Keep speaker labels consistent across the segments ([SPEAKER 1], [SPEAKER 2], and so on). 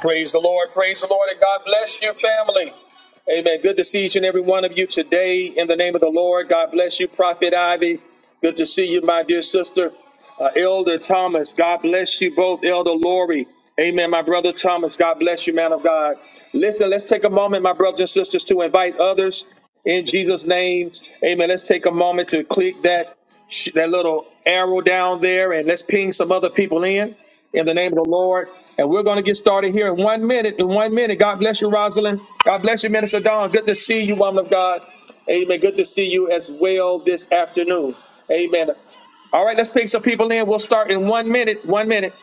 [SPEAKER 1] Praise the Lord. Praise the Lord. And God bless your family. Amen. Good to see each and every one of you today in the name of the Lord. God bless you, Prophet Ivy. Good to see you, my dear sister. Uh, Elder Thomas, God bless you both. Elder Lori. Amen. My brother Thomas, God bless you, man of God. Listen, let's take a moment, my brothers and sisters, to invite others in Jesus' name. Amen. Let's take a moment to click that, that little arrow down there and let's ping some other people in in the name of the Lord. And we're going to get started here in one minute. In one minute. God bless you, Rosalind. God bless you, Minister Dawn. Good to see you, woman of God. Amen. Good to see you as well this afternoon. Amen. All right, let's pick some people in. We'll start in one minute. One minute.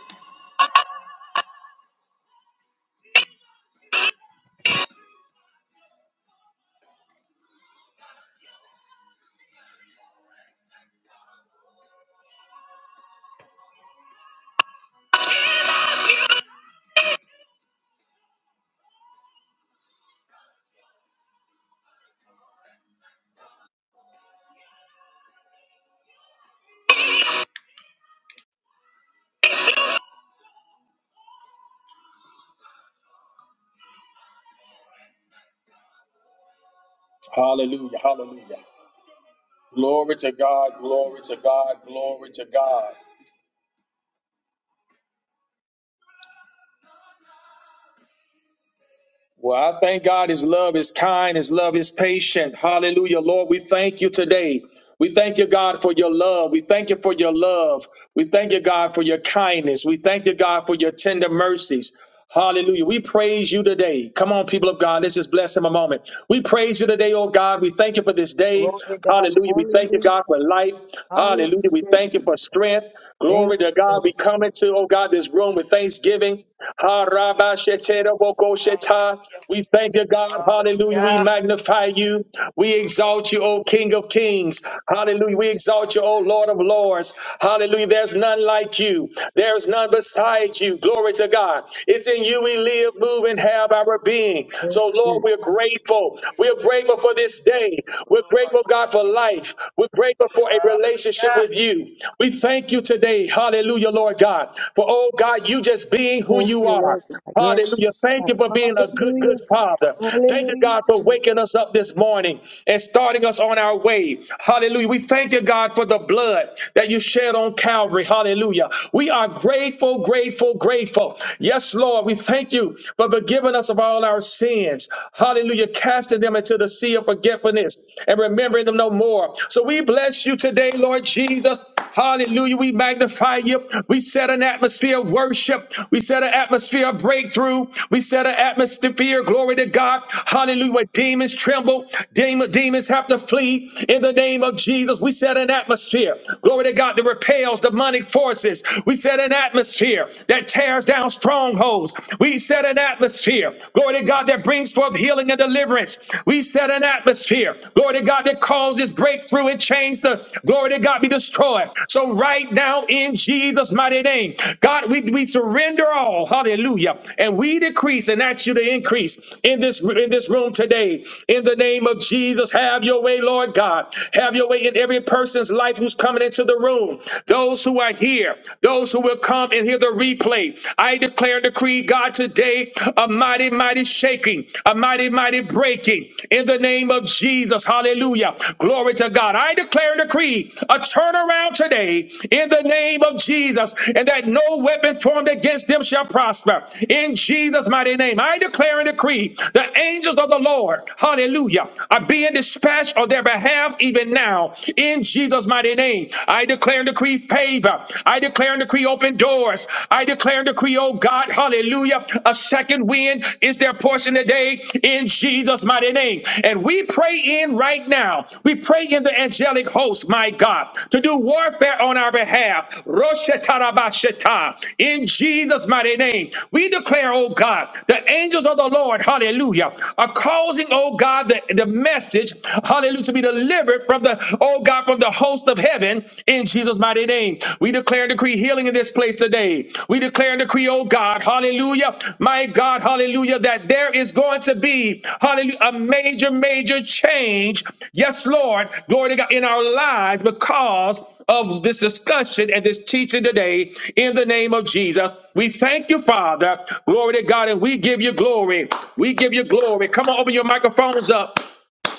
[SPEAKER 1] Well, I thank God his love is kind, his love is patient. Hallelujah. Lord, we thank you today. We thank you, God, for your love. We thank you for your love. We thank you, God, for your kindness. We thank you, God, for your tender mercies. Hallelujah. We praise you today. Come on, people of God. Let's just bless him a moment. We praise you today, oh God. We thank you for this day.
[SPEAKER 2] Glory God.
[SPEAKER 1] Hallelujah. We thank you,
[SPEAKER 2] Hallelujah.
[SPEAKER 1] God, for life. Hallelujah. We
[SPEAKER 2] Hallelujah,
[SPEAKER 1] thank you
[SPEAKER 2] Jesus.
[SPEAKER 1] for strength.
[SPEAKER 2] Thank
[SPEAKER 1] Glory
[SPEAKER 2] you,
[SPEAKER 1] to God.
[SPEAKER 2] Lord.
[SPEAKER 1] We come into, oh God, this room with thanksgiving thanksgiving.
[SPEAKER 3] Yes, Father.
[SPEAKER 1] Ha-ra-ba-she-te-ra-bo-ko-she-ta.
[SPEAKER 3] Hallelujah.
[SPEAKER 1] We thank you, God. Hallelujah. We
[SPEAKER 3] Hallelujah.
[SPEAKER 1] magnify you. We
[SPEAKER 3] Glory.
[SPEAKER 1] exalt you, O King of Kings.
[SPEAKER 3] Jesus.
[SPEAKER 1] Hallelujah. We
[SPEAKER 3] Yes,
[SPEAKER 1] exalt you,
[SPEAKER 3] Father
[SPEAKER 1] O
[SPEAKER 3] God.
[SPEAKER 1] Lord of Lords.
[SPEAKER 3] Yeah,
[SPEAKER 1] Hallelujah. There's none like
[SPEAKER 3] Glory.
[SPEAKER 1] you.
[SPEAKER 3] Yes,
[SPEAKER 1] There's
[SPEAKER 3] Lord.
[SPEAKER 1] none beside
[SPEAKER 3] Yes,
[SPEAKER 1] you. Glory to
[SPEAKER 3] Jesus.
[SPEAKER 1] God. It's in you we live,
[SPEAKER 3] Yes,
[SPEAKER 1] move, and
[SPEAKER 3] Father God.
[SPEAKER 1] have our
[SPEAKER 3] Glory,
[SPEAKER 1] being.
[SPEAKER 3] glory.
[SPEAKER 2] Yes,
[SPEAKER 1] So, Lord,
[SPEAKER 2] Jesus.
[SPEAKER 1] we're grateful.
[SPEAKER 3] Yes,
[SPEAKER 1] We're grateful
[SPEAKER 3] Jesus.
[SPEAKER 1] for this day. We're
[SPEAKER 3] Lord, I
[SPEAKER 1] grateful,
[SPEAKER 3] come on
[SPEAKER 1] God,
[SPEAKER 3] to
[SPEAKER 1] for
[SPEAKER 3] me.
[SPEAKER 1] life. We're grateful for a relationship
[SPEAKER 3] Hallelujah.
[SPEAKER 1] with you. We thank you today. Hallelujah, Lord God. For, oh
[SPEAKER 3] Thank
[SPEAKER 1] God,
[SPEAKER 3] you,
[SPEAKER 1] you just being who
[SPEAKER 2] Thank
[SPEAKER 1] you
[SPEAKER 2] you,
[SPEAKER 1] are.
[SPEAKER 2] Lord God. Yes,
[SPEAKER 1] Hallelujah. Thank
[SPEAKER 2] God.
[SPEAKER 1] you for being a good, good
[SPEAKER 2] Hallelujah.
[SPEAKER 1] father. Thank you,
[SPEAKER 2] Hallelujah,
[SPEAKER 1] God, for
[SPEAKER 2] Jesus.
[SPEAKER 1] waking us up this morning and starting us on our way. Hallelujah. We thank you, God, for the blood that you shed on Calvary. Hallelujah. We are grateful, grateful, grateful. Yes, Lord, we thank you for forgiving us of all our sins. Hallelujah. Casting them into the sea of forgetfulness and remembering them no no more. So we bless you today, Lord Jesus. Hallelujah. We magnify you. We set an atmosphere of worship. We set an atmosphere of breakthrough. We set an atmosphere, glory to God. Hallelujah. Where Demons tremble. Demon, demons have to flee in the name of Jesus. We set an atmosphere, glory to God, that repels demonic forces. We set an atmosphere that tears down strongholds. We set an atmosphere, glory to God, that brings forth healing and deliverance deliverance. We set an atmosphere, glory to God, that causes breakthrough and change the glory to God be destroyed. So right now, in Jesus' mighty name, God, we, we surrender all, hallelujah, and we decrease and ask you to increase in this in this room today. In the name of Jesus, have your way, Lord God. Have your way in every person's life who's coming into the room, those who are here, those who will come and hear the replay. I declare and decree, God. God, today a mighty, mighty shaking, a mighty, mighty breaking in the name of Jesus. Hallelujah. Glory to God. I declare and decree a turnaround today in the name of Jesus, and that no weapon formed against them shall prosper. In Jesus' mighty name, I declare and decree the angels of the Lord, hallelujah, are being dispatched on their behalf even now. In Jesus' mighty name, I declare and decree favor. I declare declare and decree open doors. I declare and decree, oh God, hallelujah. A second wind is their portion today in Jesus' mighty name. And we pray in right now. We pray in the angelic host, my God, to do warfare on our behalf. Roshetarabasheta. In Jesus' mighty name. We declare, oh God, the angels of the Lord, hallelujah, are causing, oh God, the, the message, hallelujah, to be delivered from the, oh God, from from the host of heaven in Jesus' mighty name. We declare and decree healing in this place today. We declare and decree, oh God, hallelujah, my God, hallelujah, that there is going to be, hallelujah, a major, major change. Yes, Lord, glory to God, in our lives because of this discussion and this teaching today in the name of Jesus. We thank you, Father. Glory to God, and we give you glory. We give you glory. Come on, open your microphones up.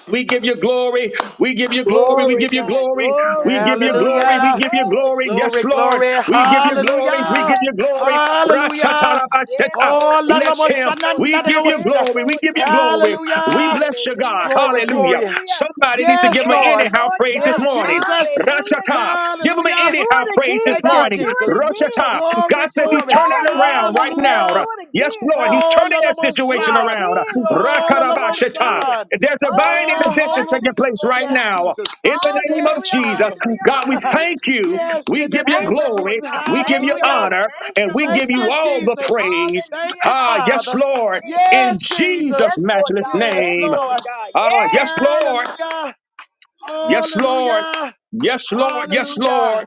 [SPEAKER 1] We give you glory. We give you glory. We
[SPEAKER 2] Glory,
[SPEAKER 1] give you
[SPEAKER 2] God.
[SPEAKER 1] glory.
[SPEAKER 3] Jesus.
[SPEAKER 1] We
[SPEAKER 2] Glory,
[SPEAKER 1] give you glory.
[SPEAKER 2] glory,
[SPEAKER 1] We
[SPEAKER 3] Hallelujah.
[SPEAKER 1] give you
[SPEAKER 2] glory.
[SPEAKER 1] glory. Yes,
[SPEAKER 3] Glory,
[SPEAKER 1] Lord.
[SPEAKER 3] glory.
[SPEAKER 1] We give you glory. We give
[SPEAKER 3] Hallelujah.
[SPEAKER 2] Hallelujah,
[SPEAKER 1] you glory.
[SPEAKER 2] Jesus.
[SPEAKER 3] Hallelujah.
[SPEAKER 2] Yes,
[SPEAKER 1] Rashatarabasheta.
[SPEAKER 2] Lord
[SPEAKER 3] Oh, la
[SPEAKER 2] God.
[SPEAKER 3] la,
[SPEAKER 1] Bless
[SPEAKER 3] wa,
[SPEAKER 2] Yes,
[SPEAKER 1] him.
[SPEAKER 3] sa, na,
[SPEAKER 2] Lord
[SPEAKER 1] We
[SPEAKER 3] na,
[SPEAKER 2] God.
[SPEAKER 1] give
[SPEAKER 3] na, wa,
[SPEAKER 1] you
[SPEAKER 2] Yes,
[SPEAKER 3] sta.
[SPEAKER 1] glory. We
[SPEAKER 2] Lord
[SPEAKER 1] give you
[SPEAKER 2] God.
[SPEAKER 1] glory. We
[SPEAKER 3] Hallelujah.
[SPEAKER 1] bless you, God.
[SPEAKER 2] Hallelujah,
[SPEAKER 3] Glory,
[SPEAKER 1] Hallelujah.
[SPEAKER 3] glory.
[SPEAKER 2] hallelujah.
[SPEAKER 1] Somebody needs to
[SPEAKER 3] Yes,
[SPEAKER 1] give him an
[SPEAKER 2] Yes,
[SPEAKER 3] Lord.
[SPEAKER 1] anyhow
[SPEAKER 2] Lord
[SPEAKER 1] praise this
[SPEAKER 2] God.
[SPEAKER 3] Yes,
[SPEAKER 1] morning.
[SPEAKER 3] Jesus.
[SPEAKER 2] Hallelujah,
[SPEAKER 1] Rashata.
[SPEAKER 2] Jesus.
[SPEAKER 1] Give him an
[SPEAKER 3] Hallelujah.
[SPEAKER 2] Do
[SPEAKER 1] anyhow
[SPEAKER 2] it
[SPEAKER 1] praise this
[SPEAKER 2] again,
[SPEAKER 3] Thank you,
[SPEAKER 2] God.
[SPEAKER 1] morning.
[SPEAKER 2] Do
[SPEAKER 3] Jesus.
[SPEAKER 2] it again.
[SPEAKER 1] Rashata.
[SPEAKER 3] Glory,
[SPEAKER 1] God
[SPEAKER 2] Do
[SPEAKER 1] says he's
[SPEAKER 2] it.
[SPEAKER 3] glory.
[SPEAKER 1] turning
[SPEAKER 2] Hey,
[SPEAKER 1] it
[SPEAKER 2] yeah,
[SPEAKER 1] around
[SPEAKER 2] yeah,
[SPEAKER 1] right
[SPEAKER 2] yeah.
[SPEAKER 1] now.
[SPEAKER 3] Hallelujah.
[SPEAKER 2] Do it
[SPEAKER 1] Yes,
[SPEAKER 2] again,
[SPEAKER 1] Lord, He's
[SPEAKER 2] God.
[SPEAKER 1] turning that
[SPEAKER 3] Hallelujah.
[SPEAKER 2] Do
[SPEAKER 1] situation
[SPEAKER 2] it
[SPEAKER 1] around.
[SPEAKER 2] again, Lord God. Do it
[SPEAKER 1] Rakarabashata.
[SPEAKER 2] again.
[SPEAKER 3] Hallelujah.
[SPEAKER 1] There's
[SPEAKER 2] Oh,
[SPEAKER 1] divine
[SPEAKER 2] God,
[SPEAKER 3] Oh,
[SPEAKER 1] intervention
[SPEAKER 2] trust
[SPEAKER 3] hallelujah.
[SPEAKER 1] taking
[SPEAKER 2] in you,
[SPEAKER 1] place
[SPEAKER 2] Lord
[SPEAKER 1] right
[SPEAKER 3] Yes,
[SPEAKER 2] God.
[SPEAKER 1] now.
[SPEAKER 3] Jesus.
[SPEAKER 1] In the name of
[SPEAKER 3] Yes,
[SPEAKER 2] Hallelujah,
[SPEAKER 1] Jesus,
[SPEAKER 3] Father.
[SPEAKER 2] hallelujah,
[SPEAKER 1] God, we
[SPEAKER 2] hallelujah,
[SPEAKER 1] thank you.
[SPEAKER 2] Jesus.
[SPEAKER 3] yes,
[SPEAKER 1] We
[SPEAKER 3] in the
[SPEAKER 1] give you
[SPEAKER 2] Thank
[SPEAKER 3] name of
[SPEAKER 2] you, Lord
[SPEAKER 1] glory.
[SPEAKER 3] Jesus.
[SPEAKER 2] God.
[SPEAKER 1] We give
[SPEAKER 2] Thank
[SPEAKER 1] you
[SPEAKER 2] you,
[SPEAKER 3] Hallelujah.
[SPEAKER 2] Lord.
[SPEAKER 1] honor.
[SPEAKER 2] Thank
[SPEAKER 1] And
[SPEAKER 2] you,
[SPEAKER 1] we
[SPEAKER 3] Thank
[SPEAKER 2] Lord
[SPEAKER 1] give
[SPEAKER 3] you,
[SPEAKER 1] you
[SPEAKER 2] God.
[SPEAKER 1] all the
[SPEAKER 3] Jesus.
[SPEAKER 1] praise.
[SPEAKER 3] Thank
[SPEAKER 2] Hallelujah,
[SPEAKER 3] you,
[SPEAKER 1] Ah, yes,
[SPEAKER 3] Father.
[SPEAKER 2] hallelujah,
[SPEAKER 1] Lord. In
[SPEAKER 2] Jesus.
[SPEAKER 3] Yes, Jesus.
[SPEAKER 1] Jesus'
[SPEAKER 2] Yes, Lord
[SPEAKER 1] matchless
[SPEAKER 2] God.
[SPEAKER 3] Yes,
[SPEAKER 2] Yes,
[SPEAKER 1] name.
[SPEAKER 2] Lord
[SPEAKER 3] Lord.
[SPEAKER 2] God.
[SPEAKER 1] Ah, yes,
[SPEAKER 2] Yes.
[SPEAKER 1] Lord.
[SPEAKER 3] Hallelujah.
[SPEAKER 1] Yes, Lord.
[SPEAKER 3] Hallelujah.
[SPEAKER 1] Yes, Lord. Yes,
[SPEAKER 3] Hallelujah.
[SPEAKER 1] Lord.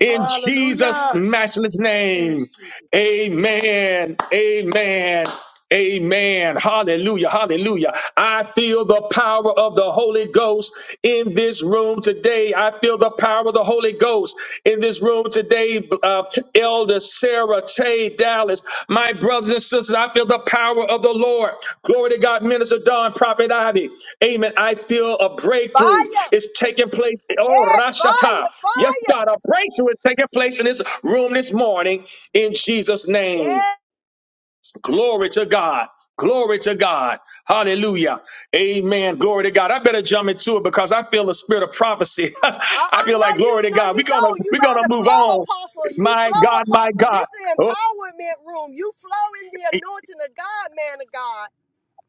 [SPEAKER 1] In Jesus'
[SPEAKER 3] Hallelujah.
[SPEAKER 1] matchless
[SPEAKER 3] Yes,
[SPEAKER 1] name.
[SPEAKER 3] Jesus.
[SPEAKER 1] Amen. Amen. Amen. Hallelujah. Hallelujah. I feel the power of the Holy Ghost in this room today. I feel the power of the Holy Ghost in this room today. Uh, Elder Sarah Tay palace. My brothers and sisters, I feel the power of the Lord. Glory to God, Minister Don, Prophet Ivy. Amen. I feel a breakthrough
[SPEAKER 2] Fire.
[SPEAKER 1] is taking place. Oh,
[SPEAKER 2] Yes, fire,
[SPEAKER 1] Rashata. Yes,
[SPEAKER 2] fire.
[SPEAKER 1] God, a breakthrough is taking place in this room this morning in Jesus' name.
[SPEAKER 2] Yes.
[SPEAKER 1] Glory to God. Glory to God. Hallelujah. Amen. Glory to God. I better jump into it because I feel the spirit of prophecy. I
[SPEAKER 2] Uh-uh,
[SPEAKER 1] feel
[SPEAKER 2] no,
[SPEAKER 1] like glory
[SPEAKER 2] you
[SPEAKER 1] to
[SPEAKER 2] no,
[SPEAKER 1] God. We're
[SPEAKER 2] you
[SPEAKER 1] gonna
[SPEAKER 2] don't. You
[SPEAKER 1] we're gonna
[SPEAKER 2] about to
[SPEAKER 1] move
[SPEAKER 2] flow,
[SPEAKER 1] on.
[SPEAKER 2] apostle. You
[SPEAKER 1] My
[SPEAKER 2] flow,
[SPEAKER 1] God, my
[SPEAKER 2] apostle. This
[SPEAKER 1] God.
[SPEAKER 2] is the
[SPEAKER 1] Oh,
[SPEAKER 2] empowerment room. You flow in the anointing of God, man of God.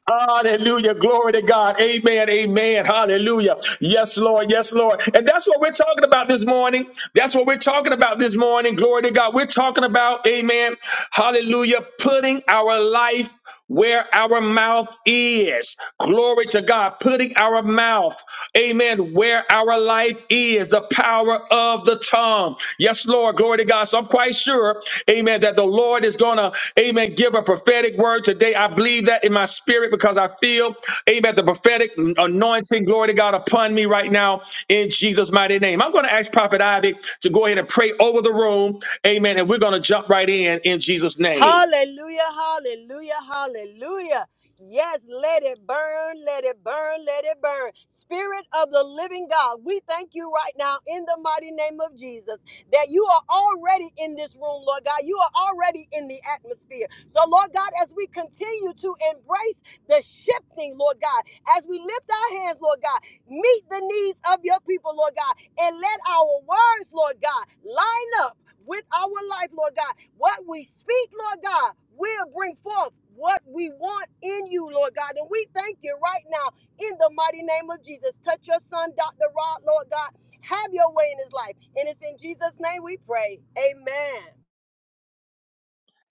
[SPEAKER 1] Hallelujah. Glory to God. Amen. Amen. Hallelujah. Yes, Lord. Yes, Lord. And that's what we're talking about this morning. That's what we're talking about this morning. Glory to God. We're talking about, amen. Hallelujah. Putting our life where our mouth is. Glory to God. Putting fitting our mouth, amen, where our life is, the power of the tongue. Yes, Lord, glory to God. So I'm quite sure, amen, that the Lord is going to, amen, give a prophetic word today. I believe that in my spirit because I feel, amen, the prophetic anointing, glory to God, upon me right now in Jesus' mighty name. I'm going to ask Prophet Ivy to go ahead and pray over the room, amen, and we're going to jump right in in Jesus' name.
[SPEAKER 2] Hallelujah, hallelujah, hallelujah. Yes, let it burn, let it burn, let it burn. Spirit of the living God, we thank you right now in the mighty name of Jesus that you are already in this room, Lord God. You are already in the atmosphere. So, Lord God, as we continue to embrace the shifting, Lord God, as we lift our hands, Lord God, meet the needs of your people, Lord God, and let our words, Lord God, line up with our life, Lord God. What we speak, Lord God, will bring forth what we want in you, Lord God. And we thank you right now in the mighty name of Jesus. Touch your son, Dr. Rod, Lord God. Have your way in his life. And it's in Jesus' name we pray. Amen.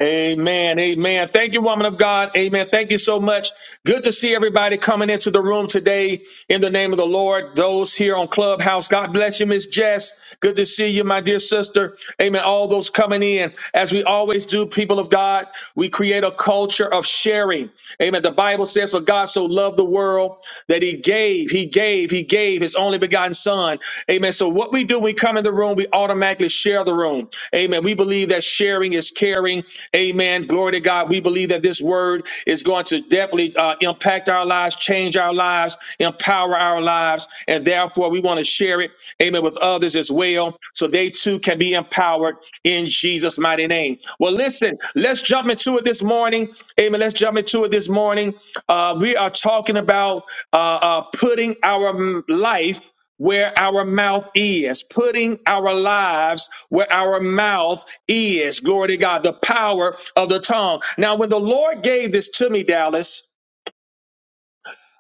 [SPEAKER 1] Amen. Amen. Thank you, woman of God. Amen. Thank you so much. Good to see everybody coming into the room today in the name of the Lord. Those here on Clubhouse, God bless you, Miss Jess. Good to see you, my dear sister. Amen. All those coming in. As we always do, people of God, we create a culture of sharing. Amen. The Bible says, For God so loved the world that He gave." gave, he gave, he gave his only begotten son. Amen. So what we do when we come in the room, we automatically share the room. Amen. We believe that sharing is caring. Amen. Glory to God. We believe that this word is going to definitely uh, impact our lives, change our lives, empower our lives, and therefore we want to share it. Amen. With others as well, so they too can be empowered in Jesus' mighty name. Well, listen, let's jump into it this morning. Amen. Let's jump into it this morning. Uh, we are talking about uh, uh, putting our mm, life where our mouth is, putting our lives where our mouth is. Glory to God, the power of the tongue. Now, when the Lord gave this to me, Dallas,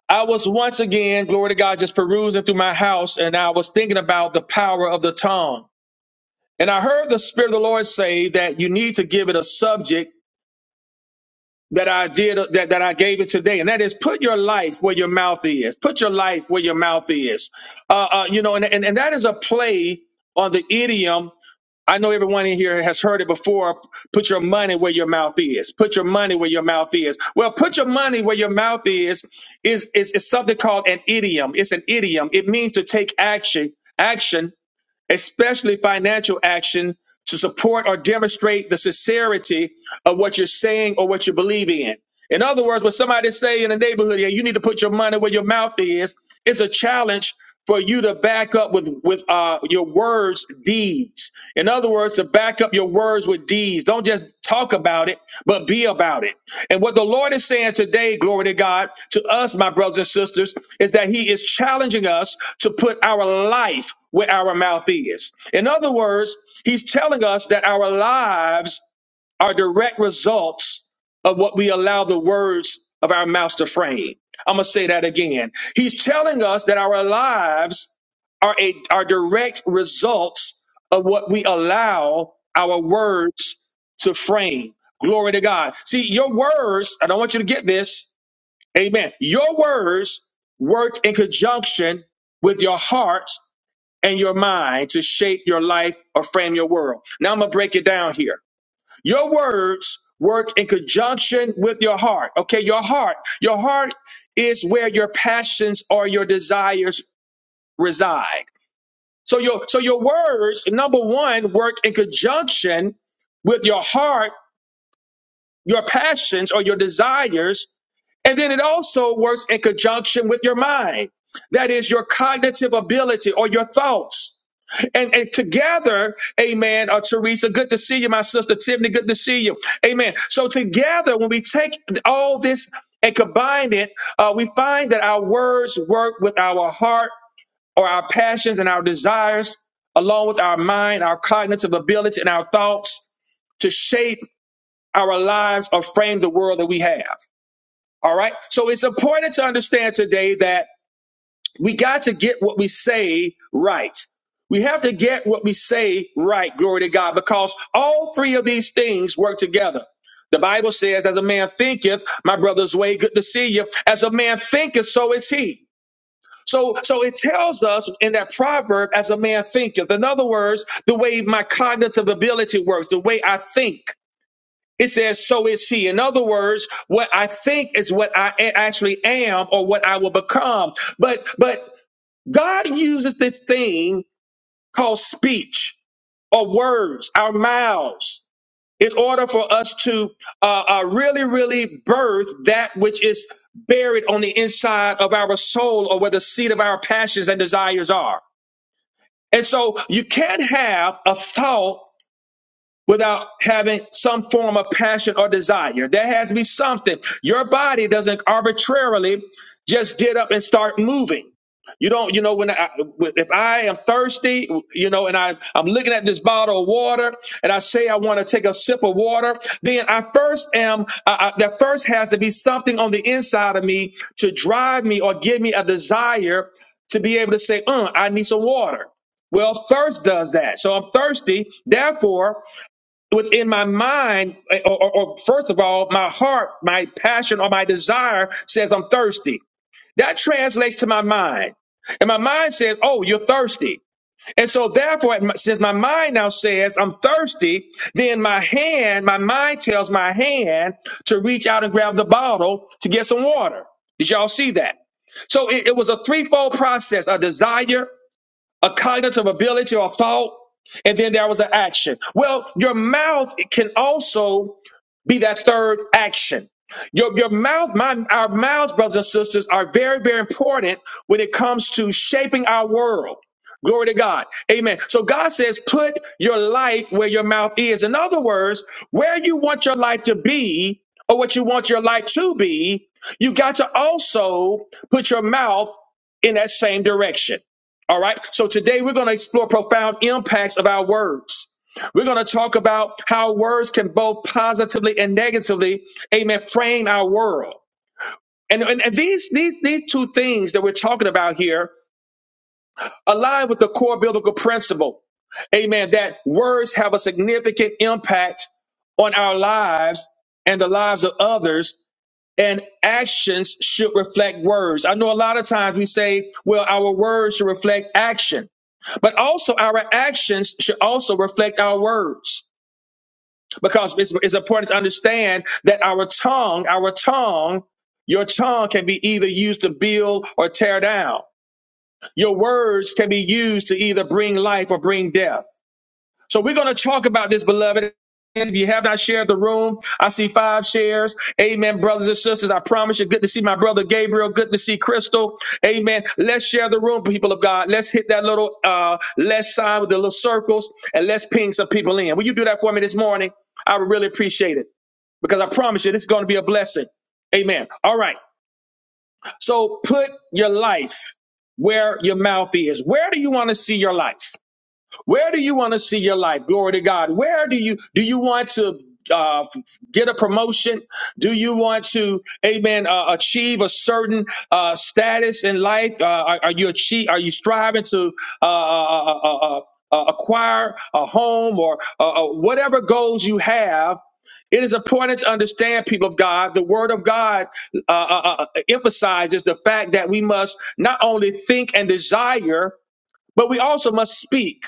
[SPEAKER 1] I was once again, glory to God, just perusing through my house and I was thinking about the power of the tongue. And I heard the Spirit of the Lord say that you need to give it a subject that I did that, that I gave it today, and that is put your life where your mouth is. Put your life where your mouth is. Uh, uh, you know, and, and and that is a play on the idiom I know everyone in here has heard it before. Put your money where your mouth is. Put your money where your mouth is. Well, put your money where your mouth is is is, is something called an idiom. It's an idiom. It means to take action. Action especially financial action to support or demonstrate the sincerity of what you're saying or what you believe in. In other words, when somebody say in the neighborhood, yeah, you need to put your money where your mouth is, it's a challenge for you to back up with with uh, your words, deeds. In other words words, to back up your words with deeds. Don't just talk about it, but be about it. And what the Lord is saying today, glory to God, to us, my brothers and sisters, is that He is challenging us to put our life where our mouth is. In other words, He's telling us that our lives are direct results of what we allow the words of our mouths to frame. I'm going to say that again. He's telling us that our lives are a are direct results of what we allow our words to frame. Glory to God. See, your words, I don't want you to get this. Amen. Your words work in conjunction with your heart and your mind to shape your life or frame your world. Now I'm going to break it down here. Your words work in conjunction with your heart. Okay, your heart. Your heart is where your passions or your desires reside. So your so your words, number one, work in conjunction with your heart, your passions or your desires, and then it also works in conjunction with your mind. That is your cognitive ability or your thoughts. And, and together, amen, uh, Teresa, good to see you, my sister Tiffany, good to see you. Amen. So together, when we take all this and combine it, uh, we find that our words work with our heart or our passions and our desires, along with our mind, our cognitive ability, and our thoughts to shape our lives or frame the world that we have. All right. So it's important to understand today that we got to get what we say right. We have to get what we say right, glory to God, because all three of these things work together. The Bible says, as a man thinketh, my brother's way, good to see you. As a man thinketh, so is he. So, so it tells us in that proverb, as a man thinketh. In other words, the way my cognitive ability works, the way I think, it says, so is he. In other words, what I think is what I a- actually am or what I will become. But, but God uses this thing called speech or words, our mouths, in order for us to uh, uh, really, really birth that which is buried on the inside of our soul or where the seat of our passions and desires are. And so you can't have a thought without having some form of passion or desire. There has to be something. Your body doesn't arbitrarily just get up and start moving. You don't, you know, when I, when- if I am thirsty, you know, and I, I'm looking at this bottle of water and I say I want to take a sip of water, then I first am, I, I, there first has to be something on the inside of me to drive me or give me a desire to be able to say, uh, I need some water. Well, thirst does that. So I'm thirsty. Therefore, what's in my mind, eh, or, or, or first of all, my heart, my passion, or my desire says I'm thirsty. That translates to my mind. And my mind says, Oh, you're thirsty. And so, therefore, it- since my mind now says I'm thirsty, then my hand, my mind tells my hand to reach out and grab the bottle to get some water. Did y'all see that? So, it, it was a threefold process a desire, a cognitive ability or thought, and then there was an action. Well, your mouth can also be that third action. Your, your mouth, my, our mouths, brothers and sisters, are very, very important when it comes to shaping our world. Glory to God. Amen. So God says, put your life where your mouth is. In other words, where you want your life to be or what you want your life to be, you got to also put your mouth in that same direction. All right. So today we're going to explore profound impacts of our words. We're going to talk about how words can both positively and negatively, amen, frame our world. And, and, and these, these, these two things that we're talking about here align with the core biblical principle, amen, that words have a significant impact on our lives and the lives of others, and actions should reflect words. I know a lot of times we say, well, our words should reflect action, but also our actions should also reflect our words because it's, it's important to understand that our tongue, our tongue, your tongue can be either used to build or tear down. Your words can be used to either bring life or bring death. So we're going to talk about this, beloved. And if you have not shared the room, I see five shares. Amen, brothers and sisters. I promise you, good to see my brother Gabriel. Good to see Crystal. Amen. Let's share the room, people of God. Let's hit that little uh less sign with the little circles and let's ping some people in. Will you do that for me this morning? I would really appreciate it because I promise you, this is going to be a blessing. Amen. All right. So put your life where your mouth is. Where do you want to see your life? Where do you want to see your life? Glory to God. Where do you do you want to uh, get a promotion? Do you want to, Amen, uh, achieve a certain uh, status in life? Uh, are, are you achieve? Are you striving to uh, uh, uh, uh, uh, uh, uh, acquire a home or uh, uh, whatever goals you have? It is important to understand, people of God, the Word of God uh, uh, uh, emphasizes the fact that we must not only think and desire. But we also must speak.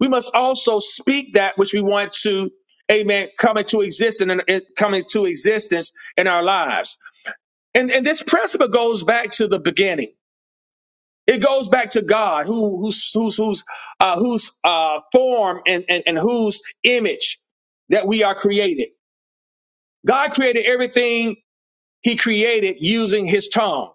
[SPEAKER 1] We must also speak that which we want to, amen, come into existence and and come into existence in our lives. And and this principle goes back to the beginning. It goes back to God, who who's whose who's uh, whose uh, form and, and and whose image that we are created. God created everything He created using His tongue.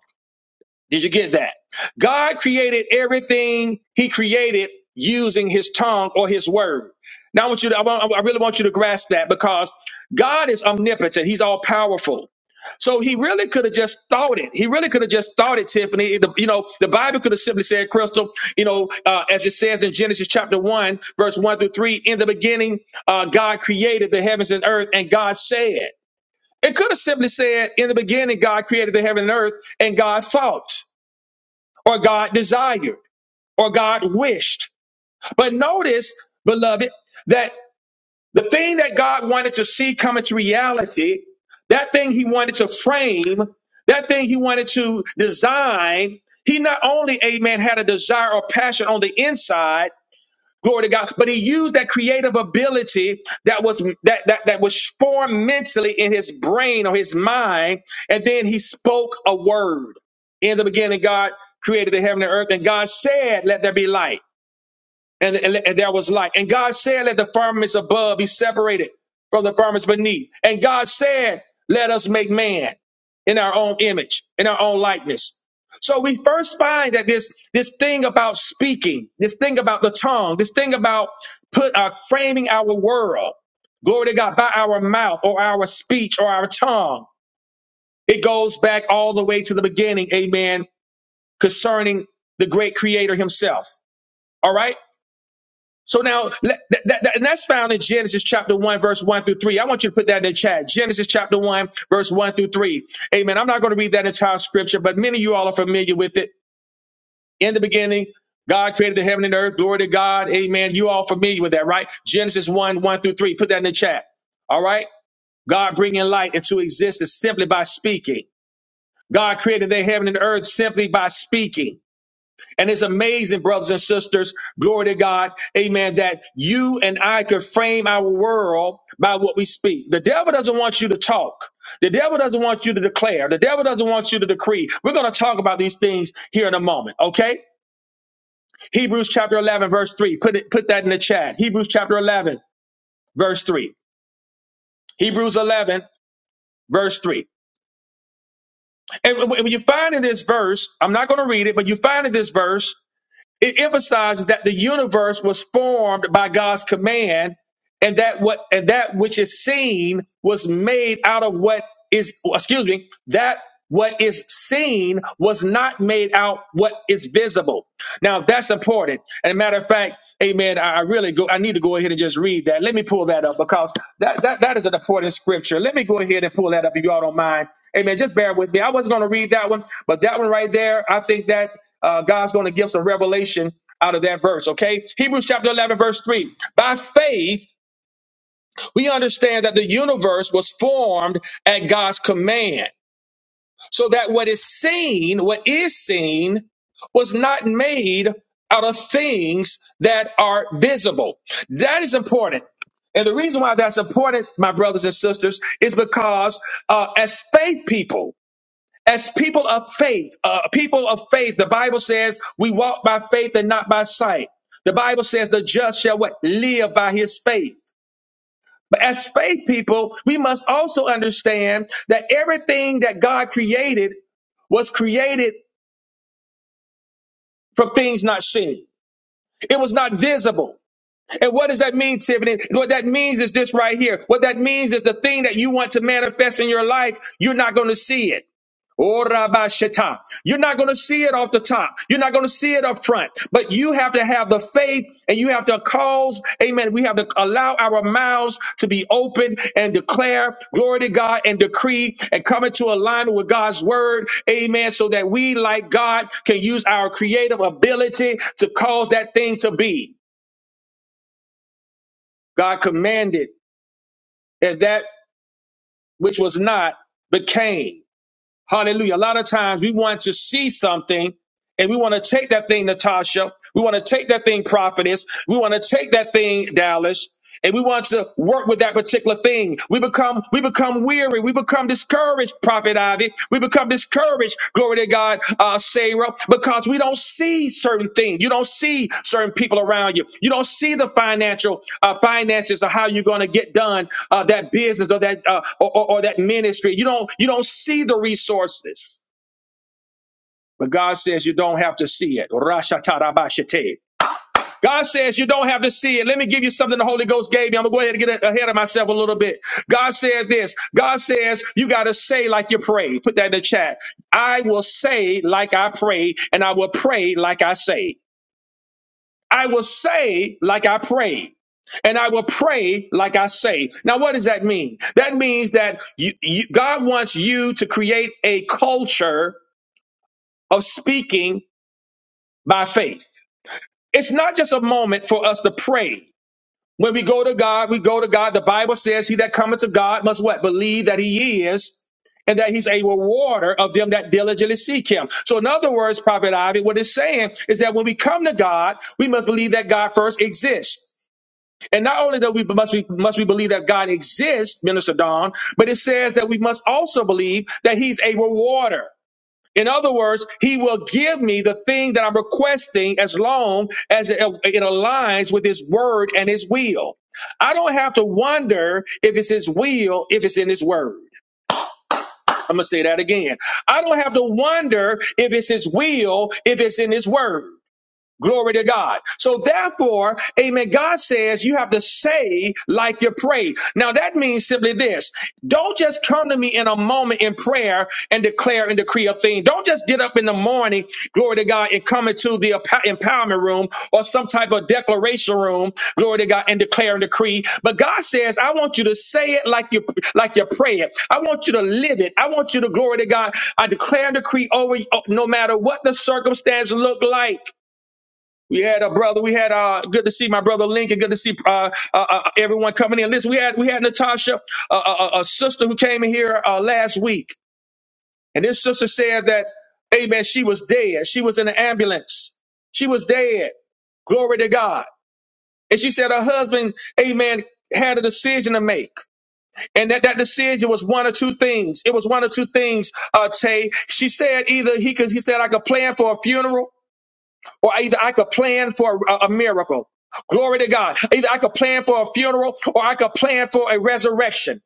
[SPEAKER 1] Did you get that? God created everything he created using his tongue or his word. Now I want you to, I, want, I really want you to grasp that because God is omnipotent. He's all powerful. So he really could have just thought it. He really could have just thought it, Tiffany. The- you know, the Bible could have simply said, Crystal, you know, uh, as it says in Genesis chapter 1, verse 1 through 3, in the beginning, uh, God created the heavens and earth, and God said. It could have simply said, in the beginning, God created the heaven and earth, and God thought or God desired or God wished. But notice, beloved, that the thing that God wanted to see come into reality, that thing he wanted to frame, that thing he wanted to design, he not only, amen, had a desire or passion on the inside, Glory to God. But he used that creative ability that was that that, that was formed mentally in his brain or his mind, and then he spoke a word. In the beginning, God created the heaven and earth, and God said, Let there be light and, and, and there was light. And God said, Let the firmaments above be separated from the firmaments beneath. And God said, Let us make man in our own image, in our own likeness. So we first find that this this thing about speaking, this thing about the tongue, this thing about put uh, framing our world, glory to God, by our mouth or our speech or our tongue. It goes back all the way to the beginning, amen, concerning the great creator himself. All right. So now, let- that, that, that- and that's found in Genesis chapter 1, verse 1 through 3. I want you to put that in the chat. Genesis chapter 1, verse 1 through 3. Amen. I'm not going to read that entire scripture, but many of you all are familiar with it. In the beginning, God created the heaven and the earth. Glory to God. Amen. You all familiar with that, right? Genesis 1, 1 through 3. Put that in the chat. All right? God bringing light into existence simply by speaking. God created the heaven and earth simply by speaking. And it's amazing, brothers and sisters, glory to God, amen, that you and I could frame our world by what we speak. The devil doesn't want you to talk. The devil doesn't want you to declare. The devil doesn't want you to decree. We're going to talk about these things here in a moment, okay? Hebrews chapter 11, verse 3. Put, it, put that in the chat. Hebrews chapter 11, verse 3. Hebrews 11, verse 3. And when you find in this verse, I'm not going to read it, but you find in this verse, It emphasizes that the universe was formed by God's command, and that what and that which is seen was made out of what is excuse me that what is seen was not made out what is visible. Now that's important. And a matter of fact, amen. I, I really go, I need to go ahead and just read that. Let me pull that up because that, that, that is an important scripture. Let me go ahead and pull that up if y'all don't mind. Amen. Just bear with me. I wasn't going to read that one, but that one right there, I think that uh, God's going to give some revelation out of that verse, okay? Hebrews chapter 11, verse 3. By faith, we understand that the universe was formed at God's command so that what is seen, what is seen, was not made out of things that are visible. That is important. And the reason why that's important, my brothers and sisters, is because uh, as faith people, as people of faith, uh, people of faith, the Bible says we walk by faith and not by sight. The Bible says the just shall what live by his faith. But as faith people, we must also understand that everything that God created was created from things not seen. It was not visible. And what does that mean, Tiffany? What that means is this right here. What that means is the thing that you want to manifest in your life, you're not going to see it. Oh, Rabbi Shetta. You're not going to see it off the top. You're not going to see it up front, but you have to have the faith and you have to cause, amen. We have to allow our mouths to be open and declare glory to God and decree and come into alignment with God's word. Amen. So that we, like God, can use our creative ability to cause that thing to be. God commanded and that which was not became. Hallelujah. A lot of times we want to see something And we want to take that thing, Natasha. We want to take that thing, prophetess. We want to take that thing, Dallas. And we want to work with that particular thing. We become, we become weary. We become discouraged, Prophet Ivy. We become discouraged, glory to God, uh, Sarah, because we don't see certain things. You don't see certain people around you. You don't see the financial uh, finances or how you're going to get done uh, that business or that uh, or, or or that ministry. You don't, you don't see the resources. But God says you don't have to see it. Rashatarabashite. God says you don't have to see it. Let me give you something the Holy Ghost gave me. I'm going to go ahead and get ahead of myself a little bit. God said this. God says you got to say like you pray. Put that in the chat. I will say like I pray, and I will pray like I say. I will say like I pray. And I will pray like I say. Now, what does that mean? That means that you, you, God wants you to create a culture of speaking by faith. It's not just a moment for us to pray. When we go to God, we go to God. The Bible says, He that cometh to God must what? Believe that He is and that He's a rewarder of them that diligently seek Him. So, in other words, Prophet Ivy, what it's saying is that when we come to God, we must believe that God first exists. And not only that we must we must we believe that God exists, Minister Don, but it says that we must also believe that He's a rewarder. In other words, he will give me the thing that I'm requesting as long as it, it aligns with his word and his will. I don't have to wonder if it's his will, if it's in his word. I'm going to say that again. I don't have to wonder if it's his will, if it's in his word. Glory to God. So therefore, amen, God says you have to say like you pray. Now that means simply this. Don't just come to me in a moment in prayer and declare and decree a thing. Don't just get up in the morning, glory to God, and come into the emp- empowerment room or some type of declaration room, glory to God, and declare and decree. But God says, I want you to say it like you like you pray it. I want you to live it. I want you to glory to God. I declare and decree over you, oh, no matter what the circumstance look like. We had a brother. We had uh, good to see my brother Lincoln. Good to see uh, uh, uh, everyone coming in. Listen, we had we had Natasha, uh, a, a a sister who came in here uh, last week, and this sister said that, Amen. She was dead. She was in an ambulance. She was dead. Glory to God. And she said her husband, Amen, had a decision to make, and that that decision was one of two things. It was one of two things. Uh, Tay. She said either he could. He said I could plan for a funeral or either I could plan for a, a miracle. Glory to God. Either I could plan for a funeral or I could plan for a resurrection.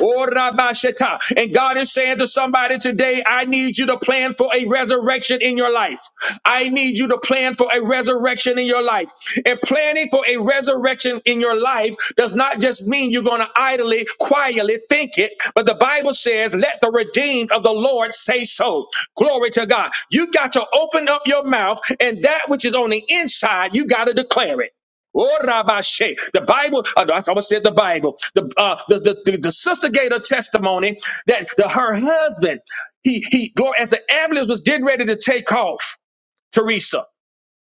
[SPEAKER 1] Oh, Rabasheta. And God is saying to somebody today, I need you to plan for a resurrection in your life. I need you to plan for a resurrection in your life. And planning for a resurrection in your life does not just mean you're going to idly, quietly think it, but the Bible says, let the redeemed of the Lord say so. Glory to God. You got to open up your mouth, and that which is on the inside, you got to declare it. Oh, Rabashe. The Bible, uh, I almost said the Bible. The, uh, the, the, the, the sister gave a testimony that the, her husband, he, he, glory, as the ambulance was getting ready to take off, Teresa,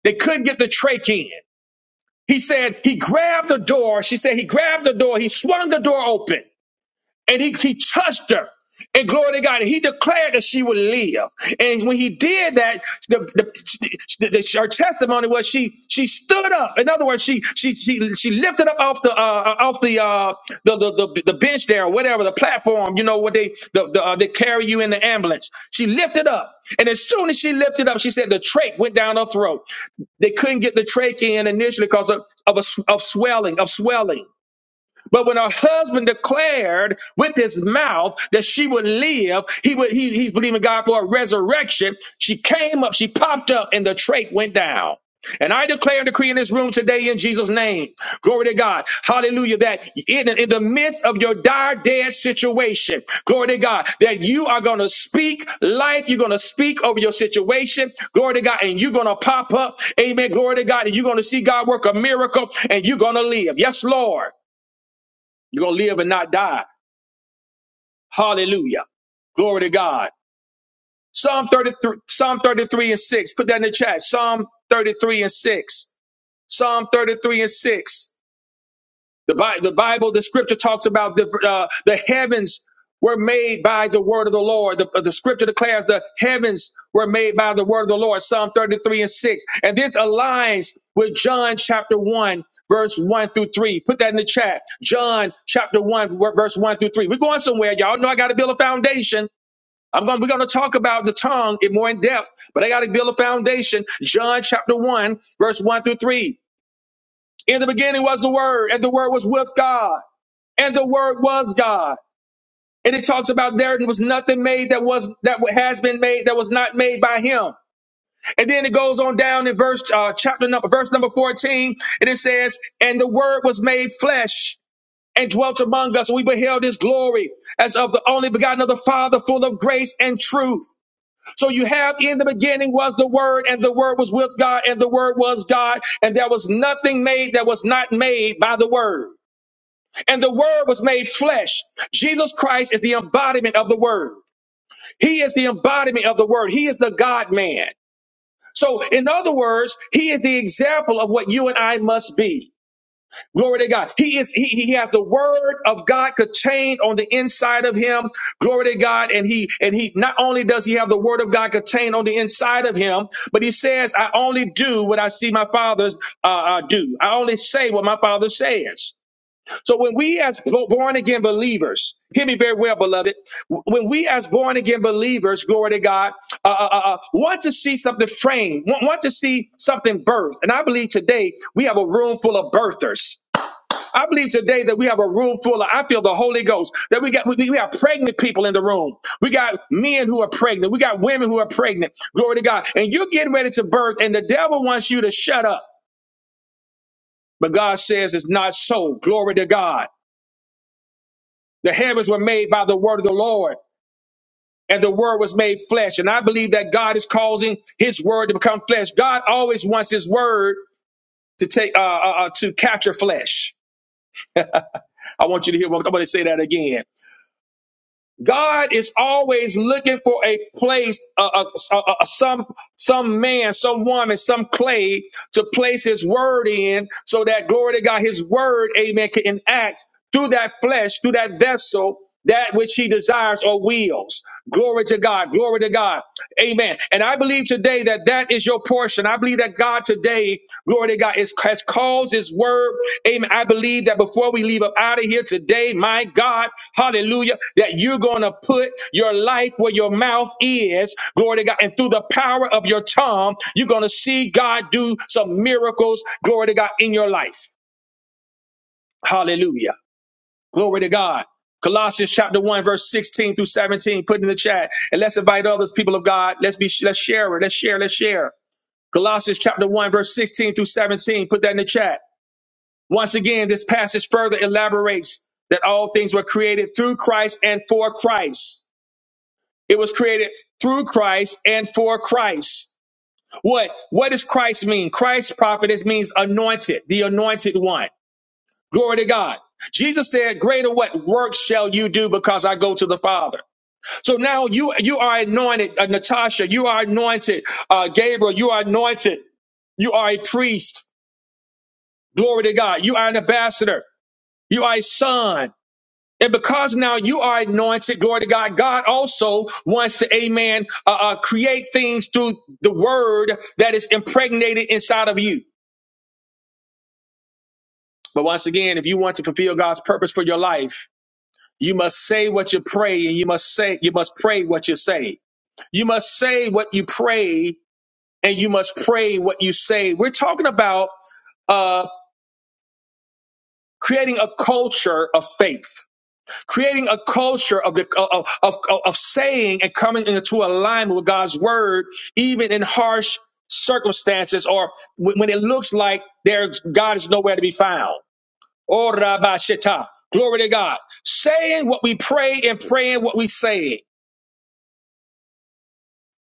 [SPEAKER 1] they couldn't get the trach in. He said he grabbed the door. She said he grabbed the door. He swung the door open and he, he touched her. And glory to God, he declared that she would live. And when he did that, the, the, the, the- her testimony was she she stood up. In other words, she she she she lifted up off the uh, uh, off the, uh, the, the the the bench there or whatever the platform. You know what they the, the uh, they carry you in the ambulance. She lifted up, and as soon as she lifted up, she said the trach went down her throat. They couldn't get the trach in initially because of of, a, s- of swelling of swelling. But when her husband declared with his mouth that she would live, he would he, he's believing God for a resurrection. She came up, she popped up, and the trach went down. And I declare and decree in this room today in Jesus' name. Glory to God. Hallelujah. That in, in the midst of your dire, dead situation, glory to God, that you are going to speak life. You're going to speak over your situation. Glory to God. And you're going to pop up. Amen. Glory to God. And you're going to see God work a miracle and you're going to live. Yes, Lord. You're going to live and not die. Hallelujah. Glory to God. Psalm 33, Psalm 33 and 6. Put that in the chat. Psalm 33 and 6. Psalm 33 and 6. The, Bi- the Bible, the scripture talks about the, uh, the heavens were made by the word of the Lord. The, the scripture declares the heavens were made by the word of the Lord, Psalm 33 and 6. And this aligns with John chapter 1, verse 1 through 3. Put that in the chat. John chapter 1, ver- verse 1 through 3. We're going somewhere. Y'all know I got to build a foundation. I'm going, we're going to talk about the tongue in more in depth, but I got to build a foundation. John chapter 1, verse 1 through 3. In the beginning was the word, and the word was with God and the word was God. And it talks about there was nothing made that was that has been made that was not made by him. And then it goes on down in verse uh, chapter number verse number 14, and it says, And the word was made flesh and dwelt among us, and we beheld his glory as of the only begotten of the Father, full of grace and truth. So you have in the beginning was the word, and the word was with God, and the word was God, and there was nothing made that was not made by the word. And the word was made flesh. Jesus Christ is the embodiment of the word. He is the embodiment of the word. He is the God man. So in other words, he is the example of what you and I must be. Glory to God. He is, he, he has the word of God contained on the inside of him. Glory to God. And he, and he, not only does he have the word of God contained on the inside of him, but he says, I only do what I see my father uh, uh, do. I only say what my father says. So when we as born again believers, hear me very well, beloved. When we as born again believers, glory to God, uh, uh, uh, uh, want to see something framed, want, want to see something birthed. And I believe today we have a room full of birthers. I believe today that we have a room full of, I feel the Holy Ghost, that we got, we, we have pregnant people in the room. We got men who are pregnant. We got women who are pregnant. Glory to God. And you're getting ready to birth and the devil wants you to shut up. But God says it's not so. Glory to God. The heavens were made by the word of the Lord, and the word was made flesh. And I believe that God is causing his word to become flesh. God always wants his word to take uh, uh, uh, to capture flesh. I want you to hear what I'm going to say that again. God is always looking for a place, a, a, a, a- some some man, some woman, some clay to place His word in, so that glory to God, His word, Amen, can enact through that flesh, through that vessel, that which He desires or wills. Glory to God, glory to God, Amen. And I believe today that that is your portion. I believe that God today, glory to God, is, has caused His word. Amen. I believe that before we leave up out of here today, my God, hallelujah, that you're going to put your life where your mouth is, glory to God, and through the power of your tongue, you're going to see God do some miracles, glory to God, in your life. Hallelujah. Glory to God. Colossians chapter 1, verse 16 through 17, put in the chat. And let's invite others, people of God. Let's be let's share it. Let's share, let's share. Colossians chapter 1, verse 16 through 17. Put that in the chat. Once again, this passage further elaborates that all things were created through Christ and for Christ. It was created through Christ and for Christ. What? What does Christ mean? Christ prophetess means anointed, the anointed one. Glory to God. Jesus said, Greater what work shall you do because I go to the Father. So now you you are anointed, uh, Natasha, you are anointed, uh, Gabriel, you are anointed, you are a priest. Glory to God. You are an ambassador. You are a son. And because now you are anointed, glory to God, God also wants to, amen, uh, uh, create things through the word that is impregnated inside of you. But once again, if you want to fulfill God's purpose for your life, you must say what you pray and you must say, you must pray what you say. You must say what you pray and you must pray what you say. We're talking about, uh, creating a culture of faith creating a culture of the of, of, of saying and coming into alignment with God's word, even in harsh circumstances or when it looks like there God is nowhere to be found. Oh, Rabbi Shetta. Glory to God. Saying what we pray and praying what we say.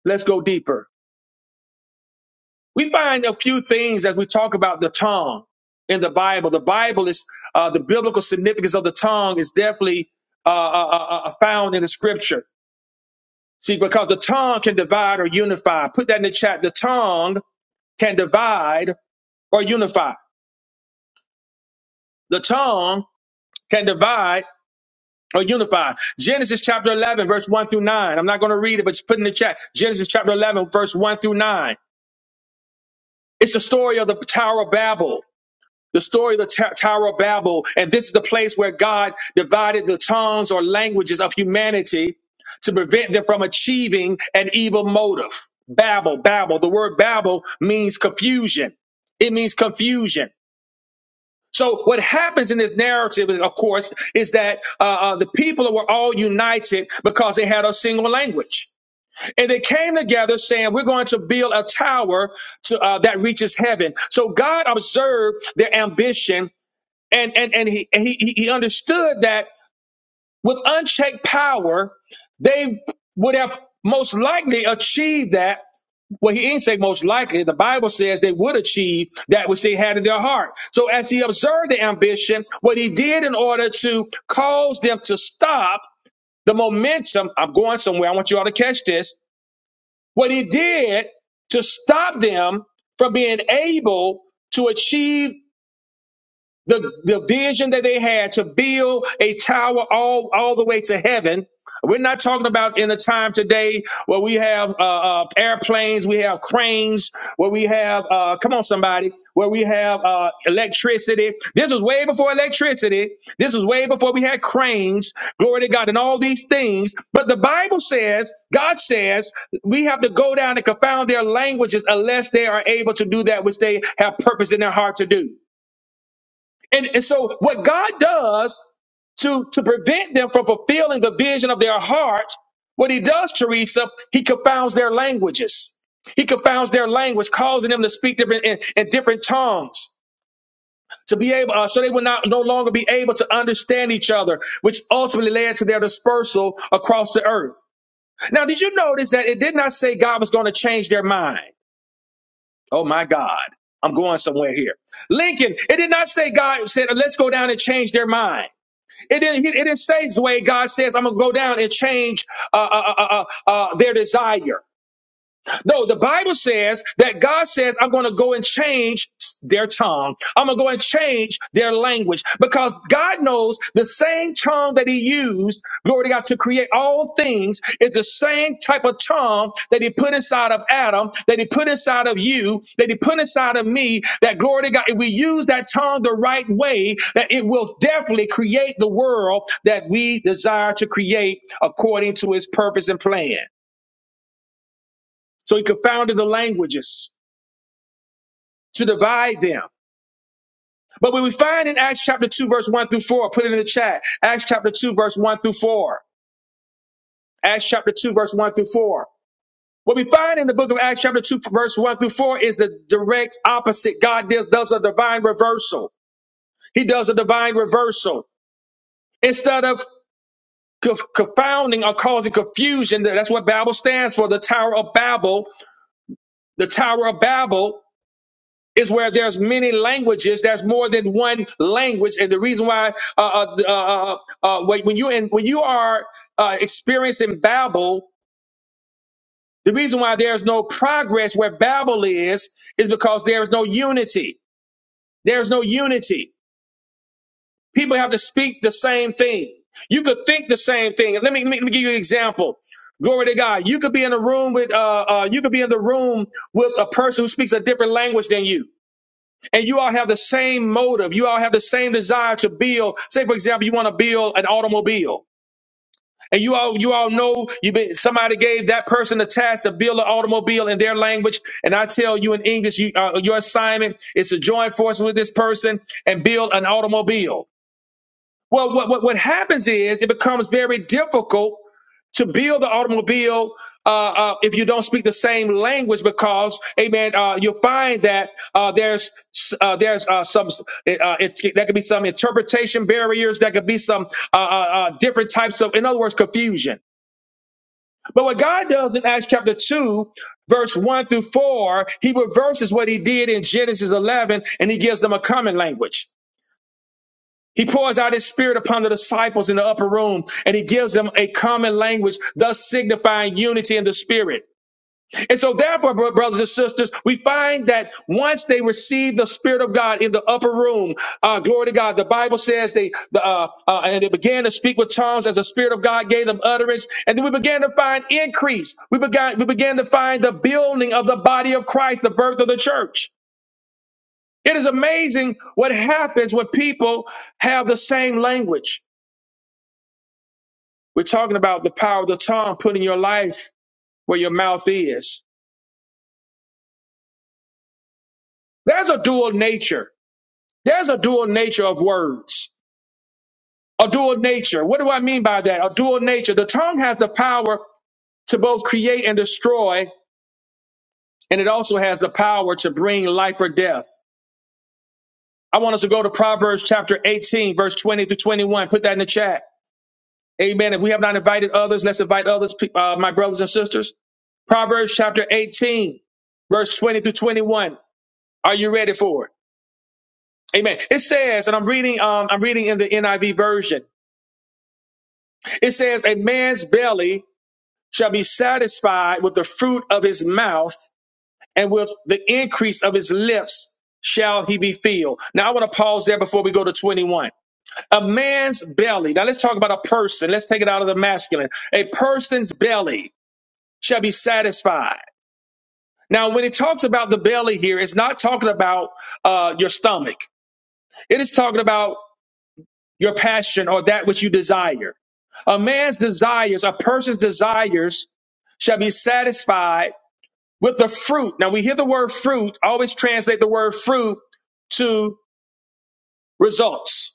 [SPEAKER 1] Let's go deeper. We find a few things as we talk about the tongue in the Bible. The Bible is uh, the biblical significance of the tongue is definitely uh, uh, uh, uh, found in the Scripture. See, because the tongue can divide or unify. Put that in the chat. The tongue can divide or unify. The tongue can divide or unify. Genesis chapter 11, verse 1 through 9. I'm not going to read it, but just put it in the chat. Genesis chapter 11, verse 1 through 9. It's the story of the Tower of Babel. the story of the Ta- Tower of Babel, and this is the place where God divided the tongues or languages of humanity to prevent them from achieving an evil motive. Babel, Babel. The word Babel means confusion. It means confusion. So what happens in this narrative, of course, is that uh, uh, the people were all united because they had a single language, and they came together saying, "We're going to build a tower to, uh, that reaches heaven." So God observed their ambition and and and he and he he he understood that with unchecked power they would have most likely achieved that well he didn't say most likely the bible says they would achieve that which they had in their heart so as he observed the ambition what he did in order to cause them to stop the momentum i'm going somewhere i want you all to catch this what he did to stop them from being able to achieve the, the vision that they had to build a tower all, all the way to heaven. We're not talking about in a time today where we have uh, uh, airplanes, we have cranes, where we have, uh, come on, somebody, where we have uh, electricity. This was way before electricity. This was way before we had cranes, glory to God, and all these things. But the Bible says, God says, we have to go down and confound their languages unless they are able to do that which they have purpose in their heart to do. And, and so what God does to, to prevent them from fulfilling the vision of their heart, what he does, Teresa, he confounds their languages. He confounds their language, causing them to speak different in, in different tongues. To be able, uh, so they will not no longer be able to understand each other, which ultimately led to their dispersal across the earth. Now, did you notice that it did not say God was going to change their mind? Oh my God, I'm going somewhere here. Lincoln, it did not say God said, "Let's go down and change their mind." It didn't, it didn't say, Zway, God says, I'm going to go down and change uh, uh, uh, uh, uh, their desire. No, the Bible says that God says, I'm going to go and change their tongue. I'm going to go and change their language because God knows the same tongue that He used, glory to God, to create all things is the same type of tongue that He put inside of Adam, that He put inside of you, that He put inside of me. That glory to God, if we use that tongue the right way, that it will definitely create the world that we desire to create according to His purpose and plan. So He confounded the languages. to divide them. But when we find in Acts chapter 2, verse 1 through 4, put it in the chat. Acts chapter 2, verse 1 through 4. Acts chapter 2, verse 1 through 4. What we find in the book of Acts chapter 2, verse 1 through 4 is the direct opposite. God does, does a divine reversal. He does a divine reversal. Instead of conf- confounding or causing confusion, that's what Babel stands for, the Tower of Babel. The Tower of Babel is where there's many languages. There's more than one language, and the reason why uh, uh, uh, uh, uh, uh, when you and when you are uh, experiencing Babel, the reason why there's no progress where Babel is is because there is no unity. There's no unity. People have to speak the same thing. You could think the same thing. Let me let me, let me give you an example. Glory to God. You could be in a room with uh, uh you could be in the room with a person who speaks a different language than you. and you all have the same motive. You all have the same desire to build. Say, for example, you want to build an automobile, and you all you all know you been, somebody gave that person a task to build an automobile in their language. And I tell you in English, you, uh, your assignment is to join forces with this person and build an automobile. Well, what what, what happens is it becomes very difficult to build the automobile uh, uh, if you don't speak the same language because amen uh, you'll find that uh, there's uh, there's uh, some uh, it, there could be some interpretation barriers there could be some uh, uh, uh, different types of in other words confusion but what god does in acts chapter 2 verse 1 through 4 he reverses what he did in genesis 11 and he gives them a common language he pours out his spirit upon the disciples in the upper room and he gives them a common language, thus signifying unity in the spirit. And so, therefore, bro- brothers and sisters, we find that once they receive the spirit of God in the upper room, uh, glory to God, the Bible says they, the, uh, uh, and they began to speak with tongues as the spirit of God gave them utterance. And then we began to find increase. We began, we began to find the building of the body of Christ, the birth of the church. It is amazing what happens when people have the same language. We're talking about the power of the tongue, putting your life where your mouth is. There's a dual nature. There's a dual nature of words. A dual nature. What do I mean by that? A dual nature. The tongue has the power to both create and destroy, and it also has the power to bring life or death. I want us to go to Proverbs chapter 18, verse 20 through 21. Put that in the chat. Amen. If we have not invited others, let's invite others, pe- uh, my brothers and sisters. Proverbs chapter 18, verse 20 through 21. Are you ready for it? Amen. It says, and I'm reading, um, I'm reading in the NIV version. It says, a man's belly shall be satisfied with the fruit of his mouth and with the increase of his lips shall he be filled. Now I want to pause there before we go to 21. A man's belly. Now let's talk about a person. Let's take it out of the masculine. A person's belly shall be satisfied. Now, when it talks about the belly here, it's not talking about uh, your stomach. It is talking about your passion or that which you desire. A man's desires, a person's desires shall be satisfied with the fruit. Now we hear the word fruit, always translate the word fruit to results.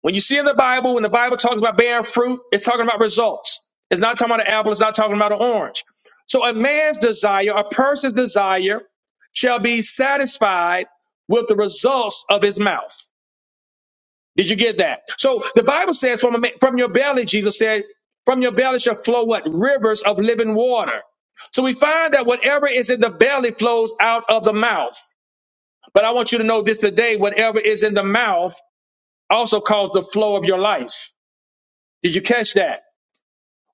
[SPEAKER 1] When you see in the Bible, when the Bible talks about bearing fruit, it's talking about results. It's not talking about an apple, it's not talking about an orange. So a man's desire, a person's desire shall be satisfied with the results of his mouth. Did you get that? So the Bible says, from, a ma- from your belly, Jesus said, from your belly shall flow what? Rivers of living water. So we find that whatever is in the belly flows out of the mouth. But I want you to know this today whatever is in the mouth also calls the flow of your life. Did you catch that?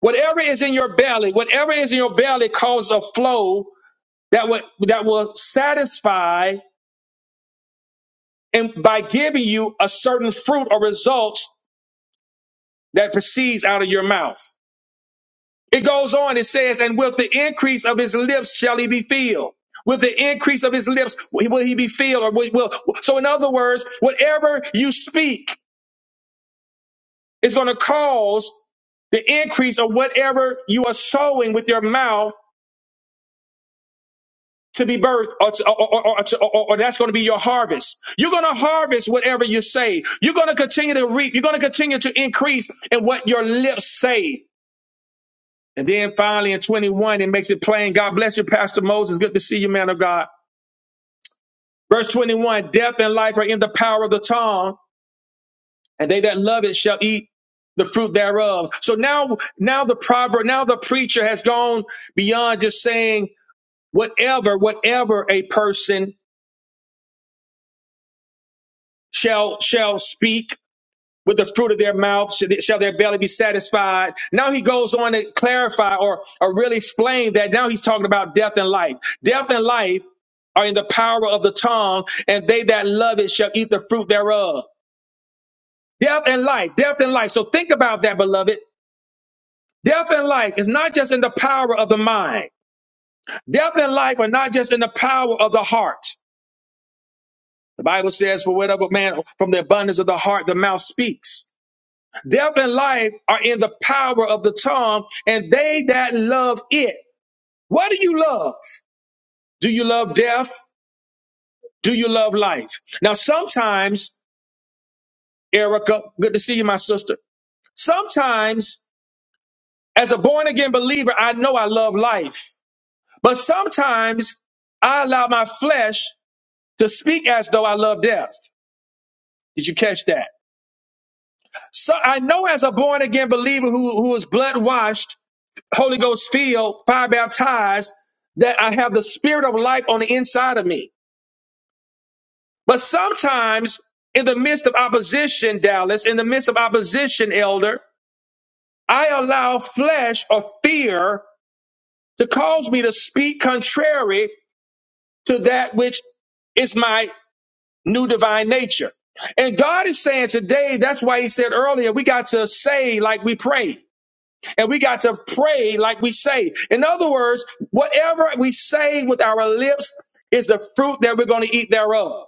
[SPEAKER 1] Whatever is in your belly, whatever is in your belly causes a flow that will, that will satisfy and by giving you a certain fruit or results that proceeds out of your mouth. It goes on, it says, and with the increase of his lips shall he be filled. With the increase of his lips will he be filled. Or will, will. So, in other words, whatever you speak is going to cause the increase of whatever you are sowing with your mouth to be birthed, or, to- or, or, or, to- or- or that's going to be your harvest. You're going to harvest whatever you say. You're going to continue to reap. You're going to continue to increase in what your lips say. And then finally in 21, it makes it plain. God bless you, Pastor Moses. Good to see you, man of God. Verse 21 Death and life are in the power of the tongue, and they that love it shall eat the fruit thereof. So now, now the proverb, now the preacher has gone beyond just saying whatever, whatever a person shall shall speak with the fruit of their mouth shall shall their belly be satisfied now he goes on to clarify or, or really explain that now he's talking about death and life death and life are in the power of the tongue and they that love it shall eat the fruit thereof Death and life, death and life. So think about that, beloved. Death and life is not just in the power of the mind. Death and life are not just in the power of the heart. The Bible says, for whatever man, from the abundance of the heart, the mouth speaks. Death and life are in the power of the tongue, and they that love it. What do you love? Do you love death? Do you love life? Now, sometimes, Erica, good to see you, my sister. Sometimes, as a born again believer, I know I love life. But sometimes I allow my flesh to speak as though I love death. Did you catch that? So I know as a born again believer who, who is blood washed, Holy Ghost filled, fire baptized, that I have the spirit of life on the inside of me. But sometimes in the midst of opposition, Dallas, in the midst of opposition, elder, I allow flesh or fear to cause me to speak contrary to that which is my new divine nature. And God is saying today, that's why he said earlier, we got to say like we pray and we got to pray like we say. In other words, whatever we say with our lips is the fruit that we're going to eat thereof.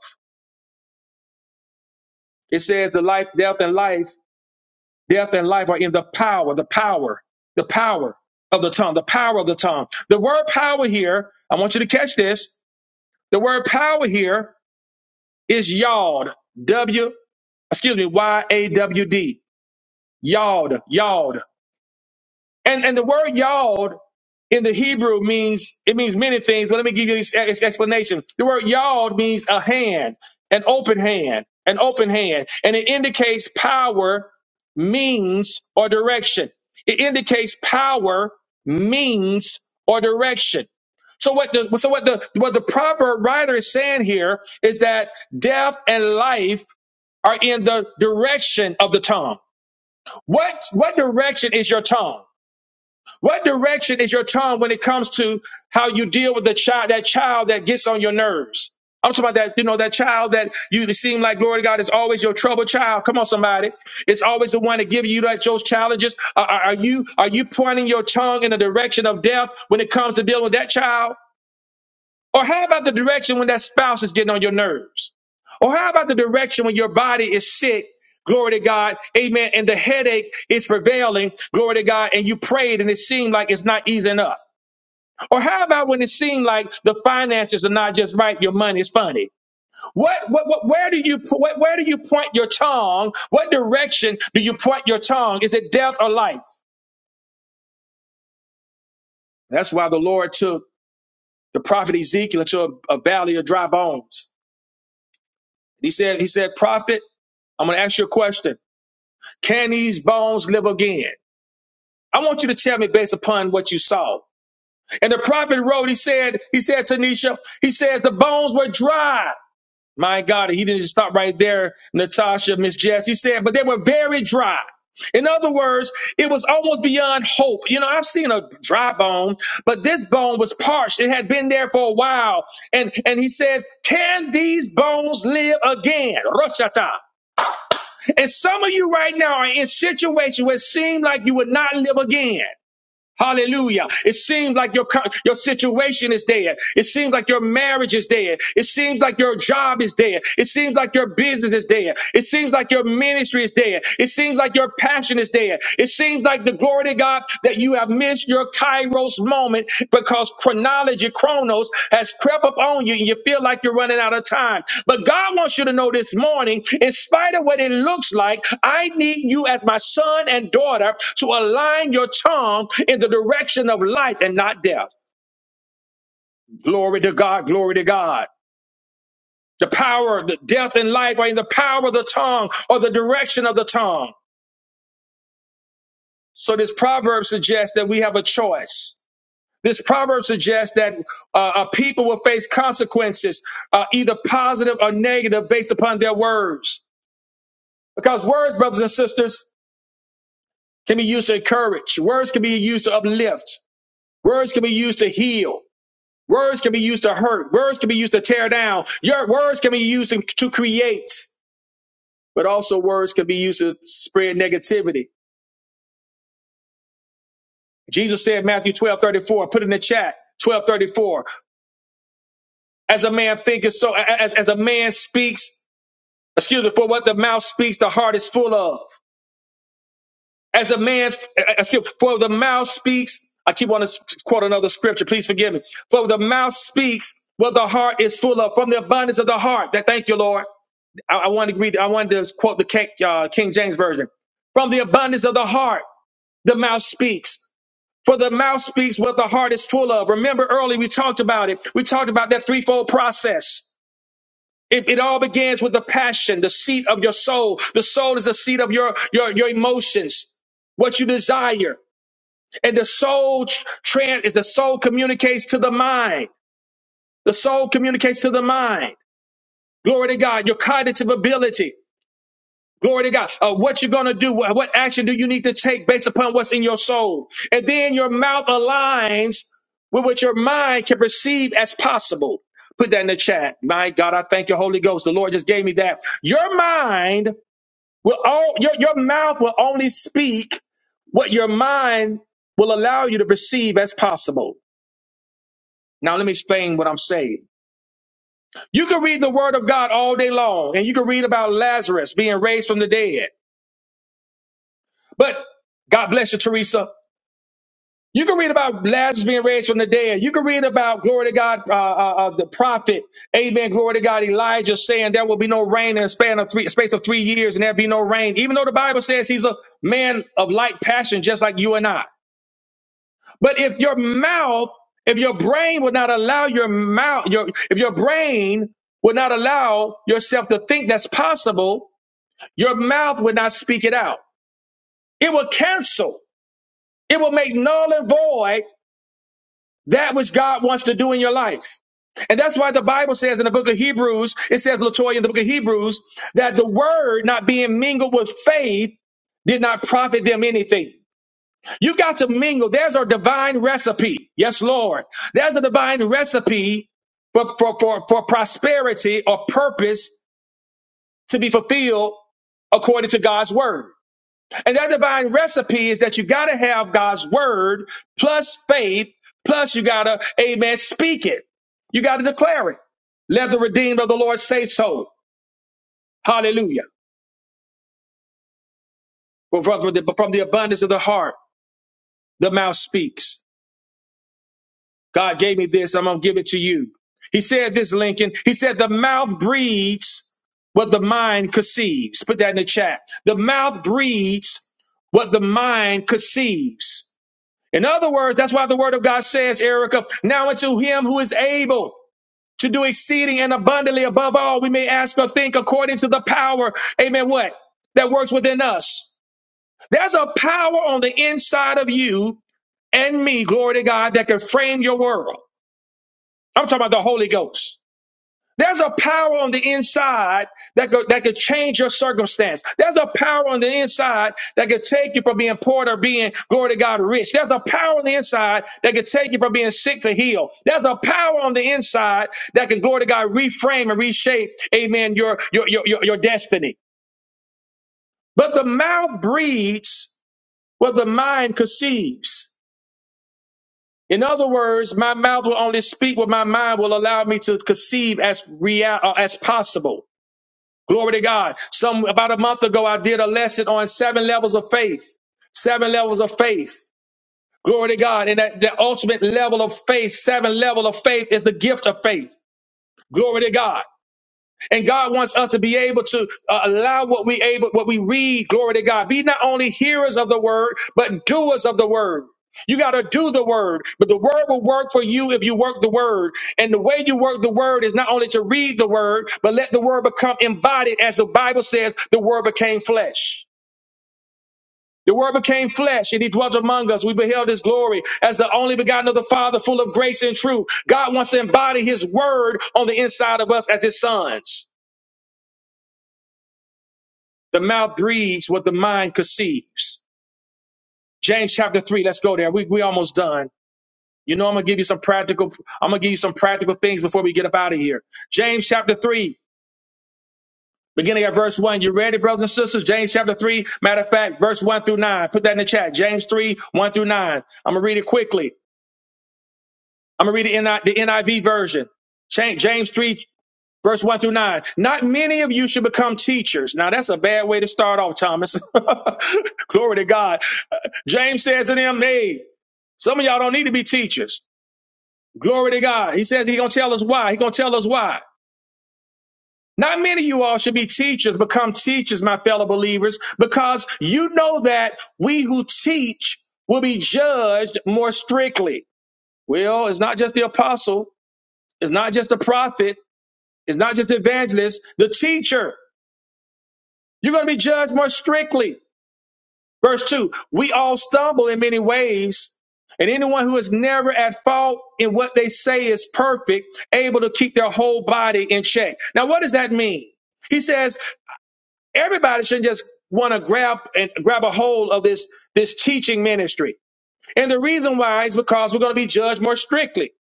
[SPEAKER 1] It says the life, death and life, death and life are in the power, the power, the power of the tongue, the power of the tongue. The word power here, I want you to catch this. The word power here is yawed, W, excuse me, Y A W D. Yod, Yod. And and the word Yod in the Hebrew means it means many things, but let me give you this ex- explanation. The word Yod means a hand, an open hand, an open hand, and it indicates power, means, or direction. It indicates power, means, or direction. So what the so what the what the proverb writer is saying here is that death and life are in the direction of the tongue. What what direction is your tongue? What direction is your tongue when it comes to how you deal with the child, that child that gets on your nerves? I'm talking about that, you know, that child that you seem like, glory to God, is always your trouble child. Come on, somebody. It's always the one that gives you that those challenges. Are, are are you are you pointing your tongue in the direction of death when it comes to dealing with that child? Or how about the direction when that spouse is getting on your nerves? Or how about the direction when your body is sick? Glory to God. Amen. And the headache is prevailing. Glory to God. And you prayed and it seemed like it's not easing up. Or how about when it seemed like the finances are not just right, your money is funny? What, what, what where do you what, where do you point your tongue? What direction do you point your tongue? Is it death or life? That's why the Lord took the prophet Ezekiel into a, a valley of dry bones. He said, he said, prophet, I'm going to ask you a question. Can these bones live again? I want you to tell me based upon what you saw. And the prophet wrote, he said, he said, Tanisha, he says the bones were dry. My God, he didn't just stop right there, Natasha, Miss Jess. He said, but they were very dry. In other words, it was almost beyond hope. You know, I've seen a dry bone, but this bone was parched. It had been there for a while. And and he says, Can these bones live again? Roshata. And some of you right now are in situations where it seems like you would not live again. Hallelujah. It seems like your, co- your situation is dead. It seems like your marriage is dead. It seems like your job is dead. It seems like your business is dead. It seems like your ministry is dead. It seems like your passion is dead. It seems like the glory to God that you have missed your Kairos moment because chronology, chronos, has crept up on you and you feel like you're running out of time. But God wants you to know this morning, in spite of what it looks like, I need you as my son and daughter to align your tongue in the direction of life and not death. Glory to God, glory to God. The power of the death and life are in the power of the tongue or the direction of the tongue. So this proverb suggests that we have a choice This proverb suggests that uh, a people will face consequences, uh, either positive or negative, based upon their words. Because words, brothers and sisters, can be used to encourage. Words can be used to uplift. Words can be used to heal. Words can be used to hurt. Words can be used to tear down. Your words can be used to to create, but also words can be used to spread negativity. Jesus said, Matthew 12 34. put in the chat, 12 34. as a man thinketh, so as, as a man speaks, Excuse me, for what the mouth speaks, the heart is full of. As a man, excuse me, for the mouth speaks, I keep on to quote another scripture, please forgive me. For the mouth speaks what the heart is full of, from the abundance of the heart. That thank you, Lord. I, I wanted to read, I wanted to quote the King, uh, King James Version. From the abundance of the heart, the mouth speaks. For the mouth speaks what the heart is full of. Remember earlier we talked about it. We talked about that threefold process. It, it all begins with the passion, the seat of your soul. The soul is the seat of your your your emotions, what you desire, and the soul trans is the soul communicates to the mind. The soul communicates to the mind. Glory to God, your cognitive ability. Glory to God. Uh, what you're going to do, what, what action do you need to take based upon what's in your soul? And then your mouth aligns with what your mind can perceive as possible. Put that in the chat. My God, I thank you, Holy Ghost. The Lord just gave me that. Your mind will all, your, your mouth will only speak what your mind will allow you to perceive as possible. Now, let me explain what I'm saying. You can read the word of God all day long and you can read about Lazarus being raised from the dead, but God bless you, Teresa. You can read about Lazarus being raised from the dead. You can read about, glory to God, uh, uh, uh, the prophet, amen, glory to God, Elijah saying there will be no rain in a span of three, space of three years and there'll be no rain, even though the Bible says he's a man of light passion, just like you and I. But if your mouth, if your brain would not allow your mouth, your, if your brain would not allow yourself to think that's possible, your mouth would not speak it out. It will cancel. It will make null and void that which God wants to do in your life. And that's why the Bible says in the book of Hebrews, it says, Latoya, in the book of Hebrews, that the word not being mingled with faith did not profit them anything. You got to mingle. There's a divine recipe. Yes, Lord. There's a divine recipe for, for, for, for prosperity or purpose to be fulfilled according to God's word. And that divine recipe is that you got to have God's word plus faith, plus you got to, amen, speak it. You got to declare it. Let the redeemed of the Lord say so. Hallelujah. Well, From from the, from the abundance of the heart, the mouth speaks. God gave me this. I'm going to give it to you. He said this, Lincoln. He said, the mouth breathes what the mind conceives. Put that in the chat. The mouth breathes what the mind conceives. In other words, that's why the word of God says, Erica, now unto him who is able to do exceeding and abundantly above all we may ask or think according to the power, amen, what? That works within us. There's a power on the inside of you and me, glory to God, that can frame your world. I'm talking about the Holy Ghost. There's a power on the inside that could, that could change your circumstance. There's a power on the inside that could take you from being poor to being, glory to God, rich. There's a power on the inside that could take you from being sick to heal. There's a power on the inside that can, glory to God, reframe and reshape, amen, your, your, your, your, your destiny. But the mouth breathes what the mind conceives. In other words, my mouth will only speak what my mind will allow me to conceive as real, uh, as possible. Glory to God. Some about a month ago, I did a lesson on seven levels of faith. Seven levels of faith. Glory to God. And that the ultimate level of faith, seven level of faith is the gift of faith. Glory to God. And God wants us to be able to uh, allow what we able, what we read. Glory to God. Be not only hearers of the word, but doers of the word. You got to do the word, but the word will work for you if you work the word. And the way you work the word is not only to read the word, but let the word become embodied. As the Bible says, the word became flesh. The word became flesh and he dwelt among us. We beheld his glory as the only begotten of the Father, full of grace and truth. God wants to embody his word on the inside of us as his sons. The mouth breathes what the mind conceives. James chapter three. Let's go there. We we almost done. You know, I'm gonna give you some practical. I'm gonna give you some practical things before we get up out of here. James chapter three, beginning at verse one. You ready, brothers and sisters? James chapter three. Matter of fact, verse one through nine. Put that in the chat. James three one through nine. I'm gonna read it quickly. I'm gonna read it in the NIV version. Cha- James 3, Verse 1 through 9. Not many of you should become teachers. Now, that's a bad way to start off, Thomas. Glory to God. Uh, James says to them, hey, some of y'all don't need to be teachers. Glory to God. He says he's going to tell us why. He's going to tell us why. Not many of you all should be teachers, become teachers, my fellow believers, because you know that we who teach will be judged more strictly. Well, it's not just the apostle. It's not just the prophet. It's not just the evangelist, the teacher. You're going to be judged more strictly. Verse 2 We all stumble in many ways, and anyone who is never at fault in what they say is perfect, able to keep their whole body in check. Now, what does that mean? He says everybody should just want to grab and grab a hold of this this teaching ministry. And the reason why is because we're going to be judged more strictly.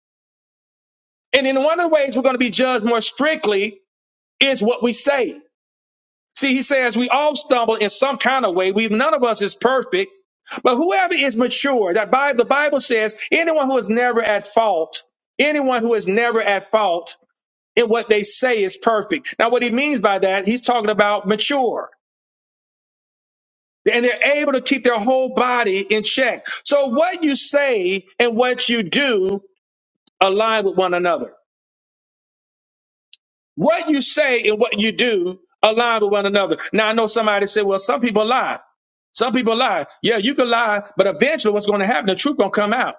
[SPEAKER 1] And in one of the ways we're going to be judged more strictly is what we say. See, he says we all stumble in some kind of way. We none of us is perfect, but whoever is mature, that Bible, the Bible says, anyone who is never at fault, anyone who is never at fault in what they say is perfect. Now, what he means by that, he's talking about mature. And they're able to keep their whole body in check. So what you say and what you do align with one another. What you say and what you do align with one another. Now I know somebody said, well, some people lie. Some people lie. Yeah, you can lie, but eventually what's going to happen, the truth gonna come out.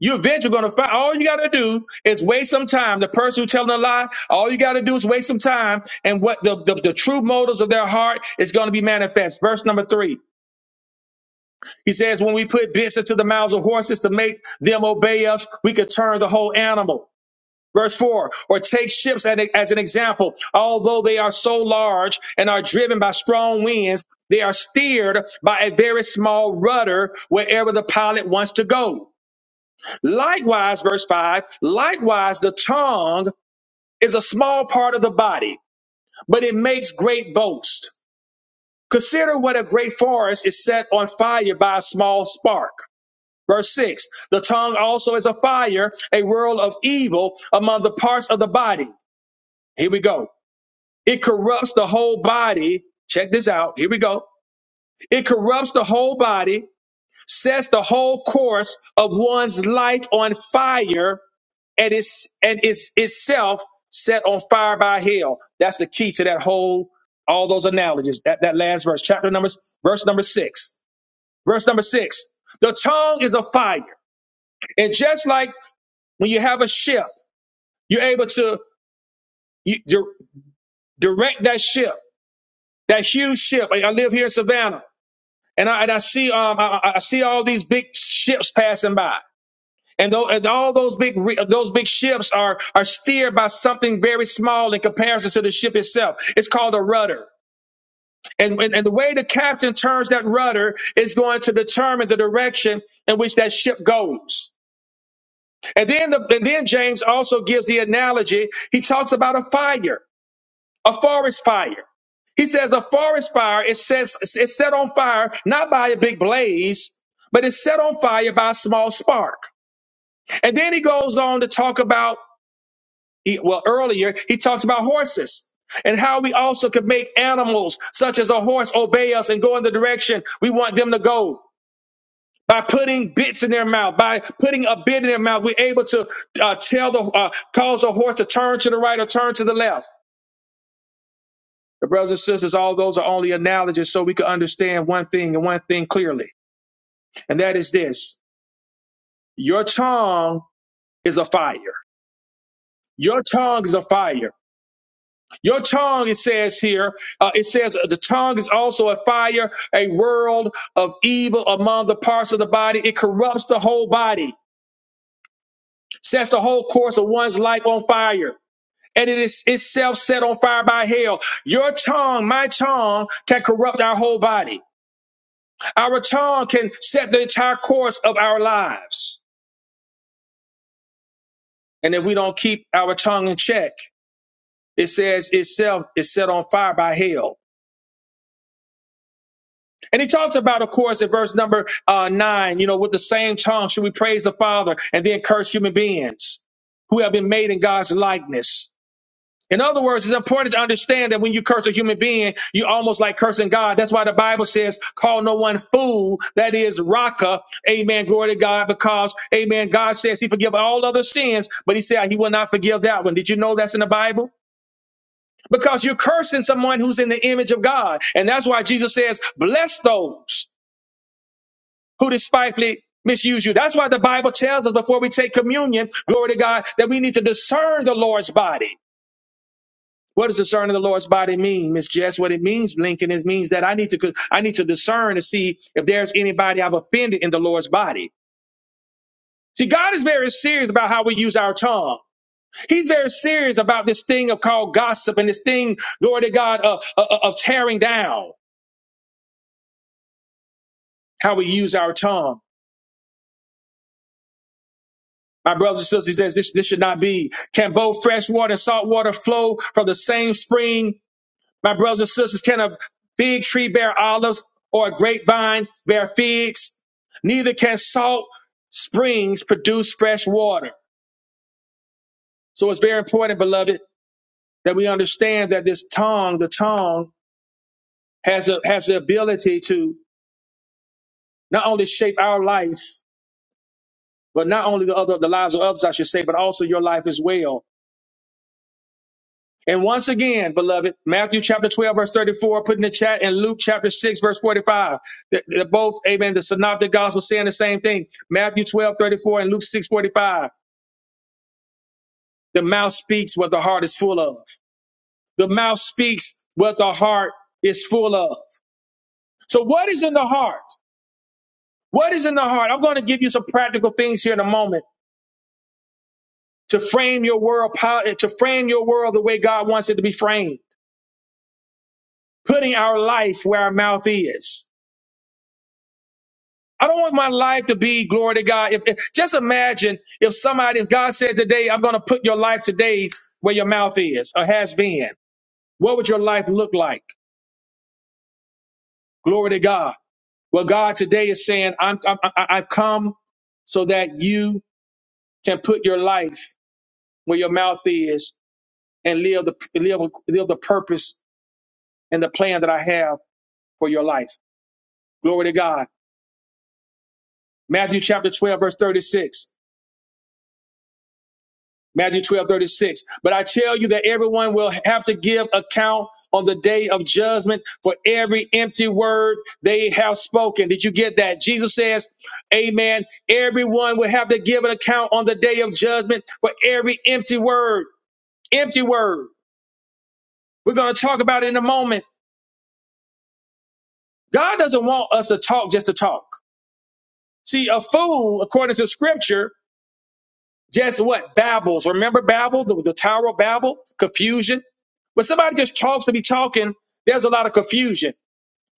[SPEAKER 1] You eventually gonna find all you gotta do is waste some time. The person who's telling a lie, all you gotta do is waste some time, and what the, the, the true motives of their heart is gonna be manifest. Verse number three. He says, When we put bits into the mouths of horses to make them obey us, we could turn the whole animal. Verse 4 Or take ships as an example. Although they are so large and are driven by strong winds, they are steered by a very small rudder wherever the pilot wants to go. Likewise, verse 5 Likewise, the tongue is a small part of the body, but it makes great boast. Consider what a great forest is set on fire by a small spark. Verse 6 The tongue also is a fire, a world of evil among the parts of the body. Here we go. It corrupts the whole body. Check this out. Here we go. It corrupts the whole body, sets the whole course of one's life on fire, and is and is itself set on fire by hell. That's the key to that whole all those analogies. That that last verse, chapter numbers, verse number six. Verse number six. The tongue is a fire, and just like when you have a ship, you're able to you, dir- direct that ship, that huge ship. Like I live here in Savannah. and I, and I see um I, I see all these big ships passing by. And, tho- and all those big re- those big ships are are steered by something very small in comparison to the ship itself. It's called a rudder. And, and and the way the captain turns that rudder is going to determine the direction in which that ship goes. And then the, and then James also gives the analogy. He talks about a fire a forest fire. He says a forest fire is set, is set on fire not by a big blaze, but it's set on fire by a small spark. And then he goes on to talk about, he- well, earlier he talks about horses and how we also could make animals such as a horse obey us and go in the direction we want them to go. By putting bits in their mouth, by putting a bit in their mouth, we're able to uh, tell the uh, cause a horse to turn to the right or turn to the left. But brothers and sisters, all those are only analogies so we can understand one thing and one thing clearly. And that is this your tongue is a fire. Your tongue is a fire. Your tongue, it says here, uh, it says uh, the tongue is also a fire, a world of evil among the parts of the body. It corrupts the whole body, sets the whole course of one's life on fire. And it is itself set on fire by hell. Your tongue, my tongue, can corrupt our whole body. Our tongue can set the entire course of our lives. And if we don't keep our tongue in check, it says itself is set on fire by hell. And he talks about, of course, in verse number uh, nine, you know, with the same tongue should we praise the Father and then curse human beings who have been made in God's likeness. In other words, it's important to understand that when you curse a human being, you almost like cursing God. That's why the Bible says, call no one fool. That is Raka. Amen. Glory to God. Because, amen, God says he forgives all other sins, but he said he will not forgive that one. Did you know that's in the Bible? Because you're cursing someone who's in the image of God. And that's why Jesus says, bless those who despitefully misuse you. That's why the Bible tells us before we take communion, glory to God, that we need to discern the Lord's body. What does discerning the Lord's body mean, Miss Jess? What it means, Lincoln, is means that I need to I need to discern to see if there's anybody I've offended in the Lord's body. See, God is very serious about how we use our tongue. He's very serious about this thing of called gossip and this thing, glory to God, uh, uh, uh, of tearing down how we use our tongue. My brothers and sisters, he says this, this should not be. Can both fresh water and salt water flow from the same spring? My brothers and sisters, can a fig tree bear olives or a grapevine bear figs? Neither can salt springs produce fresh water. So it's very important, beloved, that we understand that this tongue, the tongue, has a, has the ability to not only shape our life, but not only the other the lives of others, I should say, but also your life as well. And once again, beloved, Matthew chapter 12, verse 34, put in the chat, and Luke chapter 6, verse 45. They're, they're both, amen, the synoptic gospel saying the same thing. Matthew 12 34 and Luke 6 45. The mouth speaks what the heart is full of. The mouth speaks what the heart is full of. So, what is in the heart? What is in the heart? I'm going to give you some practical things here in a moment to frame your world, to frame your world the way God wants it to be framed, putting our life where our mouth is. I don't want my life to be glory to God. If, if- just imagine if somebody, if God said today, I'm going to put your life today where your mouth is or has been. What would your life look like? Glory to God. Well, God today is saying, I'm, I'm I- I've come so that you can put your life where your mouth is and live the live, live the purpose and the plan that I have for your life. Glory to God. Matthew chapter 12, verse 36. Matthew 12 36. But I tell you that everyone will have to give account on the day of judgment for every empty word they have spoken. Did you get that? Jesus says, Amen. Everyone will have to give an account on the day of judgment for every empty word. Empty word. We're going to talk about it in a moment. God doesn't want us to talk just to talk. See, a fool, according to scripture, Just what? Babbles. Remember Babel, the, the Tower of Babel? Confusion. When somebody just talks to be talking, there's a lot of confusion.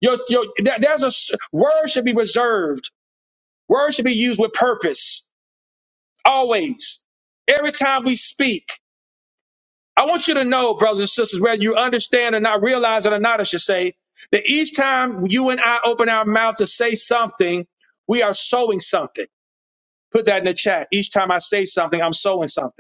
[SPEAKER 1] Your, your, there- there's a s- word should be reserved. Words should be used with purpose. Always. Every time we speak. I want you to know, brothers and sisters, whether you understand or not, realize it or not, I should say, that each time you and I open our mouth to say something, we are sowing something. Put that in the chat. Each time I say something, I'm sowing something.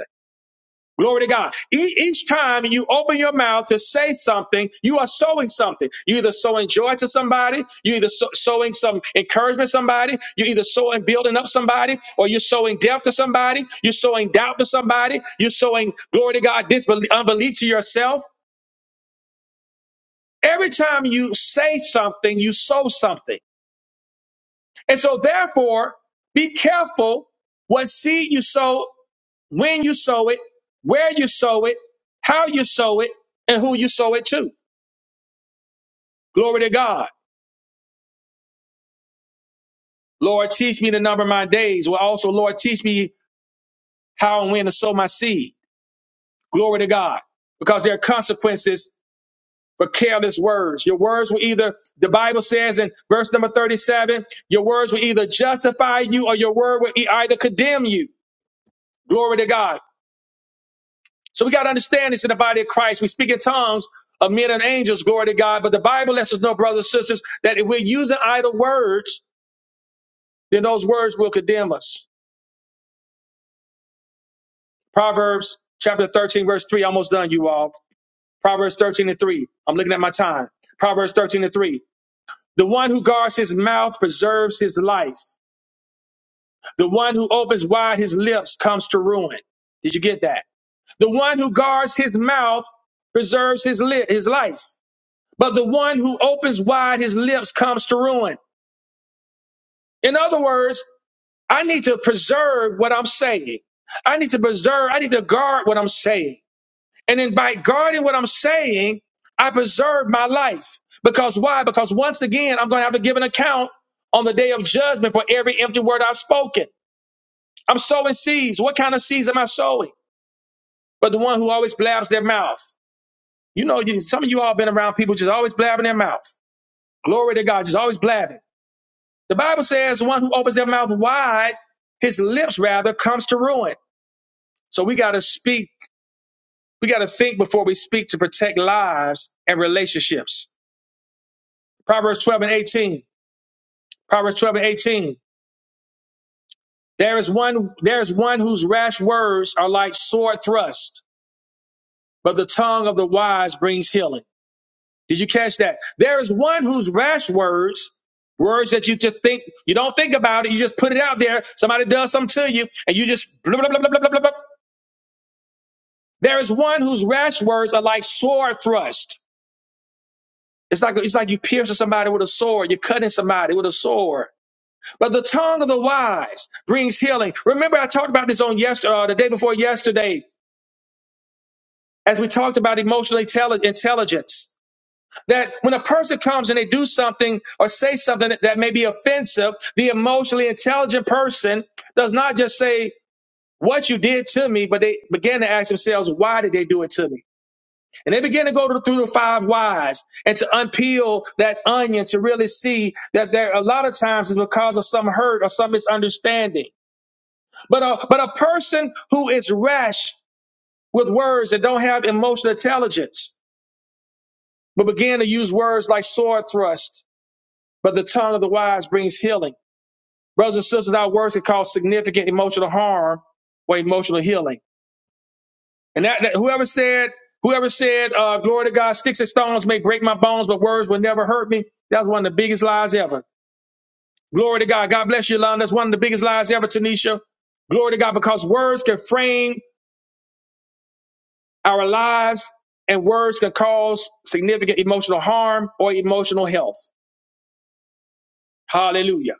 [SPEAKER 1] Glory to God. E- each time you open your mouth to say something, you are sowing something. You either sowing joy to somebody, you either so- sowing some encouragement to somebody, you either sowing building up somebody, or you're sowing death to somebody, you're sowing doubt to somebody, you're sowing glory to God, disbelief, unbelief to yourself. Every time you say something, you sow something. And so therefore, be careful what seed you sow when you sow it, where you sow it, how you sow it, and who you sow it to. Glory to God. Lord, teach me to number my days. Well, also, Lord, teach me how and when to sow my seed. Glory to God. Because there are consequences for careless words. Your words will either, the Bible says in verse number 37, your words will either justify you or your word will e- either condemn you. Glory to God. So we got to understand this in the body of Christ. We speak in tongues of men and angels, glory to God. But the Bible lets us know, brothers and sisters, that if we're using idle words, then those words will condemn us. Proverbs chapter 13, verse 3, almost done, you all. Proverbs 13 and 3. I'm looking at my time. Proverbs 13 and 3. The one who guards his mouth preserves his life. The one who opens wide his lips comes to ruin. Did you get that? The one who guards his mouth preserves his, li- his life. but the one who opens wide his lips comes to ruin. In other words, I need to preserve what I'm saying. I need to preserve, I need to guard what I'm saying. And then by guarding what I'm saying, I preserve my life. Because why? Because once again, I'm going to have to give an account on the day of judgment for every empty word I've spoken. I'm sowing seeds. What kind of seeds am I sowing? But the one who always blabs their mouth. You know, you, some of you all been around people just always blabbing their mouth. Glory to God, just always blabbing. The Bible says, one who opens their mouth wide, his lips rather, comes to ruin. So we got to speak, we got to think before we speak to protect lives and relationships. Proverbs 12 and 18. Proverbs 12 and 18. There is one, there is one whose rash words are like sword thrust, but the tongue of the wise brings healing. Did you catch that? There is one whose rash words Words that you just think, you don't think about it, you just put it out there. Somebody does something to you, and you just blah, blah, blah, blah, blah, blah, blah. There is one whose rash words are like sword thrust. It's like it's like you piercing somebody with a sword. You're cutting somebody with a sword. But the tongue of the wise brings healing. Remember, I talked about this on yesterday, uh, the day before yesterday, as we talked about emotional intelli- intelligence. That when a person comes and they do something or say something that that may be offensive, the emotionally intelligent person does not just say what you did to me, but they begin to ask themselves, why did they do it to me? And they begin to go to, through the five whys and to unpeel that onion to really see that there a lot of times it's because of some hurt or some misunderstanding. But a, but a person who is rash with words that don't have emotional intelligence, but begin to use words like sword thrust, but the tongue of the wise brings healing. Brothers and sisters, our words can cause significant emotional harm or emotional healing. And that, that- whoever said, whoever said, uh, glory to God, sticks and stones may break my bones, but words will never hurt me. That's one of the biggest lies ever. Glory to God. God bless you, Lon. That's one of the biggest lies ever, Tanisha. Glory to God, because words can frame our lives and words can cause significant emotional harm or emotional health. Hallelujah.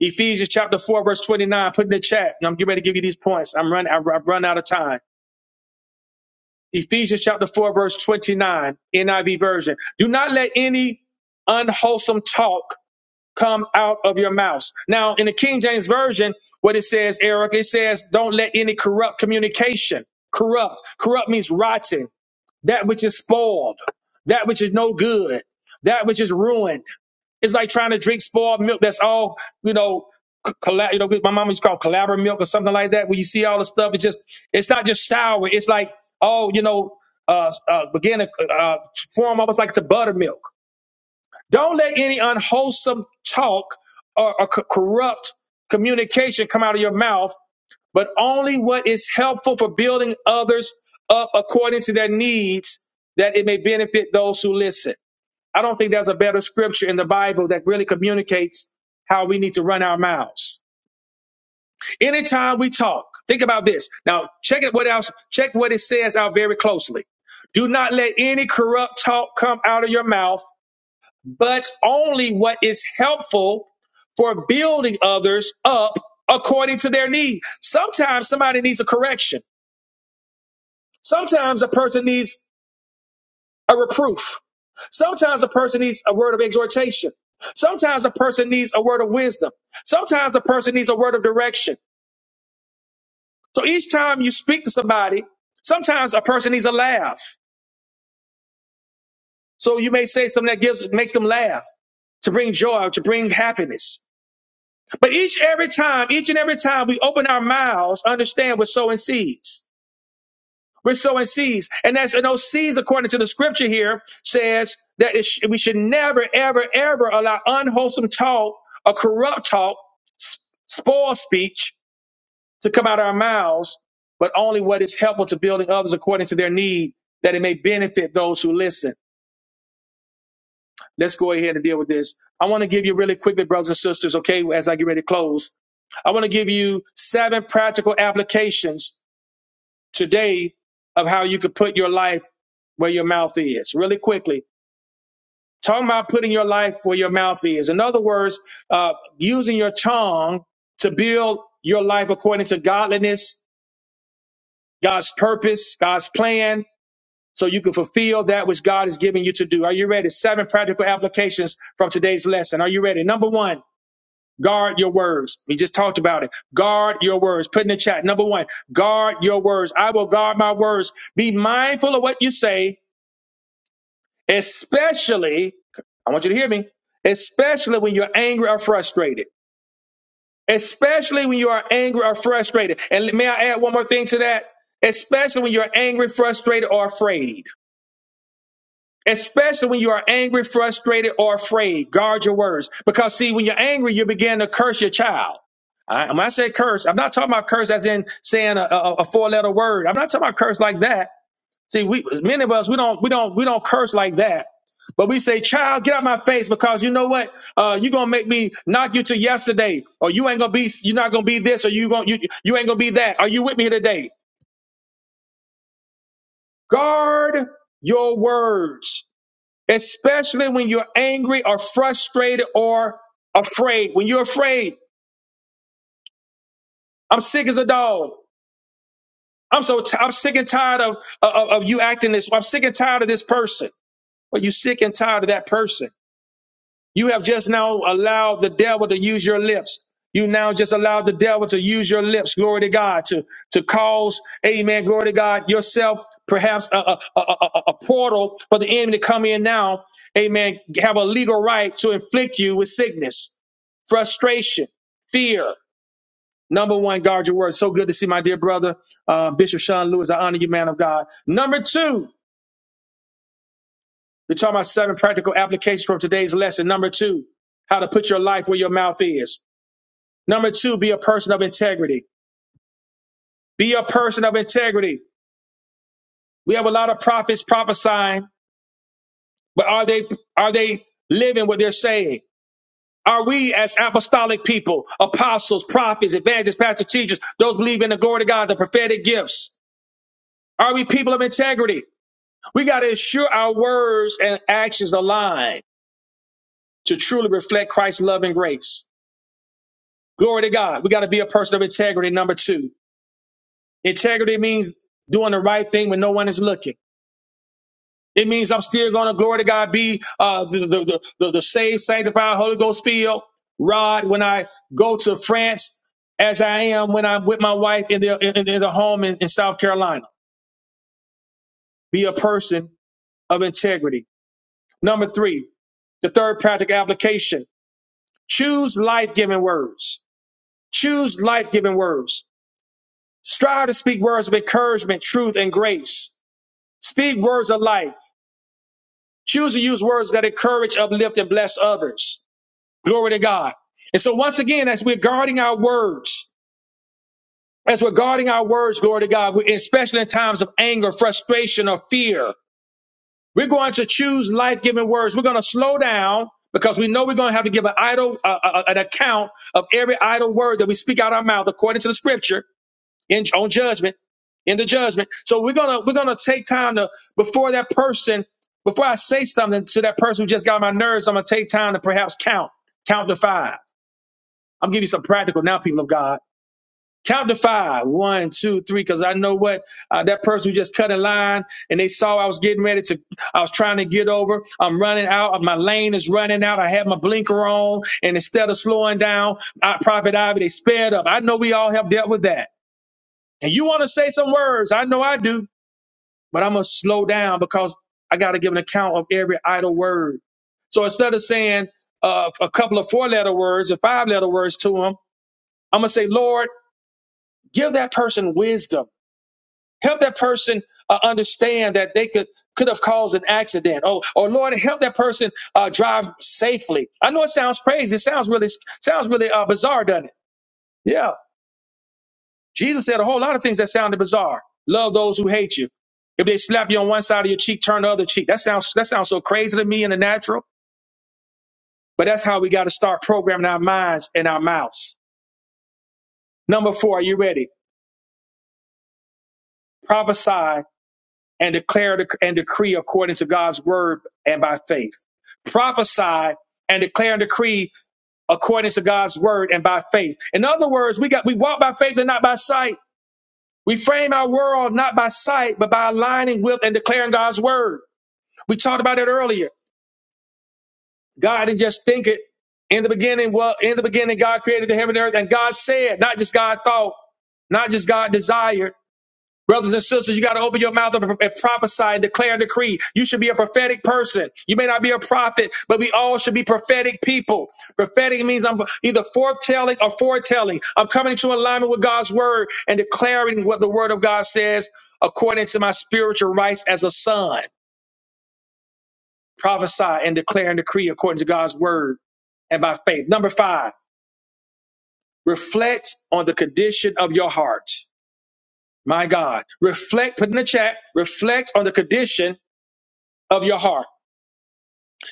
[SPEAKER 1] Ephesians chapter 4, verse 29. Put in the chat. And I'm getting ready to give you these points. I'm running, i I've run out of time. Ephesians chapter 4, verse 29, NIV version. Do not let any unwholesome talk come out of your mouth. Now, in the King James version, what it says, Eric, it says, don't let any corrupt communication, corrupt, corrupt means rotten, that which is spoiled, that which is no good, that which is ruined. It's like trying to drink spoiled milk that's all, you know, c- colla- you know, my mom used to call it collabor milk or something like that. When you see all the stuff, it's just, it's not just sour. It's like, oh, you know, uh, uh, begin to uh, uh, form almost like to buttermilk. Don't let any unwholesome talk or, or co- corrupt communication come out of your mouth, but only what is helpful for building others up according to their needs, that it may benefit those who listen. I don't think there's a better scripture in the Bible that really communicates how we need to run our mouths. Anytime we talk, think about this. Now, check it what else, check what it says out very closely. Do not let any corrupt talk come out of your mouth, but only what is helpful for building others up according to their need. Sometimes somebody needs a correction. Sometimes a person needs a reproof. Sometimes a person needs a word of exhortation. Sometimes a person needs a word of wisdom. Sometimes a person needs a word of direction. So each time you speak to somebody, sometimes a person needs a laugh. So you may say something that gives makes them laugh to bring joy, to bring happiness. But each every time, each and every time we open our mouths, understand we're sowing seeds. We're sowing seeds. And that's, and those seeds, according to the scripture here, says that it sh- we should never, ever, ever allow unwholesome talk or corrupt talk, s- spoil speech to come out of our mouths, but only what is helpful to building others according to their need, that it may benefit those who listen. Let's go ahead and deal with this. I want to give you really quickly, brothers and sisters, okay, as I get ready to close. I want to give you seven practical applications today of how you could put your life where your mouth is. Really quickly, talking about putting your life where your mouth is. In other words, uh, using your tongue to build your life according to godliness, God's purpose, God's plan, so you can fulfill that which God is giving you to do. Are you ready? Seven practical applications from today's lesson. Are you ready? Number one. Guard your words. We just talked about it. Guard your words. Put in the chat. Number one, guard your words. I will guard my words. Be mindful of what you say, especially, I want you to hear me, especially when you're angry or frustrated. Especially when you are angry or frustrated. And may I add one more thing to that? Especially when you're angry, frustrated, or afraid especially when you are angry, frustrated, or afraid. Guard your words. Because see, when you're angry, you begin to curse your child. I, when I say curse, I'm not talking about curse as in saying a, a, a four letter word. I'm not talking about curse like that. See, we, many of us, we don't, we don't, we don't curse like that. But we say, child, get out my face because you know what? Uh, you're gonna make me knock you to yesterday, or you ain't gonna be, you're not gonna be this, or you gonna, you, you ain't gonna be that. Are you with me here today? Guard your words. especially when you're angry or frustrated or afraid. When you're afraid, I'm sick as a dog. I'm so ti I'm sick and tired of, of of you acting this. way. I'm sick and tired of this person. Well, you sick and tired of that person. You have just now allowed the devil to use your lips. You now just allowed the devil to use your lips, glory to God, to, to cause, amen, glory to God, yourself perhaps a, a, a, a, a portal for the enemy to come in now, amen, have a legal right to inflict you with sickness, frustration, fear. Number one, guard your word. So good to see my dear brother, uh, Bishop Sean Lewis. I honor you, man of God. Number two, we're talking about seven practical applications from today's lesson. Number two, how to put your life where your mouth is. Number two, be a person of integrity. Be a person of integrity. We have a lot of prophets prophesying, but are they are they living what they're saying? Are we as apostolic people, apostles, prophets, evangelists, pastors, teachers, those believe in the glory of God, the prophetic gifts? Are we people of integrity? We got to ensure our words and actions align to truly reflect Christ's love and grace. Glory to God. We got to be a person of integrity. Number two, integrity means doing the right thing when no one is looking. It means I'm still going to, glory to God, be uh, the, the, the, the, the saved, sanctified, Holy Ghost filled rod when I go to France as I am when I'm with my wife in the, in, in the home in, in South Carolina. Be a person of integrity. Number three, the third practical application choose life giving words. Choose life giving words. Strive to speak words of encouragement, truth, and grace Speak words of life. Choose to use words that encourage, uplift, and bless others. Glory to God. And so, once again, as we're guarding our words, as we're guarding our words, glory to God, we- especially in times of anger, frustration, or fear, we're going to choose life giving words. We're going to slow down because we know we're going to have to give an idle, uh, uh, uh, an account of every idle word that we speak out our mouth according to the scripture. in on judgment in the judgment so we're gonna we're gonna take time to before that person before i say something to that person who just got on my nerves i'm gonna take time to perhaps count count to five i'm giving you some practical now people of god count to five one two three because i know what uh, that person who just cut in line and they saw i was getting ready to i was trying to get over i'm running out my lane is running out i have my blinker on and instead of slowing down I, prophet ivy they sped up i know we all have dealt with that and you want to say some words. I know I do, but I'm going to slow down because I got to give an account of every idle word. So instead of saying uh, a couple of four letter words or five letter words to them, I'm going to say, Lord, give that person wisdom. Help that person uh, understand that they could could have caused an accident. Oh, or Lord, help that person uh, drive safely. I know it sounds crazy. It sounds really sounds really uh, bizarre, doesn't it? Yeah. Jesus said a whole lot of things that sounded bizarre. Love those who hate you. If they slap you on one side of your cheek, turn the other cheek. That sounds that sounds so crazy to me in the natural, but that's how we got to start programming our minds and our mouths. Number four, are you ready? Prophesy and declare dec- and decree according to God's word and by faith. Prophesy and declare and decree according to God's word and by faith. In other words, we got we walk by faith and not by sight. We frame our world not by sight, but by aligning with and declaring God's word. We talked about it earlier. God didn't just think it. In the beginning, well, in the beginning, God created the heaven and earth, and God said, not just God thought, not just God desired. Brothers and sisters, you got to open your mouth up and prophesy and declare and decree. You should be a prophetic person. You may not be a prophet, but we all should be prophetic people. Prophetic means I'm either foretelling or foretelling. I'm coming into alignment with God's word and declaring what the word of God says according to my spiritual rights as a son. prophesy and declare and decree according to God's word and by faith. Number five, reflect on the condition of your heart. My God, reflect. Put in the chat. Reflect on the condition of your heart.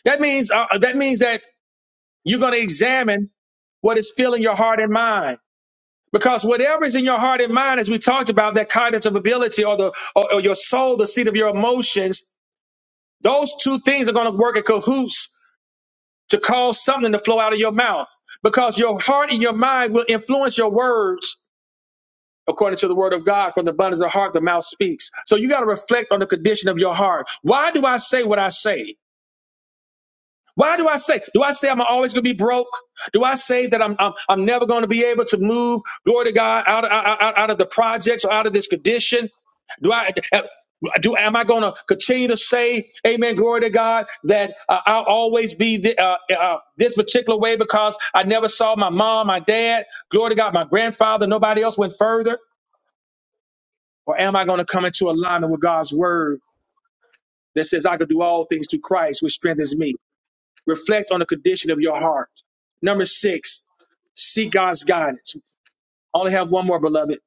[SPEAKER 1] That means uh, uh, that means that you're going to examine what is filling your heart and mind. Because whatever is in your heart and mind, as we talked about, that cognitive ability or the or, or your soul, the seat of your emotions, those two things are going to work in cahoots to cause something to flow out of your mouth because your heart and your mind will influence your words according to the word of God. From the abundance of the heart, the mouth speaks. So you got to reflect on the condition of your heart. Why do I say what I say? Why do I say? Do I say I'm always going to be broke? Do I say that I'm I'm, I'm never going to be able to move, glory to God, out of, out, out of the projects or out of this condition? Do I? Do am I going to continue to say, Amen, glory to God, that uh, I'll always be thi- uh, uh, this particular way because I never saw my mom, my dad, glory to God, my grandfather, nobody else went further? Or am I going to come into alignment with God's word that says I can do all things through Christ, which strengthens me? Reflect on the condition of your heart. Number six, seek God's guidance. I only have one more, beloved.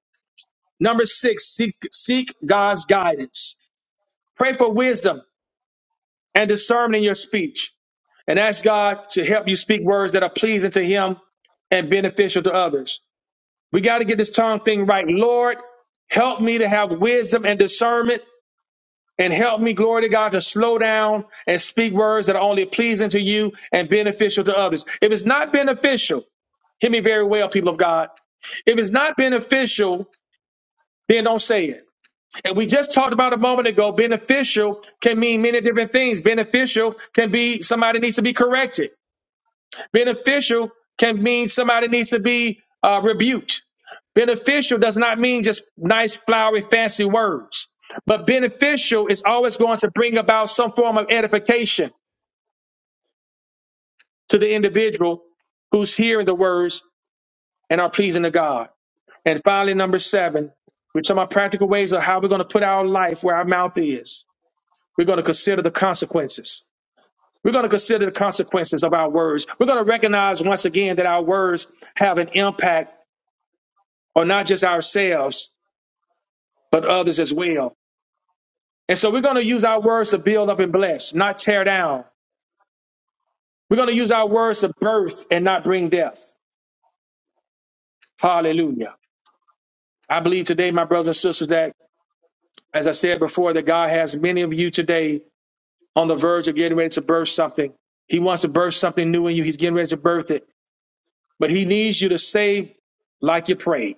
[SPEAKER 1] Number six, seek, seek God's guidance. Pray for wisdom and discernment in your speech and ask God to help you speak words that are pleasing to Him and beneficial to others. We got to get this tongue thing right. Lord, help me to have wisdom and discernment and help me, glory to God, to slow down and speak words that are only pleasing to you and beneficial to others. If it's not beneficial, Hear me very well, people of God. If it's not beneficial, then don't say it. And we just talked about a moment ago, beneficial can mean many different things. Beneficial can be somebody needs to be corrected. Beneficial can mean somebody needs to be uh, rebuked. Beneficial does not mean just nice, flowery, fancy words, but beneficial is always going to bring about some form of edification to the individual who's hearing the words and are pleasing to God. And finally, number seven, we're talking about practical ways of how we're going to put our life where our mouth is. We're going to consider the consequences. We're going to consider the consequences of our words. We're going to recognize once again that our words have an impact on not just ourselves, but others as well. And so we're going to use our words to build up and bless, not tear down. We're going to use our words to birth and not bring death. Hallelujah. I believe today, my brothers and sisters, that as I said before, that God has many of you today on the verge of getting ready to birth something. He wants to birth something new in you. He's getting ready to birth it. But he needs you to say like you prayed.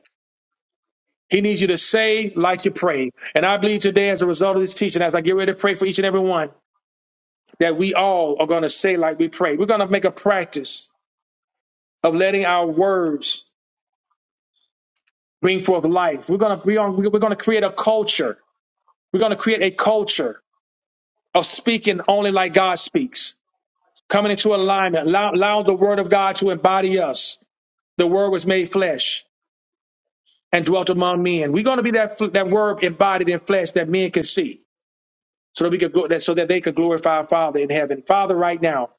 [SPEAKER 1] He needs you to say like you prayed. And I believe today, as a result of this teaching, as I get ready to pray for each and every one, that we all are going to say like we pray. We're going to make a practice of letting our words bring forth life. We're going to, we are, going to create a culture. We're going to create a culture of speaking only like God speaks, coming into alignment, allow, allow the word of God to embody us the word was made flesh and dwelt among men. We're going to be that that word embodied in flesh that men can see, so that we could glo- that so that they could glorify our Father in heaven. Father, right now,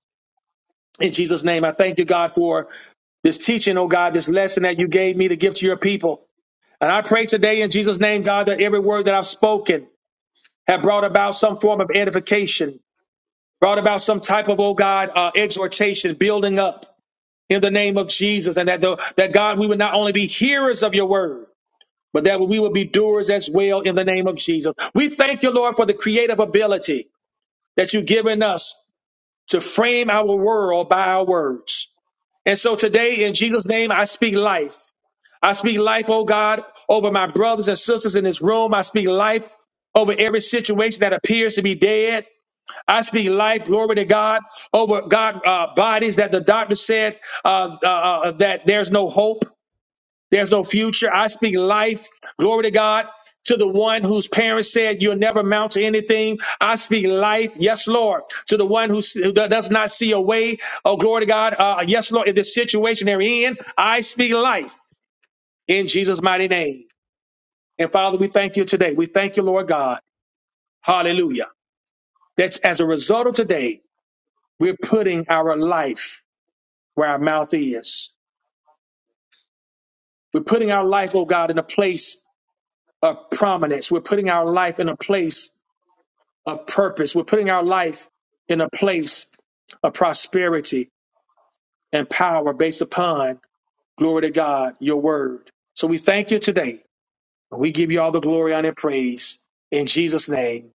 [SPEAKER 1] in Jesus' name, I thank you, God, for this teaching, oh God, this lesson that you gave me to give to your people. And I pray today in Jesus' name, God, that every word that I've spoken have brought about some form of edification, brought about some type of, oh God, uh, exhortation, building up in the name of Jesus. And that, the, that God, we would not only be hearers of your word, but that we will be doers as well in the name of Jesus. We thank you, Lord, for the creative ability that you've given us to frame our world by our words. And so today, in Jesus' name, I speak life. I speak life, oh God, over my brothers and sisters in this room. I speak life over every situation that appears to be dead. I speak life, glory to God, over God uh, bodies that the doctor said uh, uh, uh, that there's no hope. There's no future. I speak life, glory to God, to the one whose parents said, You'll never amount to anything. I speak life, yes, Lord, to the one who s- who does not see a way. Oh, glory to God, uh, yes, Lord, in this situation they're in, I speak life in Jesus' mighty name. And Father, we thank you today. We thank you, Lord God. Hallelujah. That as a result of today, we're putting our life where our mouth is. We're putting our life, oh God, in a place of prominence. We're putting our life in a place a purpose. We're putting our life in a place of prosperity and power based upon, glory to God, your word. So we thank you today we give you all the glory, honor, and praise in Jesus' name.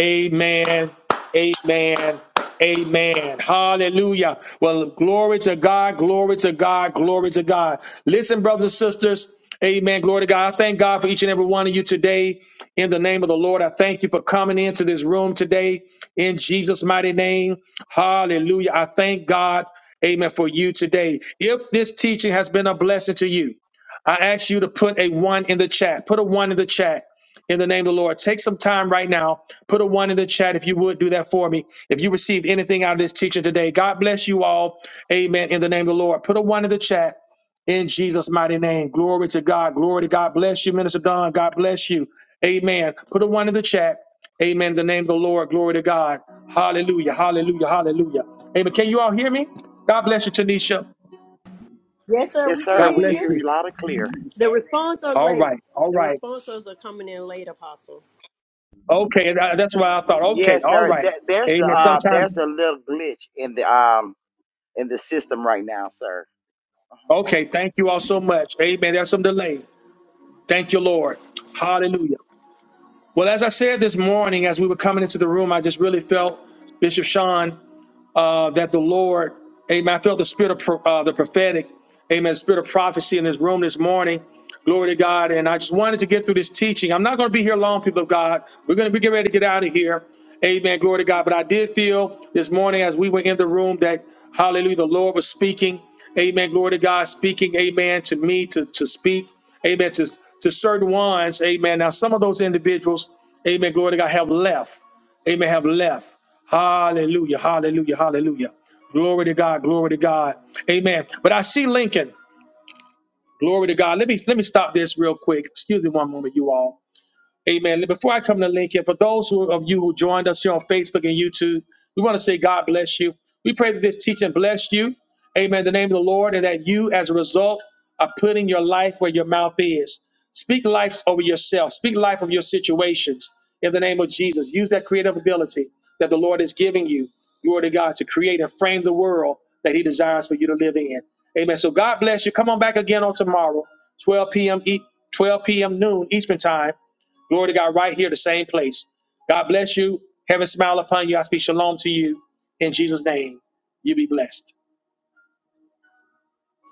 [SPEAKER 1] Amen. Amen. Amen. Hallelujah. Well, glory to God. Glory to God. Glory to God. Listen, brothers and sisters. Amen. Glory to God. I thank God for each and every one of you today. In the name of the Lord, I thank you for coming into this room today. In Jesus' mighty name. Hallelujah. I thank God. Amen. For you today. If this teaching has been a blessing to you, I ask you to put a one in the chat. Put a one in the chat in the name of the Lord. Take some time right now. Put a one in the chat if you would do that for me. If you received anything out of this teaching today, God bless you all. Amen. In the name of the Lord. Put a one in the chat in Jesus' mighty name. Glory to God. Glory to God. Bless you, Minister Don. God bless you. Amen. Put a one in the chat. Amen. In the name of the Lord. Glory to God. Hallelujah. Hallelujah. Hallelujah. Amen. Can you all hear me? God bless you, Tanisha.
[SPEAKER 2] Yes, sir.
[SPEAKER 3] Yes,
[SPEAKER 2] We can
[SPEAKER 3] sir.
[SPEAKER 1] God
[SPEAKER 3] We
[SPEAKER 2] hear
[SPEAKER 3] can
[SPEAKER 1] bless
[SPEAKER 2] you.
[SPEAKER 3] hear
[SPEAKER 1] you.
[SPEAKER 3] you loud and clear.
[SPEAKER 2] The responses are
[SPEAKER 1] All
[SPEAKER 2] late.
[SPEAKER 1] right. All
[SPEAKER 2] The
[SPEAKER 1] right.
[SPEAKER 2] responses are coming in late, Apostle.
[SPEAKER 1] Okay, tha- that's why I thought. Okay,
[SPEAKER 3] Yes,
[SPEAKER 1] all
[SPEAKER 3] there,
[SPEAKER 1] right.
[SPEAKER 3] there there's a
[SPEAKER 1] Amen.
[SPEAKER 3] uh,
[SPEAKER 1] Sometimes,
[SPEAKER 3] there's a little glitch in the um in the system right now, sir. Uh-huh.
[SPEAKER 1] okay, thank you all so much. Amen. There's some delay. Thank you, Lord. Hallelujah. Well, as I said this morning, as we were coming into the room, I just really felt, Bishop Sean. uh, that the Lord, amen. I felt the spirit of pro, uh, the prophetic, amen, spirit of prophecy in this room this morning. Glory to God. And I just wanted to get through this teaching. I'm not going to be here long, people of God. We're going to be getting ready to get out of here. Amen. Glory to God. But I did feel this morning as we were in the room that, hallelujah, the Lord was speaking. Amen. Glory to God, speaking, amen, to me to, to speak, amen, to, to certain ones. Amen. Now, some of those individuals, amen, glory to God, have left. Amen, have left. Hallelujah. Hallelujah. Hallelujah. Glory to God. Glory to God. Amen. But I see Lincoln. Glory to God. Let me let me stop this real quick. Excuse me one moment, you all. Amen. Before I come to Lincoln, for those who, of you who joined us here on Facebook and YouTube, we want to say God bless you. We pray that this teaching blessed you. Amen. In the name of the Lord, and that you, as a result, are putting your life where your mouth is. Speak life over yourself. Speak life of your situations. In the name of Jesus, use that creative ability that the Lord is giving you, glory to God, to create and frame the world that He desires for you to live in. Amen. So God bless you. Come on back again on tomorrow, 12 p.m. E- 12 p.m. noon Eastern time. Glory to God, right here, the same place. God bless you. Heaven smile upon you. I speak shalom to you in Jesus' name. You be blessed.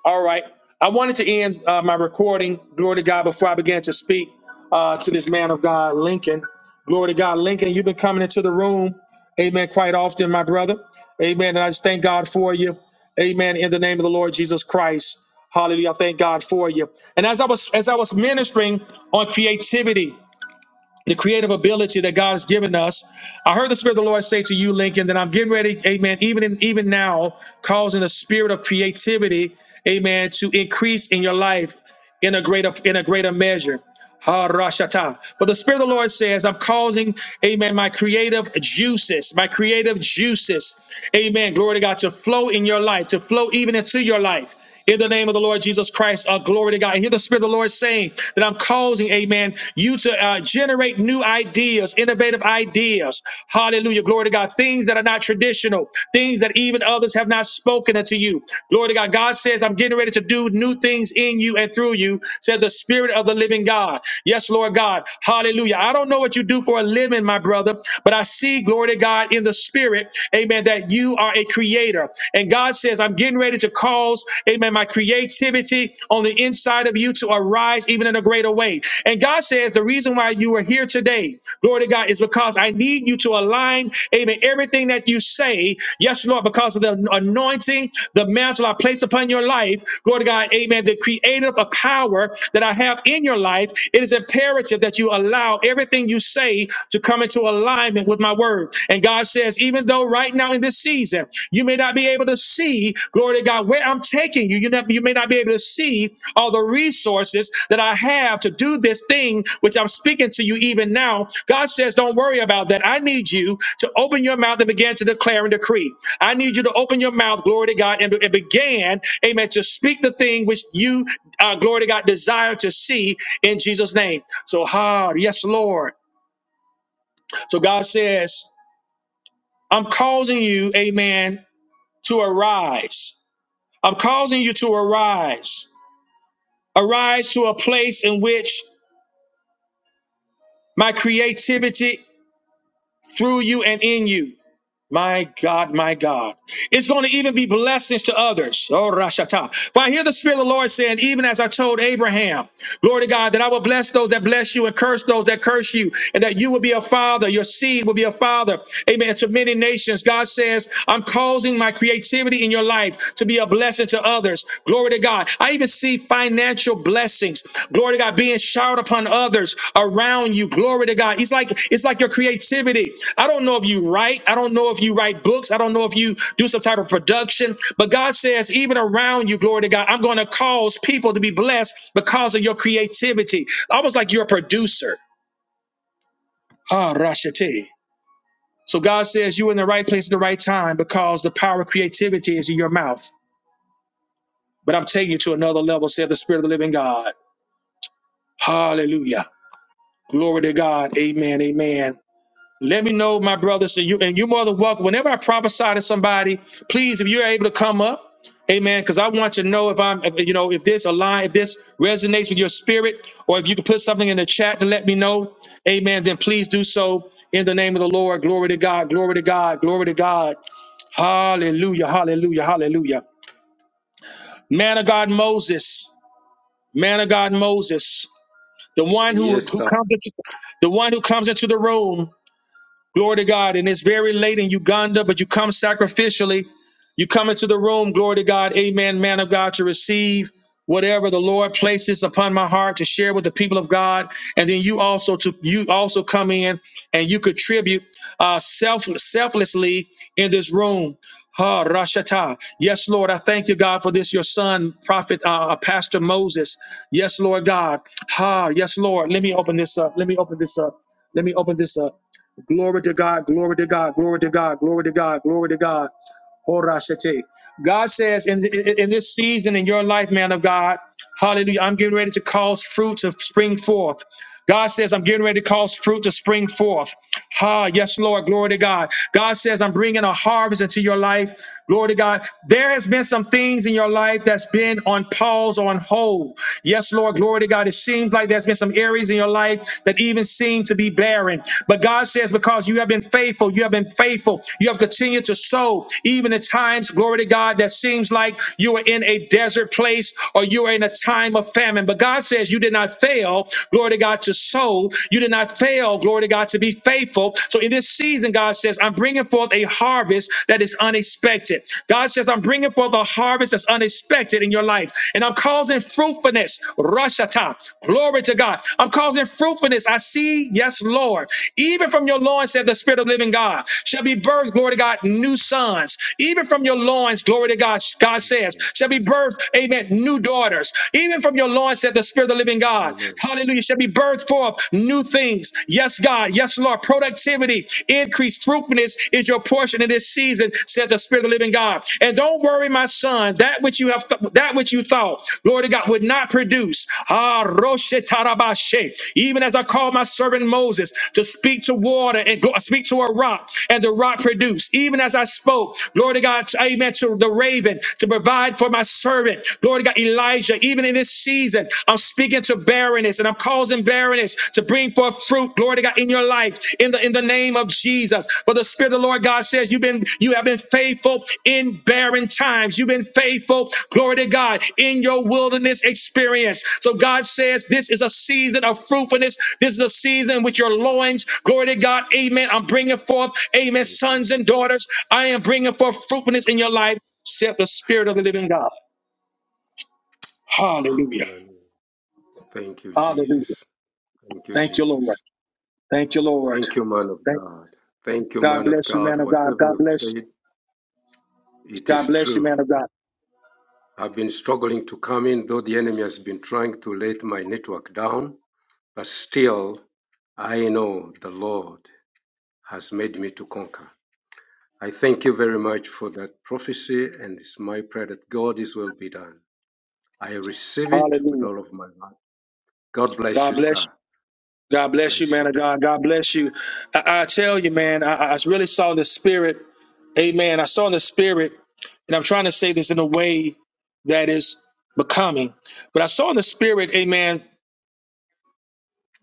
[SPEAKER 1] All right. I wanted to end uh, my recording. Glory to God before I began to speak uh, to this man of God, Lincoln. Glory to God, Lincoln. You've been coming into the room, Amen, quite often, my brother. Amen. And I just thank God for you. Amen. In the name of the Lord Jesus Christ. Hallelujah. I thank God for you. And as I was as I was ministering on creativity, the creative ability that God has given us. I heard the Spirit of the Lord say to you, Lincoln, that I'm getting ready, amen, even in, even now, causing a spirit of creativity, amen, to increase in your life in a greater in a greater measure. Harashata. But the Spirit of the Lord says, I'm causing, amen, my creative juices, my creative juices, amen, glory to God, to flow in your life, to flow even into your life. In the name of the Lord Jesus Christ, uh, glory to God. I hear the Spirit of the Lord saying that I'm causing, amen, you to uh, generate new ideas, innovative ideas. Hallelujah. Glory to God. Things that are not traditional, things that even others have fathers have not spoken unto you. Glory to God. God says, I'm getting ready to do new things in you and through you, said the Spirit of the living God. Yes, Lord God. Hallelujah. I don't know what you do for a living, my brother, but I see, glory to God, in the Spirit, amen, that you are a creator. And God says, I'm getting ready to cause, amen, my creativity on the inside of you to arise even in a greater way. And God says, the reason reason why you are here today, glory to God, is because I need you to align, amen, everything that you say, yes, Lord, because of the anointing, the mantle I place upon your life, glory to God, amen, the creative power that I have in your life, it is imperative that you allow everything you say to come into alignment with my word. And God says, even though right now in this season, you may not be able to see Glory to God. Where I'm taking you, you, never, you may not be able to see all the resources that I have to do this thing, which I'm speaking to you even now. God says, don't worry about that. I need you to open your mouth and begin to declare and decree. I need you to open your mouth, glory to God, and, and begin, amen, to speak the thing which you, uh, glory to God, desire to see in Jesus' name. So, hard, yes, Lord. So God says, I'm causing you, amen, to arise. I'm causing you to arise. Arise to a place in which my creativity through you and in you. My God, my God. It's going to even be blessings to others. Oh, Rashata. For I hear the Spirit of the Lord saying, even as I told Abraham, glory to God, that I will bless those that bless you and curse those that curse you, and that you will be a father, your seed will be a father. Amen. To many nations, God says, I'm causing my creativity in your life to be a blessing to others. Glory to to God. I even see financial blessings. Glory to God being showered upon others around you. Glory to God. It's like it's like your creativity. I don't know if you write. I don't know if you write books. I don't know if you do some type of production. But God says, even around you, glory to God, I'm going to cause people to be blessed because of your creativity. Almost like you're a producer. Ah, Rashati. So God says you're in the right place at the right time because the power of creativity is in your mouth. But I'm taking you to another level, said the Spirit of the Living God. Hallelujah. Glory to God. Amen. Amen. Let me know, my brothers, and you and you're more than welcome. Whenever I prophesy to somebody, please, if you're able to come up, amen. Because I want you to know if I'm if, you know, if this align, if this resonates with your spirit, or if you can put something in the chat to let me know, amen, then please do so in the name of the Lord. Glory to God, glory to God, glory to God. Hallelujah, hallelujah, hallelujah. Man of God Moses, man of God Moses. The one who
[SPEAKER 4] Yes,
[SPEAKER 1] who
[SPEAKER 4] God.
[SPEAKER 1] comes into the one who comes into the room Glory to God. And it's very late in Uganda, but you come sacrificially. You come into the room, glory to God, amen, man of God, to receive whatever the Lord places upon my heart to share with the people of God. And then you also to you also come in and you contribute uh self selflessly in this room. Ha Rashata. Yes, Lord, I thank you, God, for this, your son, prophet, uh, uh, Pastor Moses. Yes, Lord God. Ha, yes, Lord. Let me open this up. Let me open this up. Let me open this up. Glory to God, glory to God, glory to God, glory to God, glory to God. Horashete. God says in, in, in this season in your life, man of God, hallelujah, I'm getting ready to cause fruit to spring forth. God says, I'm getting ready to cause fruit to spring forth. Ha, yes, Lord. Glory to God. God says, I'm bringing a harvest into your life. Glory to God. There has been some things in your life that's been on pause, on hold. Yes, Lord. Glory to God. It seems like there's been some areas in your life that even seem to be barren. But God says, because you have been faithful, you have been faithful, you have continued to sow, even at times, glory to God, that seems like you are in a desert place or you are in a time of famine. But God says, you did not fail, glory to God, to sow. You you did not fail, glory to God, to be faithful. So in this season, God says, I'm bringing forth a harvest that is unexpected. God says, I'm bringing forth a harvest that's unexpected in your life. And I'm causing fruitfulness. Rashata. Glory to God. I'm causing fruitfulness. I see, yes, Lord. Even from your loins, said the Spirit of the living God, shall be birthed, glory to God, new sons. Even from your loins, glory to God, God says,
[SPEAKER 4] Amen.
[SPEAKER 1] shall be birthed, amen, new daughters. Even from your loins, said the Spirit of the living God,
[SPEAKER 4] Amen.
[SPEAKER 1] Hallelujah. Shall be birthed forth new things. Yes, God. Yes, Lord. Productivity, increased fruitfulness is your portion in this season, said the Spirit of the living God. And don't worry, my son, that which you have th- that which you thought, glory to God, would not produce. Ah, Roshe Tarabashe. Even as I called my servant Moses to speak to water and gl- speak to a rock, and the rock produced. Even as I spoke, glory to God, to- amen, to the raven to provide for my servant, glory to God, Elijah. Even in this season, I'm speaking to barrenness and I'm causing barrenness to bring forth fruit, glory to God, in your life, in the in the name of Jesus. For the Spirit of the Lord God says, You've been you have been faithful in barren times. You've been faithful, glory to God, in your wilderness experience. So God says, This is a season of fruitfulness. This is a season with your loins, glory to God, amen. I'm bringing forth, amen,
[SPEAKER 4] Thank you,
[SPEAKER 1] sons and
[SPEAKER 4] Jesus.
[SPEAKER 1] daughters. I am bringing forth fruitfulness in your life, said the Spirit of the living God. Hallelujah.
[SPEAKER 4] Hallelujah. Thank you,
[SPEAKER 1] Hallelujah.
[SPEAKER 4] Jesus. Thank you,
[SPEAKER 1] Thank you, Lord.
[SPEAKER 4] Jesus.
[SPEAKER 1] Thank you, Lord.
[SPEAKER 4] Thank you, man of
[SPEAKER 1] Thank
[SPEAKER 4] God. Thank you,
[SPEAKER 1] God
[SPEAKER 4] man of
[SPEAKER 1] bless you,
[SPEAKER 4] God.
[SPEAKER 1] man of God.
[SPEAKER 4] Whatever
[SPEAKER 1] God
[SPEAKER 4] you've
[SPEAKER 1] bless.
[SPEAKER 4] said,
[SPEAKER 1] you.
[SPEAKER 4] it
[SPEAKER 1] God
[SPEAKER 4] is
[SPEAKER 1] bless you,
[SPEAKER 4] true.
[SPEAKER 1] man of God.
[SPEAKER 4] I've been struggling to come in, though the enemy has been trying to let my network down, but still, I know the Lord has made me to conquer. I thank you very much for that prophecy, and it's my prayer that God is will be done. I receive it with
[SPEAKER 1] Hallelujah.
[SPEAKER 4] all of my heart. God bless
[SPEAKER 1] God
[SPEAKER 4] you,
[SPEAKER 1] bless
[SPEAKER 4] sir.
[SPEAKER 1] you. God bless you,
[SPEAKER 4] Bless you
[SPEAKER 1] man of
[SPEAKER 4] too.
[SPEAKER 1] God. God bless you. I, I tell you, man, I, I I really saw in the spirit. Amen. I saw in the spirit, and I'm trying to say this in a way that is becoming. But I saw in the spirit, amen,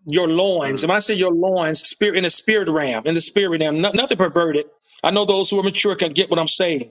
[SPEAKER 1] your loins. And
[SPEAKER 4] Mm,
[SPEAKER 1] when I say your loins, spirit in the spirit realm, in the spirit realm, no- nothing perverted. I know those who are mature can
[SPEAKER 4] mm.
[SPEAKER 1] get what I'm saying.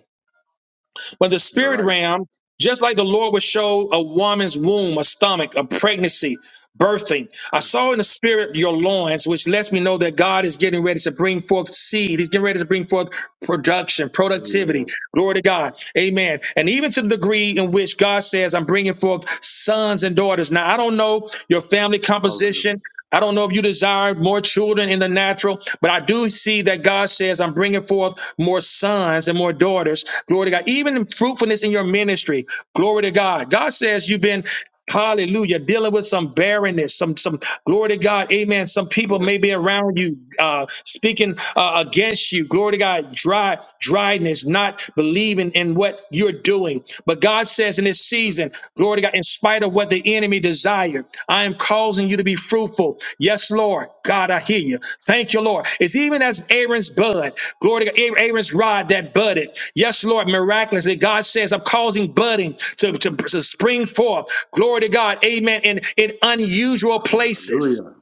[SPEAKER 1] But the
[SPEAKER 4] You're
[SPEAKER 1] spirit
[SPEAKER 4] right.
[SPEAKER 1] realm, just like the Lord would show a woman's womb, a stomach, a pregnancy, birthing, I
[SPEAKER 4] Mm.
[SPEAKER 1] saw in the spirit your loins, which lets me know that God is getting ready to bring forth seed. He's getting ready to bring forth production, productivity.
[SPEAKER 4] Amen.
[SPEAKER 1] Glory to God. Amen. And even to the degree in which God says, I'm bringing forth sons and daughters. Now, I don't know your family
[SPEAKER 4] Hallelujah.
[SPEAKER 1] composition. I don't know if you desire more children in the natural, but I do see that God says, I'm bringing forth more sons and more daughters. Glory to God. Even in fruitfulness in your ministry. Glory to God. God says, You've been. Hallelujah. Dealing with some barrenness, some, some glory to God. Amen. Some people
[SPEAKER 4] Yes.
[SPEAKER 1] may be around you, uh, speaking, uh, against you. Glory to God. Dry dryness, not believing in what you're doing. But God says in this
[SPEAKER 4] Mm.
[SPEAKER 1] season, glory to God, in spite of what the enemy desired, I am causing you to be fruitful. Yes, Lord. God, I hear you. Thank you, Lord. It's even as Aaron's bud, glory to God, Aaron's rod that budded. Yes, Lord, miraculously. God says, I'm causing budding to, to, to spring forth. Glory to God. Amen. In, in unusual places.
[SPEAKER 4] Hallelujah.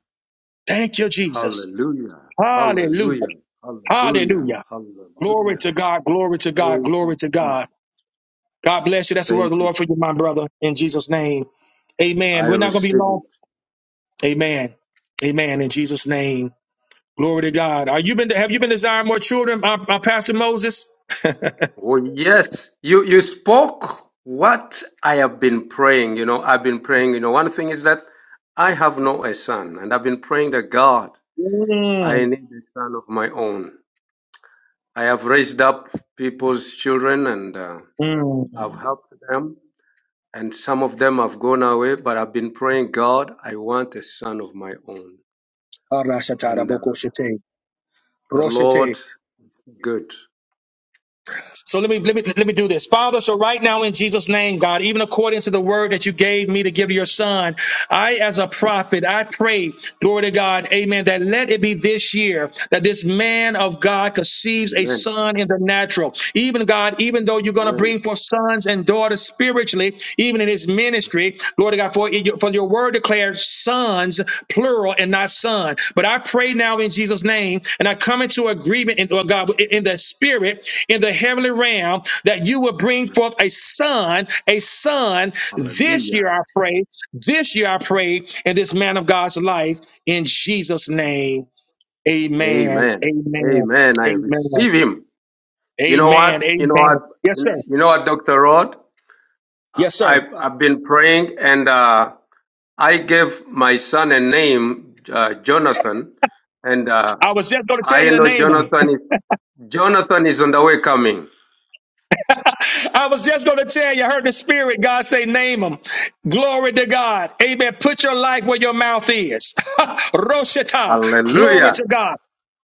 [SPEAKER 1] Thank you, Jesus.
[SPEAKER 4] Hallelujah.
[SPEAKER 1] Hallelujah.
[SPEAKER 4] Hallelujah. Hallelujah.
[SPEAKER 1] Hallelujah. Glory
[SPEAKER 4] Hallelujah.
[SPEAKER 1] to God, glory to God,
[SPEAKER 4] Thank you,
[SPEAKER 1] glory to God.
[SPEAKER 4] Jesus.
[SPEAKER 1] God bless you. That's the word of
[SPEAKER 4] Thank
[SPEAKER 1] the
[SPEAKER 4] you,
[SPEAKER 1] Lord for you,
[SPEAKER 4] Jesus.
[SPEAKER 1] my brother, in Jesus' name.
[SPEAKER 4] I
[SPEAKER 1] Amen. We're not gonna be
[SPEAKER 4] receive
[SPEAKER 1] long.
[SPEAKER 4] it.
[SPEAKER 1] Amen. Amen. In Jesus' name. Glory to God. Are you been have you been desiring more children, my, my Pastor Moses?
[SPEAKER 4] Oh yes, you you spoke what I have been praying. You know, I've been praying. You know, one thing is that I have no a son, and I've been praying that God, I
[SPEAKER 1] Mm,
[SPEAKER 4] need a son of my own. I have raised up people's children and uh, I've
[SPEAKER 1] mm.
[SPEAKER 4] helped them. And some of them have gone away, but I've been praying, God, I want a son of my own.
[SPEAKER 1] Arashatara
[SPEAKER 4] And uh,
[SPEAKER 1] bokoshete,
[SPEAKER 4] the
[SPEAKER 1] roshete.
[SPEAKER 4] Lord, good.
[SPEAKER 1] So let me let me let me do this, Father. So right now, in Jesus' name, God, even according to the word that you gave me to give your son, I, as a prophet, I pray, glory to God, Amen. That let it be this year that this man of God conceives a
[SPEAKER 4] Amen.
[SPEAKER 1] son in the natural. Even God, even though you're going to
[SPEAKER 4] Amen.
[SPEAKER 1] bring forth sons and daughters spiritually, even in his ministry. Glory to God, for, for your word declares sons, plural, and not son. But I pray now in Jesus' name, and I come into agreement, in, oh God, in in the spirit, in the heavenly realm, that you will bring
[SPEAKER 4] Mm.
[SPEAKER 1] forth a son, a son this
[SPEAKER 4] Hallelujah.
[SPEAKER 1] year, I pray, this year, I pray, in this man of God's life, in Jesus'
[SPEAKER 4] Thank you.
[SPEAKER 1] name. Amen.
[SPEAKER 4] Amen.
[SPEAKER 1] Amen.
[SPEAKER 4] Amen. I
[SPEAKER 1] Amen.
[SPEAKER 4] receive him. You know
[SPEAKER 1] Amen.
[SPEAKER 4] what? You know
[SPEAKER 1] Amen.
[SPEAKER 4] what?
[SPEAKER 1] Yes, sir.
[SPEAKER 4] You know what, Dr. Rod? I,
[SPEAKER 1] Yes, sir.
[SPEAKER 4] have I've been praying and uh, I gave my son a name, uh, Jonathan. And uh,
[SPEAKER 1] I was just going to tell
[SPEAKER 4] I
[SPEAKER 1] you to
[SPEAKER 4] know
[SPEAKER 1] name them.
[SPEAKER 4] Jonathan is, Jonathan is on the way coming.
[SPEAKER 1] I was just going to tell you, I heard the Spirit, God say, name them. Glory to God. Amen. Put your life where your mouth is. Roshata. Glory
[SPEAKER 4] Hallelujah.
[SPEAKER 1] to God.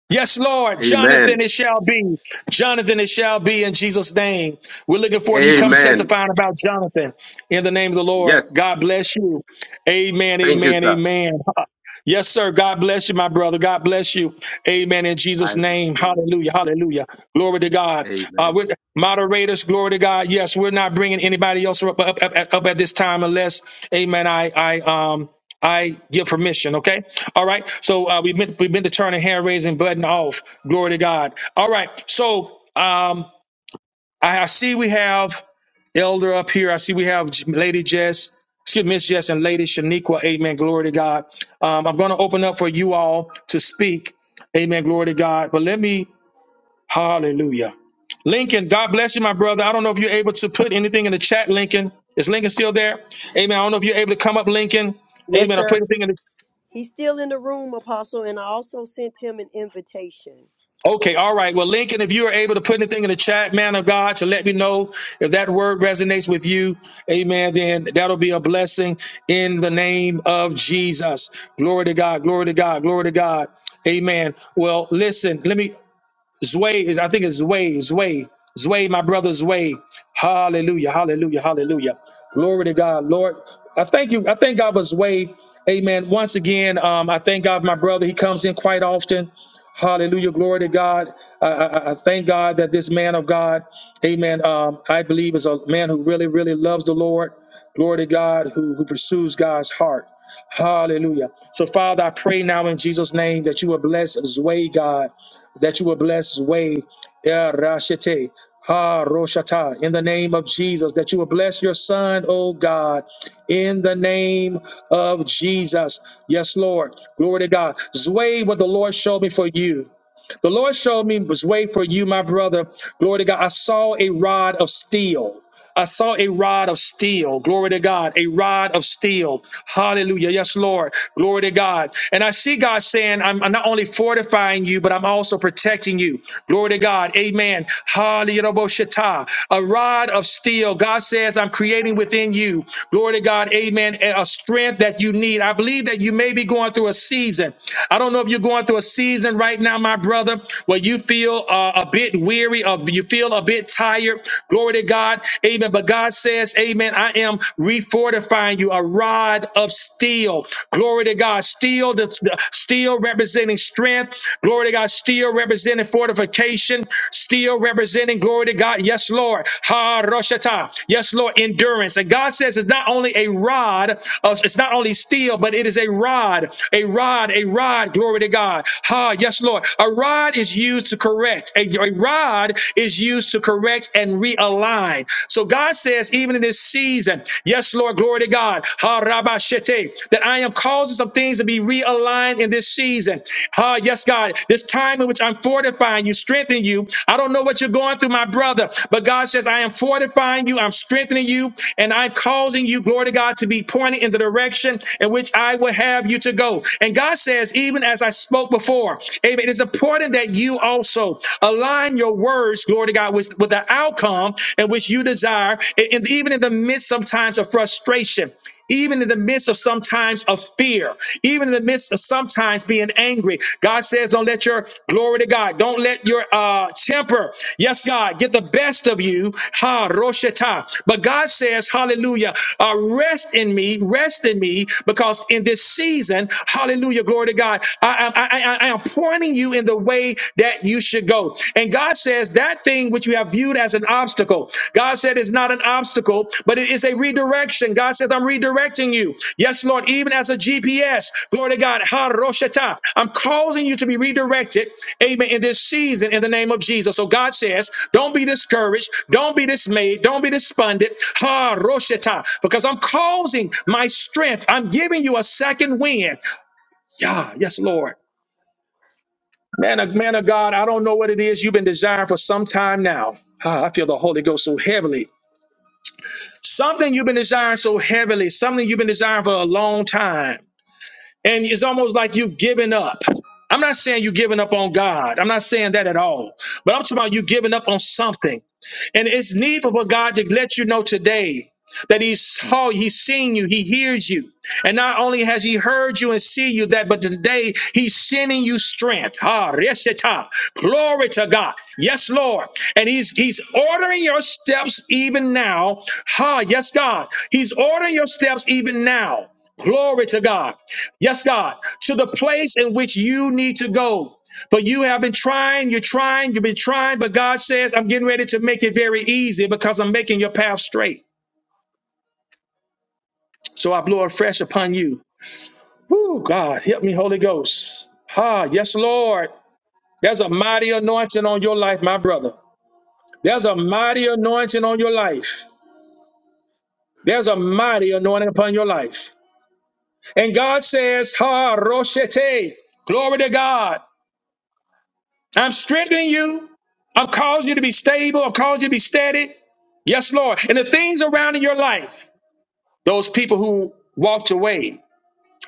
[SPEAKER 1] Yes, Lord. Jonathan,
[SPEAKER 4] Amen.
[SPEAKER 1] it shall be. Jonathan, it shall be in Jesus' name. We're looking forward to you come
[SPEAKER 4] Amen.
[SPEAKER 1] testifying about Jonathan in the name of the Lord.
[SPEAKER 4] Yes.
[SPEAKER 1] God bless you. Amen,
[SPEAKER 4] Thank you,
[SPEAKER 1] amen,
[SPEAKER 4] sir.
[SPEAKER 1] amen. Yes, sir. God bless you, my brother. God bless you. Amen. In
[SPEAKER 4] I
[SPEAKER 1] Jesus'
[SPEAKER 4] receive
[SPEAKER 1] name.
[SPEAKER 4] it.
[SPEAKER 1] Hallelujah. Hallelujah. Glory to God. Uh,
[SPEAKER 4] Amen.
[SPEAKER 1] we're, moderators, glory to God. Yes, we're not bringing anybody else up, up, up, up at this time unless, amen, I, I, um, I give permission, okay? All right. So uh, we've been we've been to turn the hand raising button off. Glory to God. All right. So um, I, I see we have. Elder up here, I see we have J- Lady Jess, excuse me, Miss Jess and Lady Shaniqua. Amen. Glory to God. Um, I'm going to open up for you all to speak. Amen. Glory to God. But let me, hallelujah. Lincoln, God bless you, my brother. I don't know if you're able to put anything in the chat, Lincoln. Is Lincoln still there? Amen. I don't know if you're able to come up, Lincoln.
[SPEAKER 2] Yes,
[SPEAKER 1] Amen. I put
[SPEAKER 2] sir.
[SPEAKER 1] anything in the
[SPEAKER 2] He's still in the room, Apostle, and I also sent him an invitation.
[SPEAKER 1] Okay, all right. Well, Lincoln, if you are able to put anything in the chat, man of God, to let me know if that word resonates with you, amen, then that'll be a blessing in the name of Jesus. Glory to God, glory to God, glory to God. Amen. Well, listen, let me Zway is, I think it's Zway, Zway, Zway, my brother Zway. Hallelujah, hallelujah, hallelujah. Glory to God, Lord. I thank you. I thank God for Zway. Amen. Once again, um, I thank God for my brother. He comes in quite often. Hallelujah, glory to God. I, I, I thank God that this man of God, amen, um, I believe is a man who really, really loves the Lord. Glory to God, who, who pursues God's heart. Hallelujah. So, Father, I pray now in Jesus' name that you will bless Zway, God that you will bless his way. Yeah, Rashete. Ha Roshata, in the name of Jesus, that you will bless your son, oh God, in the name of Jesus. Yes, Lord. Glory to God. Zway what the Lord showed me for you. The Lord showed me was way for you, my brother. Glory to God. I saw a rod of steel. I saw a rod of steel. Glory to God. A rod of steel. Hallelujah. Yes, Lord. Glory to God. And I see God saying, I'm, I'm not only fortifying you, but I'm also protecting you. Glory to God. Amen. Hallelujah. A rod of steel. God says, I'm creating within you. Glory to God. Amen. A a strength that you need. I believe that you may be going through a season. I don't know if you're going through a season right right now, my brother, where you feel uh, a bit weary or you feel a bit tired, glory to God. Amen. But God says, Amen, I am refortifying you, a rod of steel. Glory to God. Steel, the, the- steel representing strength. Glory to God. Steel representing fortification. Steel representing, glory to God. Yes, Lord. Ha Roshata. Yes, Lord. Endurance. And God says it's not only a rod, uh, it's not only steel, but it is a rod, a rod, a rod. Glory to God. Ha, yes, Lord. A rod is used to correct. A, a rod is used to correct and realign. So God says, even in this season, yes, Lord, glory to God. Ha, rabba shete, that I am causing some things to be realigned in this season. Ha, yes, God. This time in which I'm fortifying you, strengthening you. I don't know what you're going through, my brother, but God says, I am fortifying you, I'm strengthening you, and I'm causing you, glory to God, to be pointed in the direction in which I will have you to go. And God says, even as I spoke before, amen, it's important that you also align your words, glory to God, with, with the outcome in which you desire, and, and even in the midst sometimes of frustration, even in the midst of sometimes of fear, even in the midst of sometimes being angry. God says, don't let your glory to God, don't let your uh, temper, yes, God, get the best of you. Ha, Roshata. But God says, hallelujah, uh, rest in me, rest in me, because in this season, hallelujah, Hallelujah. Glory to God. I, I, I, I am pointing you in the way that you should go. And God says that thing which you have viewed as an obstacle, God said is not an obstacle, but it is a redirection. God says, I'm redirecting you. Yes, Lord, even as a GPS. Glory to God. Ha, roshata. I'm causing you to be redirected. Amen. In this season, in the name of Jesus. So God says, don't be discouraged. Don't be dismayed. Don't be despondent. Ha, roshata. Because I'm causing my strength. I'm giving you a second wind. Yeah, yes, Lord. Man of, man of God, I don't know what it is you've been desiring for some time now. Ah, I feel the Holy Ghost so heavily. Something you've been desiring so heavily, something you've been desiring for a long time. And it's almost like you've given up. I'm not saying you're giving up on God. I'm not saying that at all. But I'm talking about you giving up on something. And it's needful for God to let you know today that He saw, He's seen you, He hears you. And not only has He heard you and see you that, but today He's sending you strength. Ah, reseta. Glory to God. Yes, Lord. And He's He's ordering your steps even now. Ah, yes, God. He's ordering your steps even now. Glory to God. Yes, God, to the place in which you need to go. But you have been trying, you're trying, you've been trying, but God says, I'm getting ready to make it very easy because I'm making your path straight. So I blow afresh upon you. Woo, God, help me, Holy Ghost. Ah, yes, Lord. There's a mighty anointing on your life, my brother. There's a mighty anointing on your life. There's a mighty anointing upon your life. And God says, Ha, Roshete. Glory to God. I'm strengthening you. I've caused you to be stable. I've caused you to be steady. Yes, Lord. And the things around in your life, those people who walked away,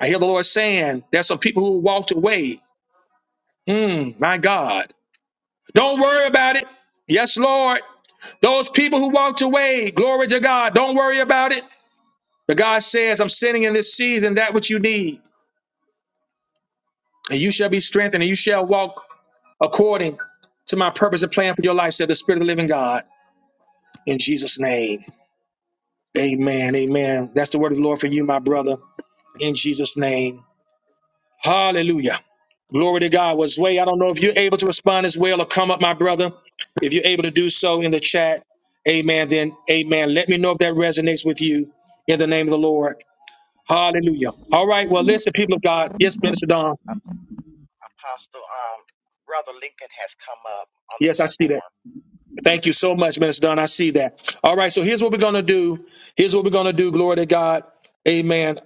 [SPEAKER 1] I hear the Lord saying, there's some people who walked away. Mm, my God. Don't worry about it. Yes, Lord. Those people who walked away, glory to God. Don't worry about it. But God says, I'm sending in this season that which you need, and you shall be strengthened, and you shall walk according to my purpose and plan for your life, said the Spirit of the living God, in Jesus' name. Amen. Amen. That's the word of the Lord for you, my brother, in Jesus' name. Hallelujah. Glory to God. Was way, I don't know if you're able to respond as well or come up, my brother. If you're able to do so in the chat, amen, then amen. Let me know if that resonates with you in the name of the Lord. Hallelujah. All right. Well, listen, people of God. Yes, Minister Don.
[SPEAKER 3] Apostle um Brother Lincoln has come up on the
[SPEAKER 1] Yes, I see
[SPEAKER 3] platform.
[SPEAKER 1] that. Thank you so much, Minister Don. I see that. All right. So here's what we're going to do. Here's what we're going to do. Glory to God. Amen.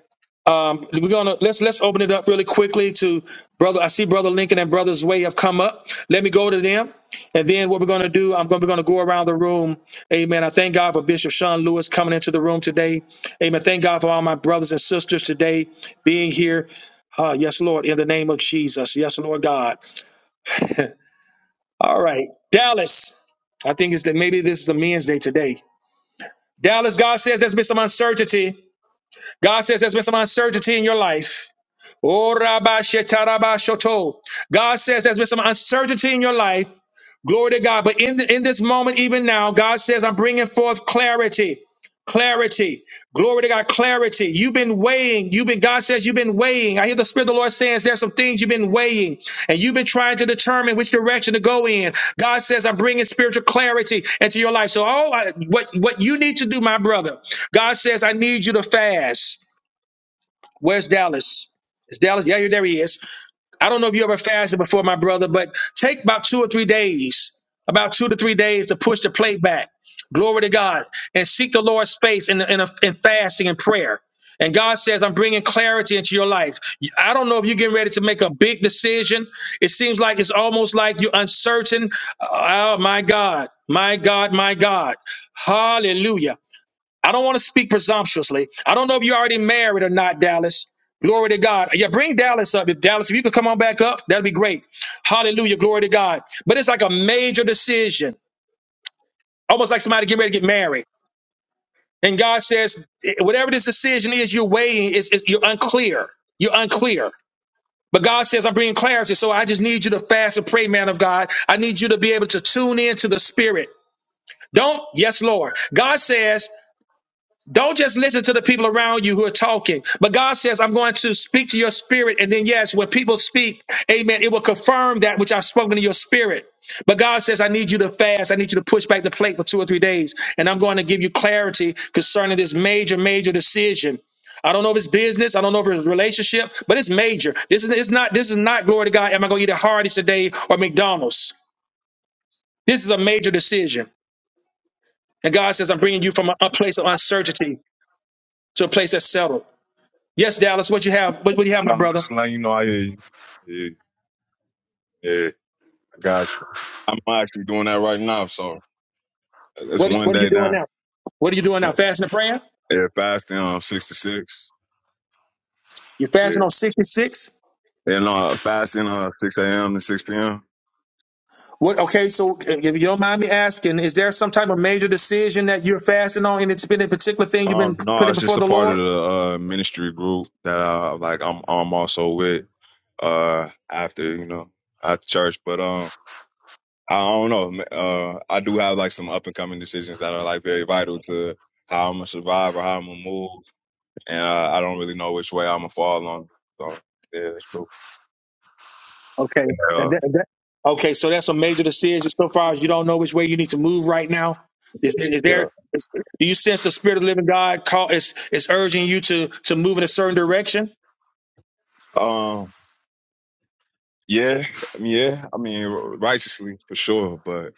[SPEAKER 1] Um, we're gonna let's let's open it up really quickly to brother. I see brother Lincoln and brother Zway have come up. Let me go to them, and then what we're gonna do? I'm gonna we're gonna go around the room. Amen. I thank God for Bishop Sean Lewis coming into the room today. Amen. Thank God for all my brothers and sisters today being here. Uh, yes, Lord, in the name of Jesus. Yes, Lord God. All right, Dallas. I think it's that maybe this is the men's day today. Dallas, God says there's been some uncertainty. God says there's been some uncertainty in your life. Oh, Rabba Shetaraba Shoto. God says there's been some uncertainty in your life. Glory to God. But in, in this moment, even now, God says, I'm bringing forth clarity. Clarity. Glory to God. Clarity. You've been weighing. You've been, God says, you've been weighing. I hear the Spirit of the Lord saying, there's some things you've been weighing and you've been trying to determine which direction to go in. God says, I'm bringing spiritual clarity into your life. So, all I, what, what you need to do, my brother, God says, I need you to fast. Where's Dallas? Is Dallas? Yeah, there he is. I don't know if you ever fasted before, my brother, but take about two or three days, about two to three days to push the plate back. Glory to God. And seek the Lord's face in, in, a, in fasting and prayer. And God says, I'm bringing clarity into your life. I don't know if you're getting ready to make a big decision. It seems like it's almost like you're uncertain. Oh, my God. My God, my God. Hallelujah. I don't want to speak presumptuously. I don't know if you're already married or not, Dallas. Glory to God. Yeah, bring Dallas up. If Dallas, if you could come on back up, that'd be great. Hallelujah. Glory to God. But it's like a major decision, almost like somebody getting ready to get married. And God says, eh, whatever this decision is you're weighing, is you're unclear. You're unclear. But God says, I'm bringing clarity. So I just need you to fast and pray, man of God. I need you to be able to tune in to the spirit. Don't, yes, Lord. God says Don't just listen to the people around you who are talking. But God says, I'm going to speak to your spirit. And then, yes, when people speak, amen, it will confirm that which I've spoken to your spirit. But God says, I need you to fast. I need you to push back the plate for two or three days. And I'm going to give you clarity concerning this major, major decision. I don't know if it's business. I don't know if it's relationship, but it's major. This is it's not this is not glory to God. Am I going to eat at Hardee's today or McDonald's? This is a major decision. And God says, I'm bringing you from a, a place of uncertainty to a place that's settled. Yes, Dallas, what you have? What, what do you have, my
[SPEAKER 5] No, I'm
[SPEAKER 1] brother?
[SPEAKER 5] just letting you know I hear you. Yeah, yeah, I got you. I'm actually doing that right now, so it's
[SPEAKER 1] What are,
[SPEAKER 5] one
[SPEAKER 1] what are you
[SPEAKER 5] day
[SPEAKER 1] doing
[SPEAKER 5] down.
[SPEAKER 1] now? What are you doing now? Fasting and praying?
[SPEAKER 5] yeah, fasting um six to six.
[SPEAKER 1] You're
[SPEAKER 5] Yeah.
[SPEAKER 1] fasting on 66?
[SPEAKER 5] And no, fasting uh six AM to six PM.
[SPEAKER 1] What? Okay, so if you don't mind me asking, is there some type of major decision that you're fasting on and it's been a particular thing you've
[SPEAKER 5] Um
[SPEAKER 1] been
[SPEAKER 5] no,
[SPEAKER 1] putting
[SPEAKER 5] it's just
[SPEAKER 1] before
[SPEAKER 5] a
[SPEAKER 1] the
[SPEAKER 5] part of
[SPEAKER 1] Lord?
[SPEAKER 5] the uh ministry group that uh like I'm I'm also with uh after, you know, after church. But um I don't know. ma- Uh I do have like some up and coming decisions that are like very vital to how I'm gonna survive or how I'm gonna move. and I, I don't really know which way I'm gonna fall on. So yeah, it's true.
[SPEAKER 1] Okay.
[SPEAKER 5] Yeah,
[SPEAKER 1] and that- that- okay, so that's a major decision so far as you don't know which way you need to move right now. Is, is
[SPEAKER 5] yeah.
[SPEAKER 1] there? Is, do you sense the Spirit of the Living God call, is, is urging you to, to move in a certain direction?
[SPEAKER 5] Um, yeah, I mean, yeah. I mean, r- righteously for sure. But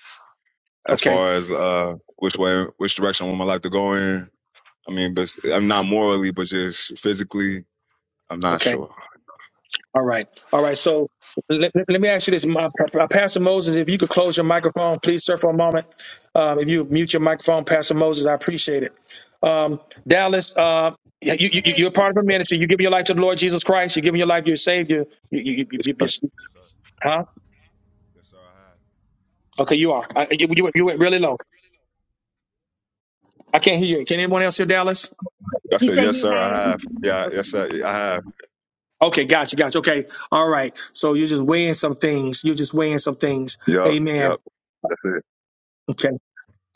[SPEAKER 5] as
[SPEAKER 1] Okay,
[SPEAKER 5] far as uh, which way, which direction would my life to go in? I mean, but I'm not morally, but just physically, I'm not
[SPEAKER 1] okay.
[SPEAKER 5] sure.
[SPEAKER 1] All right. All right. So let, let me ask you this, my, uh, Pastor Moses, if you could close your microphone, please, sir, for a moment. Um, if you mute your microphone, Pastor Moses, I appreciate it. Um, Dallas, uh, you, you, you- you're a part of a ministry. You give your life to the Lord Jesus Christ. You're giving your life. You're saved. You, you, you, you, you,
[SPEAKER 5] Yes,
[SPEAKER 1] you- huh? Okay, you are. I, you, you went you went really low. I can't hear you. Can anyone else hear Dallas?
[SPEAKER 2] He
[SPEAKER 5] sir.
[SPEAKER 2] said
[SPEAKER 5] Yes,
[SPEAKER 2] he
[SPEAKER 5] sir, I
[SPEAKER 2] has.
[SPEAKER 5] have. I said, yes, sir, I have. Yeah, yes, sir, I have.
[SPEAKER 1] Okay, gotcha, gotcha. Okay, all right. So you're just weighing some things. You're just weighing some things.
[SPEAKER 5] Yep,
[SPEAKER 1] Amen.
[SPEAKER 5] yep, that's it.
[SPEAKER 1] Okay.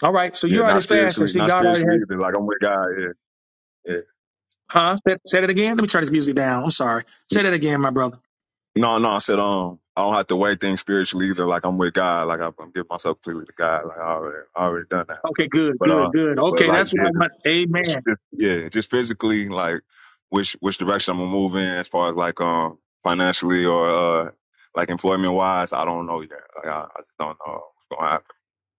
[SPEAKER 1] All right. So you
[SPEAKER 5] Yeah,
[SPEAKER 1] already
[SPEAKER 5] not
[SPEAKER 1] fasting.
[SPEAKER 5] spiritually,
[SPEAKER 1] See,
[SPEAKER 5] not
[SPEAKER 1] God already has.
[SPEAKER 5] spiritually either. Like I'm with God. Yeah, yeah.
[SPEAKER 1] Huh? Said, said it again? Let me turn this music down. I'm sorry. Say that again, my brother.
[SPEAKER 5] No, no, I said um, I don't have to weigh things spiritually either. Like I'm with God, like I'm, I'm giving myself completely to God. Like I already, I already done that.
[SPEAKER 1] Okay, good,
[SPEAKER 5] But
[SPEAKER 1] good,
[SPEAKER 5] uh,
[SPEAKER 1] good.
[SPEAKER 5] but
[SPEAKER 1] Okay,
[SPEAKER 5] like
[SPEAKER 1] that's what
[SPEAKER 5] yeah,
[SPEAKER 1] I
[SPEAKER 5] just,
[SPEAKER 1] want.
[SPEAKER 5] it's
[SPEAKER 1] Amen.
[SPEAKER 5] just yeah, just physically, like which which direction I'm gonna move in as far as like um financially or uh like employment wise, I don't know yet. Like I, I just don't know what's gonna happen.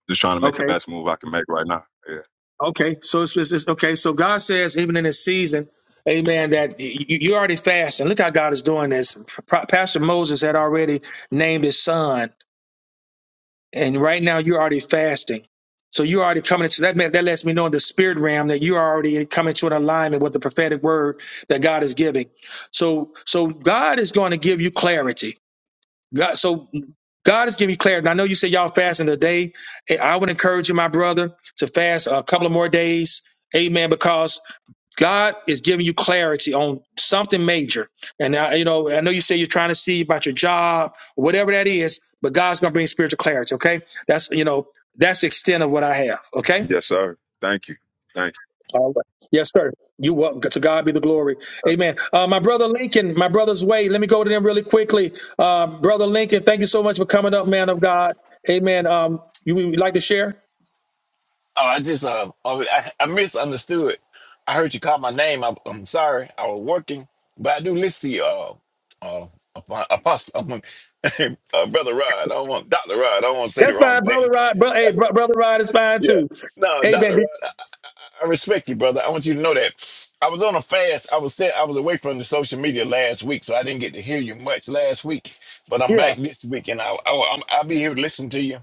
[SPEAKER 5] Just trying to make the
[SPEAKER 1] Okay,
[SPEAKER 5] best move I can make right now. Yeah.
[SPEAKER 1] okay. So it's, it's, it's okay. So God says, even in this season, Amen, that you, you already fasting. Look how God is doing this. Pro- Pastor Moses had already named his son, and right now you're already fasting. So you're already coming into that. meant- That lets me know in the spirit realm that you're already coming to an alignment with the prophetic word that God is giving. So, so God is going to give you clarity. God, so God is giving you clarity. And I know you said y'all fasting today. And I would encourage you, my brother, to fast a couple of more days. Amen. Because God is giving you clarity on something major. And I, you know, I know you say you're trying to see about your job, whatever that is, but God's gonna bring spiritual clarity. Okay. That's you know, that's the extent of what I have. Okay.
[SPEAKER 5] Yes, sir. Thank you. Thank you.
[SPEAKER 1] All right. Yes, sir. You welcome. To God be the glory. Amen. Uh, my brother Lincoln, my brother's way. Let me go to them really quickly. Uh, brother Lincoln, thank you so much for coming up, man of God. Amen. Um, you would like to share?
[SPEAKER 6] Oh, I just uh, oh, I, I misunderstood. I heard you call my name. I, I'm sorry. I was working, but I do listen to you. Uh, uh, Apo- apostle, I'm, a- uh, brother Rod. I don't want Doctor Rod. I don't want to say the
[SPEAKER 1] That's
[SPEAKER 6] wrong
[SPEAKER 1] fine, brother
[SPEAKER 6] thing.
[SPEAKER 1] Rod. Bro, hey, bro, brother Rod is fine
[SPEAKER 6] Yeah,
[SPEAKER 1] too.
[SPEAKER 6] no, Doctor
[SPEAKER 1] Amen. Did-
[SPEAKER 6] Rod. I, I I respect you, brother. I want you to know that I was on a fast. I was sta- I was away from the social media last week, so I didn't get to hear you much last week. But I'm
[SPEAKER 1] Yeah.
[SPEAKER 6] back this week, and I, I I'll be here to listen to you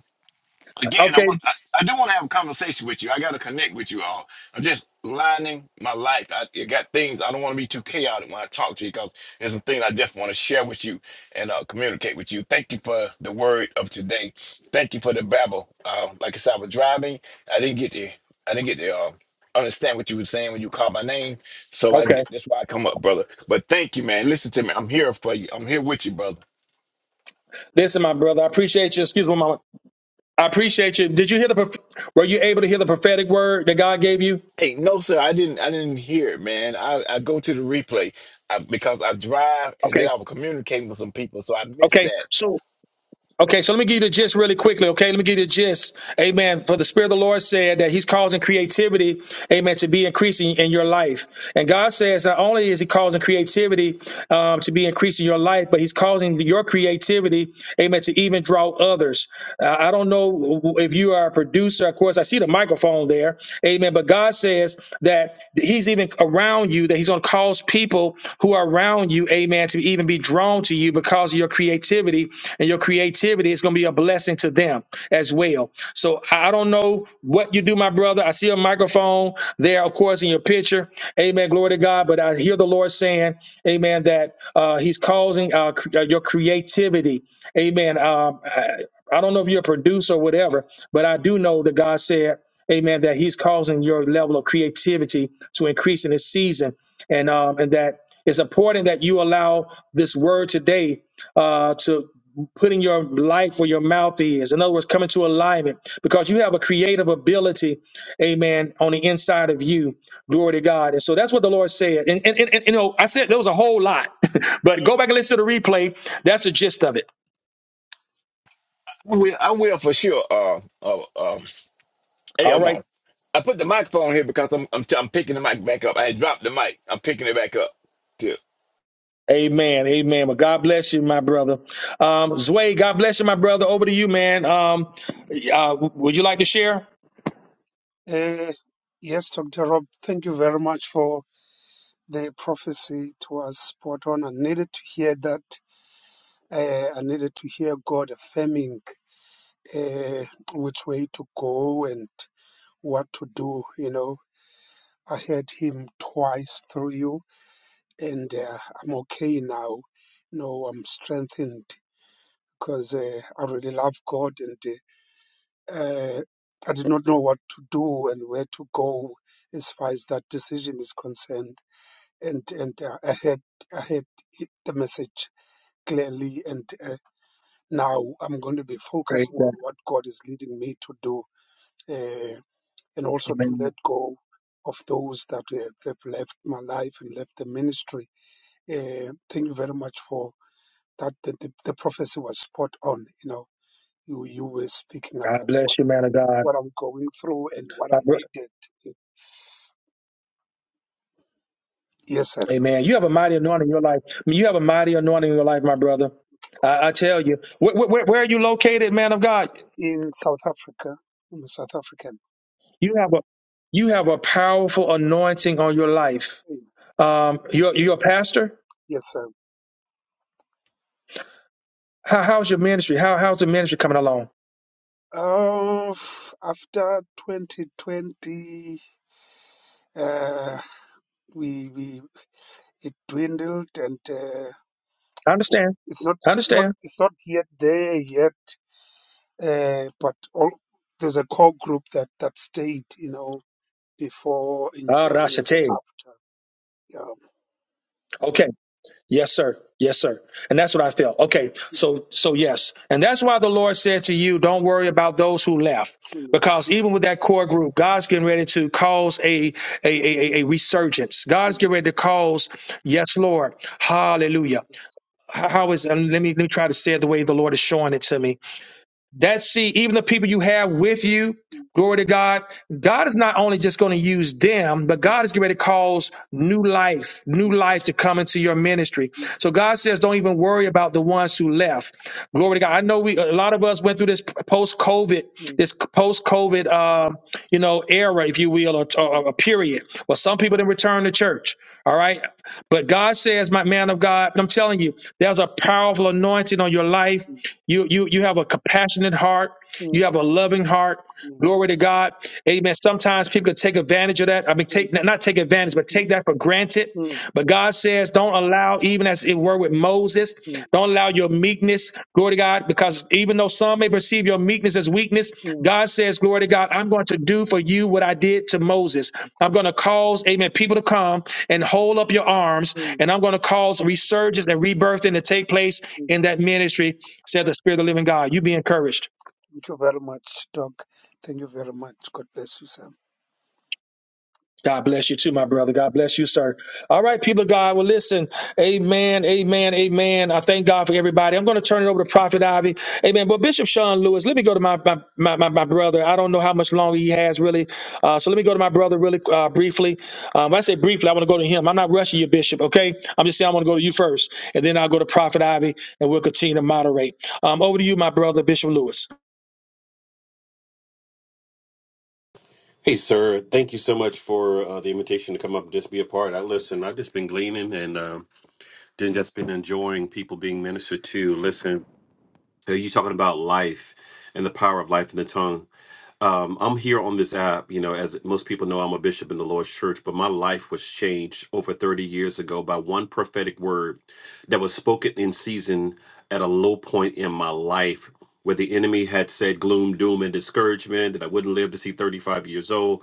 [SPEAKER 6] again, I
[SPEAKER 1] Okay.
[SPEAKER 6] want I, I do want to have a conversation with you. I got to connect with you all. I'm just lining my life. I I got things I don't want to be too chaotic when I talk to you because there's some things I definitely want to share with you and uh, communicate with you. Thank you for the word of today. Thank you for the babble. Um, like I said, I was driving. I didn't get the I didn't get the um understand what you were saying when you called my name. So I
[SPEAKER 1] Okay.
[SPEAKER 6] that's why I come up, brother. But thank you, man. Listen to me. I'm here for you. I'm here with you, brother.
[SPEAKER 1] Listen, my brother, I appreciate you. Excuse me, mama. I appreciate you. Did you hear the? prof- Were you able to hear the prophetic word that God gave you?
[SPEAKER 6] Hey, no, sir, I didn't. I didn't hear it, man. I, I go to the replay I, because I drive, and then
[SPEAKER 1] Okay.
[SPEAKER 6] I was communicating with some people, so I missed
[SPEAKER 1] Okay.
[SPEAKER 6] that.
[SPEAKER 1] So. Okay, so let me give you the gist really quickly. Okay, let me give you the gist. Amen. For the Spirit of the Lord said that He's causing creativity, amen, to be increasing in your life. And God says not only is He causing creativity um, to be increasing your life, but He's causing your creativity, amen, to even draw others. Uh, I don't know if you are a producer. Of course, I see the microphone there, amen. But God says that that he's even around you, that he's going to cause people who are around you, amen, to even be drawn to you because of your creativity. And your creativity is going to be a blessing to them as well. So I I don't know what you do, my brother. I see a microphone there, of course, in your picture. Amen. Glory to God. But I hear the Lord saying, amen, that uh, he's causing uh, cr- uh, your creativity. Amen. Um, uh, I don't know if you're a producer or whatever, but I do know that God said, Amen, that He's causing your level of creativity to increase in this season, and um, and that it's important that you allow this word today uh, to put in your life where your mouth is. In other words, come into alignment because you have a creative ability, Amen, on the inside of you. Glory to God. And so that's what the Lord said. And and, and, and you know, I said there was a whole lot, but go back and listen to the replay. That's the gist of it.
[SPEAKER 6] I will, I will for sure. Uh, uh, uh, hey,
[SPEAKER 1] All
[SPEAKER 6] I'm
[SPEAKER 1] right.
[SPEAKER 6] on. I put the microphone here because I'm, I'm, I'm picking the mic back up. I had dropped the mic. I'm picking it back up.
[SPEAKER 1] Amen. Amen. Well, God bless you, my brother. Um, Zway, God bless you, my brother. Over to you, man. Um, uh, would you like to share?
[SPEAKER 7] Uh, yes, Dr. Rob, thank you very much for the prophecy. It was spot on. I needed to hear that. Uh, I needed to hear God affirming uh, which way to go and what to do. You know, I heard Him twice through you, and uh, I'm okay now. You know, I'm strengthened because uh, I really love God, and uh, uh, I did not know what to do and where to go as far as that decision is concerned and and uh, I had I had hit the message clearly, and uh, now I'm going to be
[SPEAKER 1] Praise
[SPEAKER 7] focusing
[SPEAKER 1] God.
[SPEAKER 7] on what God is leading me to do, uh, and also to
[SPEAKER 1] Amen.
[SPEAKER 7] let go of those that have, have left my life and left the ministry. Uh, thank you very much for that. The, the, the prophecy was spot on. You know, you you were speaking
[SPEAKER 1] God
[SPEAKER 7] about what
[SPEAKER 1] bless you, man of God.
[SPEAKER 7] what I'm going through and what I
[SPEAKER 1] My bro-
[SPEAKER 7] needed. Yes, sir.
[SPEAKER 1] Amen. You have a mighty anointing in your life. I mean, you have a mighty anointing in your life, my brother. I, I tell you, where, where, where are you located, man of God?
[SPEAKER 7] In South Africa, I'm a South African.
[SPEAKER 1] You have a you have a powerful anointing on your life. Um, you're you're a pastor.
[SPEAKER 7] Yes, sir.
[SPEAKER 1] How, how's your ministry? How how's the ministry coming along?
[SPEAKER 7] After 2020, we we it dwindled, and
[SPEAKER 1] I understand.
[SPEAKER 7] it's not
[SPEAKER 1] I
[SPEAKER 7] not
[SPEAKER 1] understand.
[SPEAKER 7] it's not yet there yet. But there's a core group that that stayed, you know, before and
[SPEAKER 1] Ah, Rashate.
[SPEAKER 7] after.
[SPEAKER 1] Okay. Yes, sir. Yes, sir. And that's what I felt. Okay. So, so yes. And that's why the Lord said to you, don't worry about those who left. Because even with that core group, God's getting ready to cause a, a, a, a resurgence. God's getting ready to cause, yes, Lord. Hallelujah. How how is, and let me, let me try to say it the way the Lord is showing it to me. That see, even the people you have with you, glory to God, God is not only just going to use them, but God is getting ready to cause new life, new life to come into your ministry. So God says, don't even worry about the ones who left. Glory to God. I know we, a lot of us went through this post COVID, this post COVID, uh, you know, era, if you will, or, or a period. Well, some people didn't return to church. All right. But God says, my man of God, I'm telling you, there's a powerful anointing on your life you you you have a compassionate heart. You have a loving heart. Glory to God. Amen. Sometimes people can take advantage of that. I mean, take not take advantage, but take that for granted. But God says, don't allow, even as it were with Moses, don't allow your meekness, glory to God, because even though some may perceive your meekness as weakness, God says, glory to God, I'm going to do for you what I did to Moses. I'm going to cause, amen, people to come and hold up your arms, and I'm going to cause resurgence and rebirthing to take place in that ministry, said the Spirit of the living God. You be encouraged.
[SPEAKER 7] Thank you very much, Doc. Thank you very much. God bless you, sir.
[SPEAKER 1] God bless you too, my brother. God bless you, sir. All right, people of God. Well, listen. Amen. Amen. Amen. I thank God for everybody. I'm going to turn it over to Prophet Ivy. Amen. But Bishop Sean Lewis, let me go to my my, my, my my brother. I don't know how much longer he has really. Uh, so let me go to my brother really uh, briefly. Um, when I say briefly, I want to go to him. I'm not rushing you, Bishop. Okay. I'm just saying I want to go to you first, and then I'll go to Prophet Ivy, and we'll continue to moderate. Um, over to you, my brother, Bishop Lewis.
[SPEAKER 8] Hey, sir. Thank you so much for uh, the invitation to come up and just be a part. I listen. I've just been gleaning and um, then just been enjoying people being ministered to. Listen, uh, you talking about life and the power of life in the tongue. Um, I'm here on this app, you know, as most people know, I'm a bishop in the Lord's church, but my life was changed over 30 years ago by one prophetic word that was spoken in season at a low point in my life where the enemy had said gloom, doom, and discouragement that I wouldn't live to see 35 years old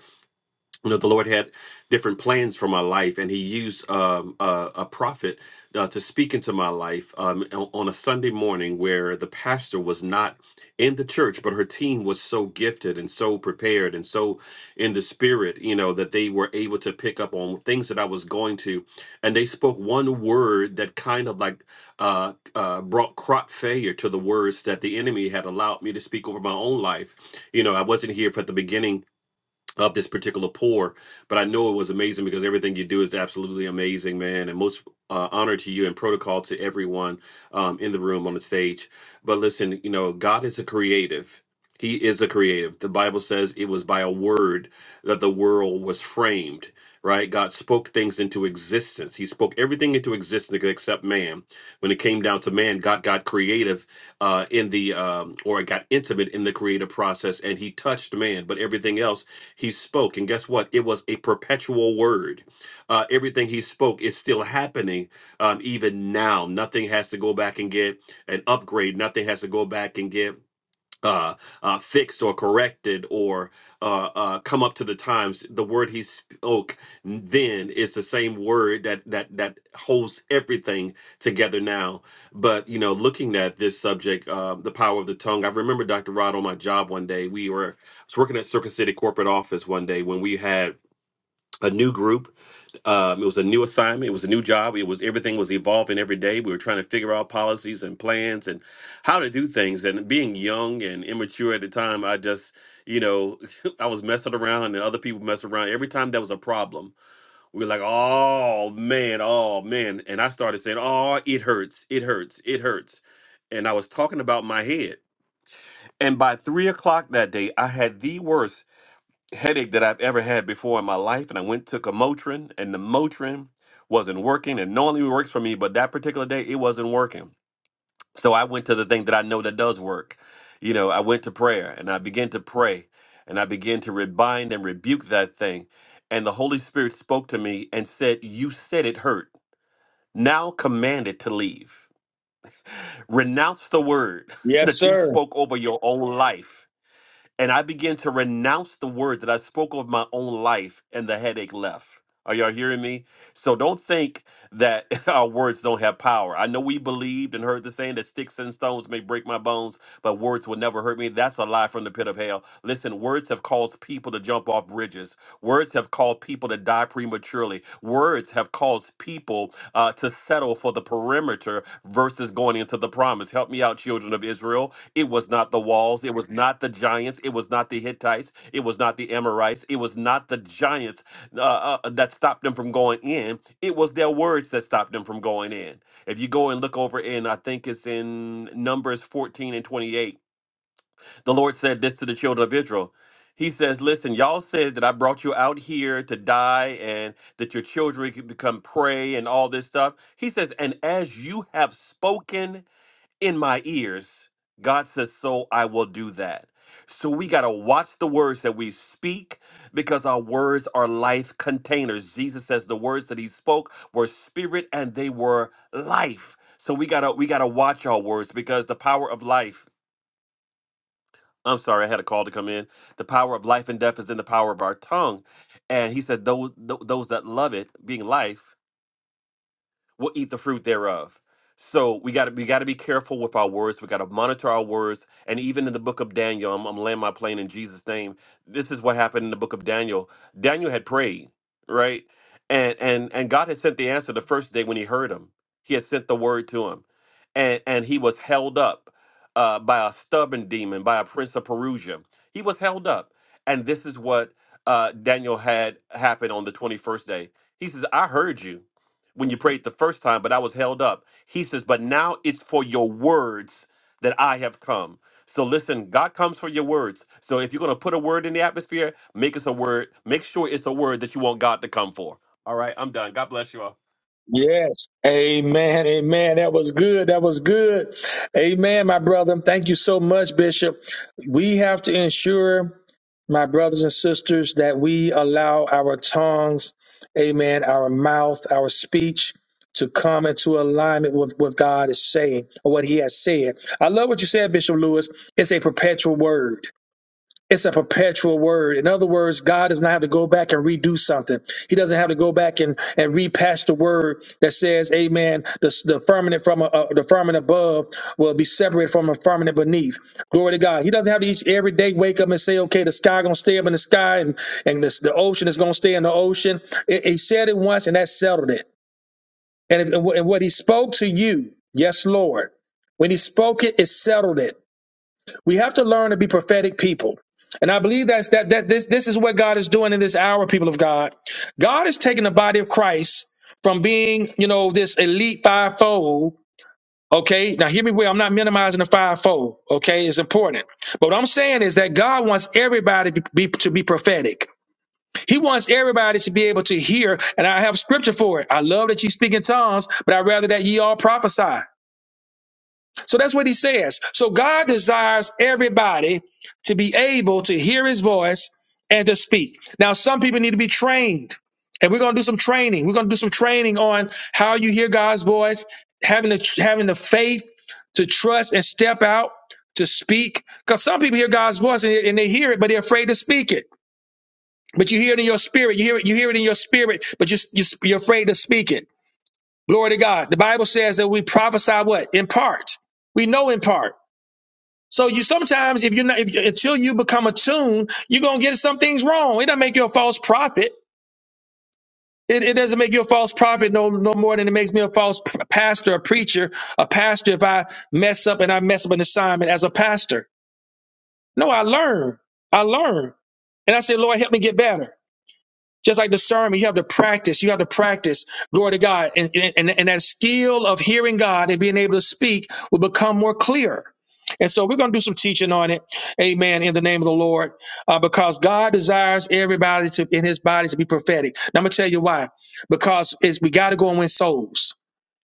[SPEAKER 8] you know the lord had different plans for my life and he used um, a, a prophet uh, to speak into my life um, on on a sunday morning where the pastor was not in the church but her team was so gifted and so prepared and so in the spirit you know that they were able to pick up on things that i was going to and they spoke one word that kind of like uh, uh, brought crop failure to the words that the enemy had allowed me to speak over my own life you know i wasn't here for the beginning of this particular pour. But I know it was amazing because everything you do is absolutely amazing, man. And most uh, honor to you and protocol to everyone um, in the room on the stage. But listen, you know, God is a creative. He is a creative. The Bible says it was by a word that the world was framed, right? God spoke things into existence. He spoke everything into existence except man. When it came down to man, God got creative uh, in the, um, or got intimate in the creative process and he touched man, but everything else he spoke, and guess what? It was a perpetual word. Uh, everything he spoke is still happening um, even now. Nothing has to go back and get an upgrade. Nothing has to go back and get uh, uh, fixed or corrected or uh, uh, come up to the times. The word he spoke then is the same word that that that holds everything together now. But you know, looking at this subject, uh, the power of the tongue. I remember Dr. Rod on my job one day. We were I was working at Circuit City corporate office one day when we had a new group um, it was a new assignment. It was a new job. It was everything was evolving every day. We were trying to figure out policies and plans and how to do things. And being young and immature at the time, I just, you know, I was messing around and other people messing around. Every time there was a problem, we were like, "Oh man, oh man," and I started saying, "Oh, it hurts, it hurts, it hurts," and I was talking about my head. And by three o'clock that day, I had the worst headache that I've ever had before in my life, and I went took a Motrin, and the Motrin wasn't working. And normally it works for me, but that particular day it wasn't working. So I went to the thing that I know that does work. You know, I went to prayer and I began to pray and I began to rebind and rebuke that thing. And the Holy Spirit spoke to me and said, You said it hurt. Now command it to leave. Renounce the word
[SPEAKER 1] Yes,
[SPEAKER 8] that you
[SPEAKER 1] sir.
[SPEAKER 8] spoke over your own life and I began to renounce the words that I spoke of my own life, and the headache left. Are y'all hearing me? So don't think that our words don't have power. I know we believed and heard the saying that sticks and stones may break my bones, but words will never hurt me. That's a lie from the pit of hell. Listen, words have caused people to jump off bridges. Words have called people to die prematurely. Words have caused people uh, to settle for the perimeter versus going into the promise. Help me out, children of Israel. It was not the walls. It was not the giants. It was not the Hittites. It was not the Amorites. It was not the giants uh, uh, that stopped them from going in. It was their words that stopped them from going in. If you go and look over in, I think it's in Numbers 14 and 28 the Lord said this to the children of Israel. He says, Listen, y'all said that I brought you out here to die and that your children could become prey and all this stuff. He says, And as you have spoken in my ears, God says, So I will do that. So we got to watch the words that we speak because our words are life containers. Jesus says the words that he spoke were spirit and they were life. So we got to we got to watch our words because the power of life I'm sorry, I had a call to come in. The power of life and death is in the power of our tongue. And he said, those, tho- those that love it, being life, will eat the fruit thereof. So we got to we got to be careful with our words. We got to monitor our words. And even in the book of Daniel, I'm, I'm laying my plane in Jesus' name. This is what happened in the book of Daniel. Daniel had prayed, right? And and and God had sent the answer the first day when He heard him. He had sent the word to him, and and he was held up uh, by a stubborn demon, by a prince of Perusia. He was held up, and this is what uh, Daniel had happened on the 21st day. He says, "I heard you." when you prayed the first time, but I was held up. He says, But now it's for your words that I have come. So listen, God comes for your words. So if you're going to put a word in the atmosphere, make us a word. Make sure it's a word that you want God to come for. All right, I'm done. God bless you all.
[SPEAKER 1] Yes. Amen. Amen. That was good. That was good. Amen, my brother. Thank you so much, Bishop. We have to ensure, my brothers and sisters, that we allow our tongues, amen, our mouth, our speech to come into alignment with what God is saying or what he has said. I love what you said, Bishop Lewis. It's a perpetual word. It's a perpetual word. In other words, God does not have to go back and redo something. He doesn't have to go back and, and repass the word that says, Amen. The, the firmament from a, a- the firmament above will be separated from the firmament beneath. Glory to God. He doesn't have to each every day wake up and say, Okay, the sky gonna stay up in the sky and and this, the ocean is gonna stay in the ocean. It- he said it once and that settled it. And, if, and what he spoke to you, yes, Lord. When he spoke it, it settled it. We have to learn to be prophetic people. And I believe that's that that this this is what God is doing in this hour, people of God. God is taking the body of Christ from being, you know, this elite fivefold. Okay, now hear me well. I'm not minimizing the fivefold. Okay, it's important. But what I'm saying is that God wants everybody to be to be prophetic. He wants everybody to be able to hear, and I have scripture for it. I love that you speak in tongues, but I'd rather that ye all prophesy. So that's what he says. So God desires everybody to be able to hear his voice and to speak. Now, some people need to be trained, and we're going to do some training. We're going to do some training on how you hear God's voice, having the, having the faith to trust and step out to speak. Because some people hear God's voice and, and they hear it, but they're afraid to speak it. But you hear it in your spirit. You hear it. You hear it in your spirit, but you, you, you're afraid to speak it. Glory to God. The Bible says that we prophesy what in part. We know in part. So you sometimes, if you're not, if, until you become attuned, you're gonna get some things wrong. It doesn't make you a false prophet. It, it doesn't make you a false prophet no no more than it makes me a false p- pastor, a preacher, a pastor. If I mess up and I mess up an assignment as a pastor, no, I learn. I learn, and I say, Lord, help me get better. Just like discernment, you have to practice. You have to practice, glory to God. And, and, and that skill of hearing God and being able to speak will become more clear. And so we're going to do some teaching on it. Amen. In the name of the Lord. Uh, because God desires everybody to, in his body to be prophetic. Now, I'm going to tell you why. Because it's, we got to go and win souls.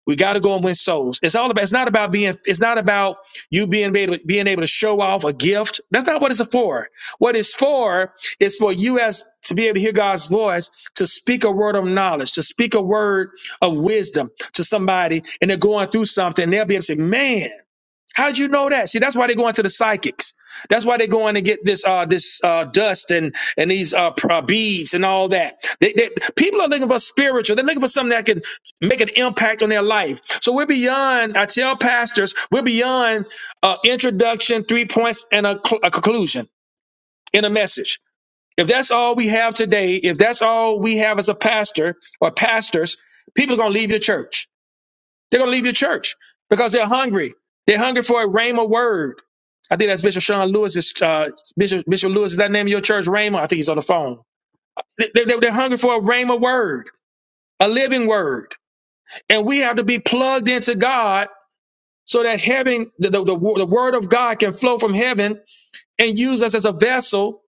[SPEAKER 1] We got to go and win souls. It's all about. It's not about being. It's not about you being able being able to show off a gift. That's not what it's for. What it's for is for you as to be able to hear God's voice, to speak a word of knowledge, to speak a word of wisdom to somebody, and they're going through something. They'll be able to say, "Man." How did you know that? See, that's why they go into the psychics. That's why they go in to get this uh this uh dust and and these uh, pr- uh, beads and all that. They, they, people are looking for spiritual. They're looking for something that can make an impact on their life. So we're beyond. I tell pastors we're beyond uh, introduction, three points, and a, cl- a conclusion in a message. If that's all we have today, if that's all we have as a pastor or pastors, people are gonna leave your church. They're going to leave your church because they're hungry. They're hungry for a rhema word. I think that's Bishop Sean Lewis's, uh, Bishop, Bishop Lewis, is that name of your church, Rhema? I think he's on the phone. They, they, they're hungry for a rhema word, a living word. And we have to be plugged into God so that heaven, the, the, the, the word of God can flow from heaven and use us as a vessel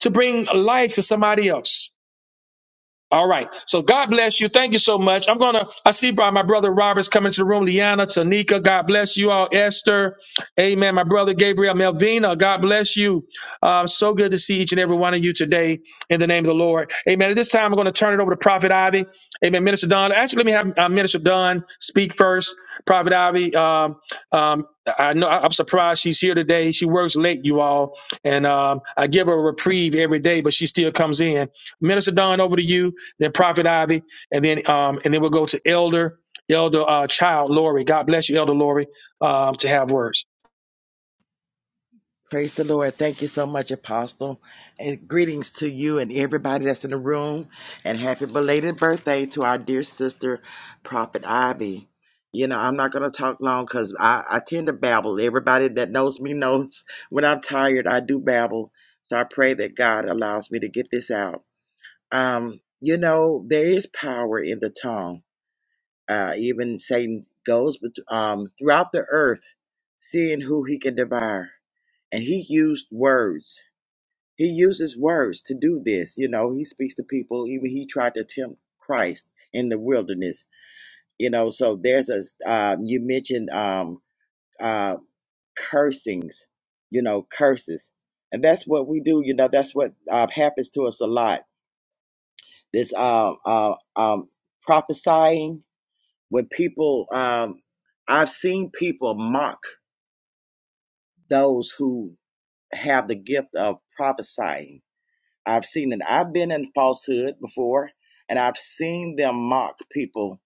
[SPEAKER 1] to bring life to somebody else. All right. So God bless you. Thank you so much. I'm gonna. I see by my brother Robert's coming to the room. Liana, Tanika. God bless you all. Esther. Amen. My brother Gabriel, Melvina. God bless you. Uh, so good to see each and every one of you today. In the name of the Lord. Amen. At this time, I'm going to turn it over to Prophet Ivy. Amen. Minister Don. Actually, let me have uh, Minister Don speak first. Prophet Ivy. Um, um, I know I- I'm surprised she's here today. She works late, you all, and um, I give her a reprieve every day, but she still comes in. Minister Don, over to you then Prophet Ivy, and then um, and then we'll go to Elder Elder uh, Child Lori. God bless you, Elder Lori, um, to have words.
[SPEAKER 3] Praise the Lord. Thank you so much, Apostle. And greetings to you and everybody that's in the room. And happy belated birthday to our dear sister, Prophet Ivy. You know, I'm not going to talk long because I, I tend to babble. Everybody that knows me knows when I'm tired, I do babble. So I pray that God allows me to get this out. Um, you know, there is power in the tongue. Uh, even Satan goes bet- um, throughout the earth, seeing who he can devour. And he used words he uses words to do this. You know, he speaks to people. Even he tried to tempt Christ in the wilderness. You know, so there's a, um, you mentioned um, uh, cursings, you know, curses. And that's what we do. You know, that's what uh, happens to us a lot. This uh, uh, um, prophesying, when people, um, I've seen people mock those who have the gift of prophesying I've seen it. I've been in falsehood before, and I've seen them mock people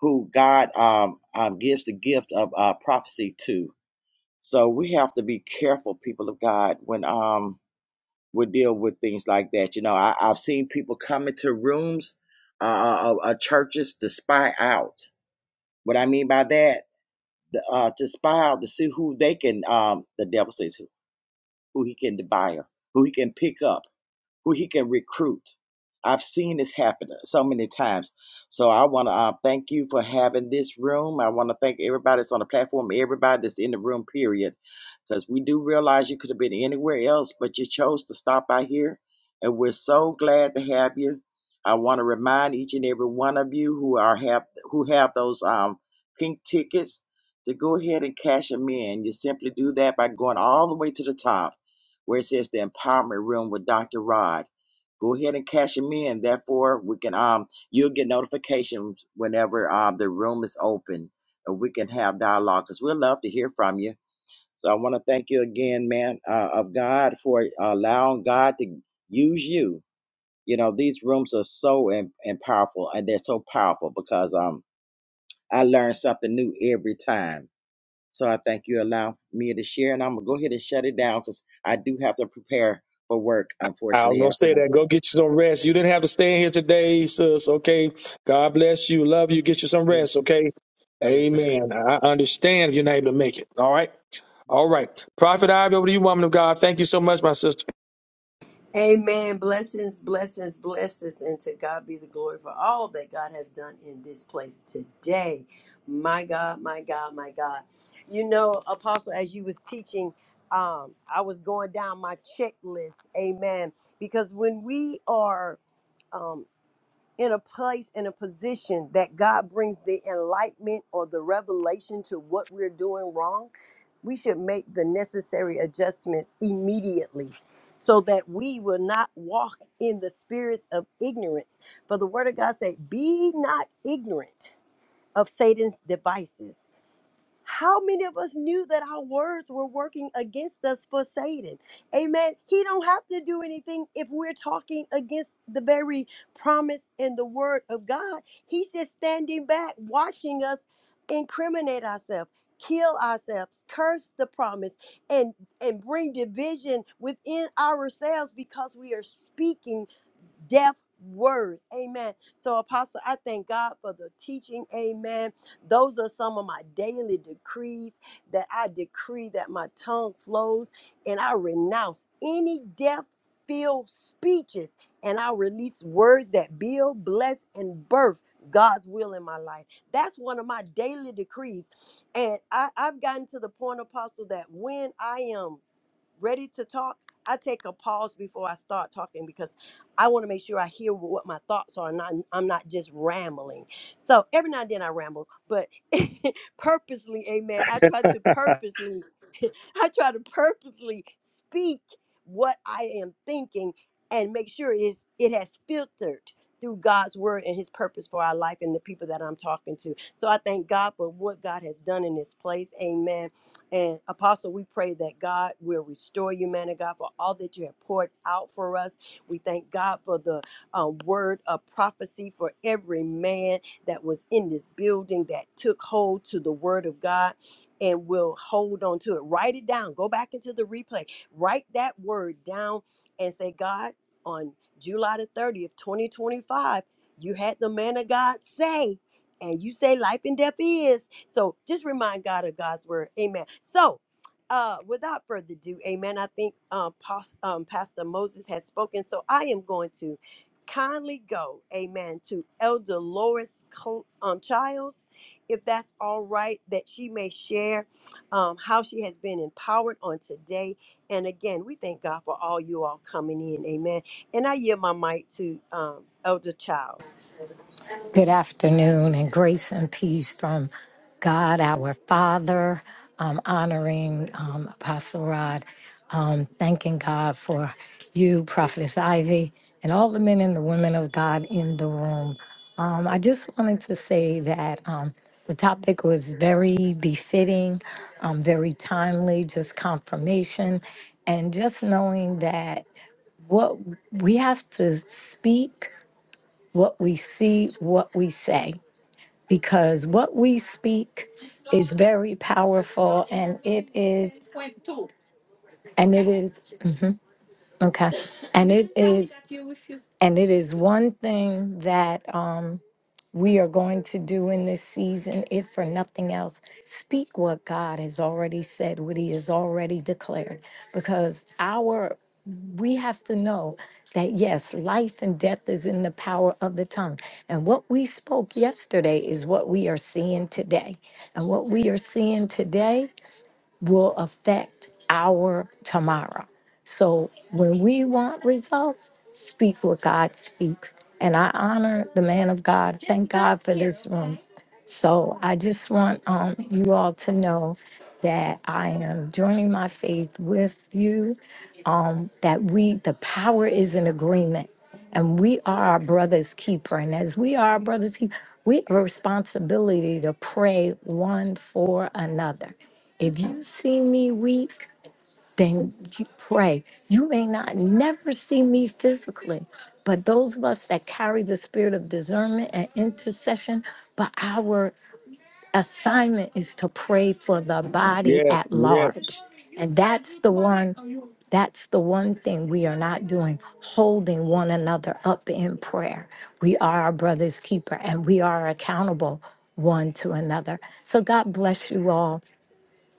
[SPEAKER 3] who God um, um, gives the gift of uh, prophecy to. So we have to be careful, people of God, when um, we deal with things like that. You know, I, I've seen people come into rooms, uh, uh, uh, churches to spy out. What I mean by that, uh, to spy out to see who they can, um, the devil says, who, who he can devour, who he can pick up who he can recruit. I've seen this happen so many times. So I want to uh, thank you for having this room. I want to thank everybody that's on the platform, everybody that's in the room, period. Because we do realize you could have been anywhere else, but you chose to stop by here. And we're so glad to have you. I want to remind each and every one of you who are have who have those um pink tickets to go ahead and cash them in. You simply do that by going all the way to the top where it says the empowerment room with Dr. Rod. Go ahead and cash them in. Therefore, we can um you'll get notifications whenever um the room is open and we can have dialogue we'd love to hear from you. So I want to thank you again, man uh, of God, for allowing God to use you. You know these rooms are so and powerful, and they're so powerful because um I learn something new every time so I thank you allowing me to share, and I'm gonna go ahead and shut it down because I do have to prepare for work,
[SPEAKER 1] I was
[SPEAKER 3] unfortunately,
[SPEAKER 1] gonna
[SPEAKER 3] after
[SPEAKER 1] say that. Go
[SPEAKER 3] one.
[SPEAKER 1] get you some rest. You didn't have to stay in here today, sis. Okay. God bless you. Love you. Get you
[SPEAKER 3] God
[SPEAKER 1] some rest.
[SPEAKER 3] bless you.
[SPEAKER 1] Okay.
[SPEAKER 3] Yes, sir.
[SPEAKER 1] Amen. I understand if you're not able to make it. All right.
[SPEAKER 3] Amen.
[SPEAKER 1] All right. Prophet Ivy, over to you, woman of God. Thank you so much, my sister.
[SPEAKER 2] Amen. Blessings, blessings, blessings. And to God be the glory for all that God has done in this place today. My God, my God, my God. You know, Apostle, as you was teaching, um, I was going down my checklist. Amen. Because when we are um, in a place in a position that God brings the enlightenment or the revelation to what we're doing wrong, we should make the necessary adjustments immediately so that we will not walk in the spirits of ignorance. For the word of God said, "Be not ignorant of Satan's devices." How many of us knew that our words were working against us for Satan? Amen. He don't have to do anything if we're talking against the very promise and the word of God. He's just standing back, watching us incriminate ourselves, kill ourselves, curse the promise, and and bring division within ourselves because we are speaking deaf words. Amen. So, Apostle, I thank God for the teaching. Amen. Those are some of my daily decrees that I decree that my tongue flows and I renounce any deaf filled speeches and I release words that build, bless, and birth. God's will in my life. That's one of my daily decrees. And I, I've gotten to the point, Apostle, that when I am ready to talk, I take a pause before I start talking because I want to make sure I hear what my thoughts are. and Not I'm not just rambling. So every now and then I ramble, but purposely, Amen. I try to purposely, I try to purposely speak what I am thinking and make sure it is it has filtered through God's word and his purpose for our life and the people that I'm talking to. So I thank God for what God has done in this place. Amen and Apostle, we pray that God will restore you, man of God, for all that you have poured out for us. We thank God for the uh, word of prophecy for every man that was in this building that took hold to the word of God and will hold on to it. Write it down. Go back into the replay. Write that word down and say, God, on July the 30th, 2025, you had the man of God say, and you say life and death is. So just remind God of God's word. Amen. So, uh, without further ado, amen. I think um, Pos- um, Pastor Moses has spoken. So I am going to kindly go, amen, to Elder Loris Cl- um, Childs, if that's all right, that she may share um, how she has been empowered on today. And again, we thank God for all you all coming in. Amen. And I yield my mic to um, Elder Childs.
[SPEAKER 9] Good afternoon, and grace and peace from God our Father. Um, honoring um, Apostle Rod, um, thanking God for you, Prophetess Ivy, and all the men and the women of God in the room. Um, I just wanted to say that um, the topic was very befitting, um, very timely, just confirmation, and just knowing that what we have to speak, what we see, what we say because what we speak is very powerful and it is and it is okay and it is and it is one thing that um we are going to do in this season if for nothing else speak what god has already said what he has already declared because our we have to know that yes, life and death is in the power of the tongue. And what we spoke yesterday is what we are seeing today. And what we are seeing today will affect our tomorrow. So when we want results, speak what God speaks. And I honor the man of God. Thank God for this room. So I just want um, you all to know that I am joining my faith with you, um, that we, the power is in agreement. And we are our brother's keeper. And as we are our brother's keeper, we have a responsibility to pray one for another. If you see me weak, then you pray. You may not never see me physically, but those of us that carry the spirit of discernment and intercession, but our assignment is to pray for the body
[SPEAKER 1] Yes.
[SPEAKER 9] at
[SPEAKER 1] Yes.
[SPEAKER 9] large. And that's the one that's the one thing we are not doing, holding one another up in prayer. We are our brother's keeper and we are accountable one to another. So God bless you all.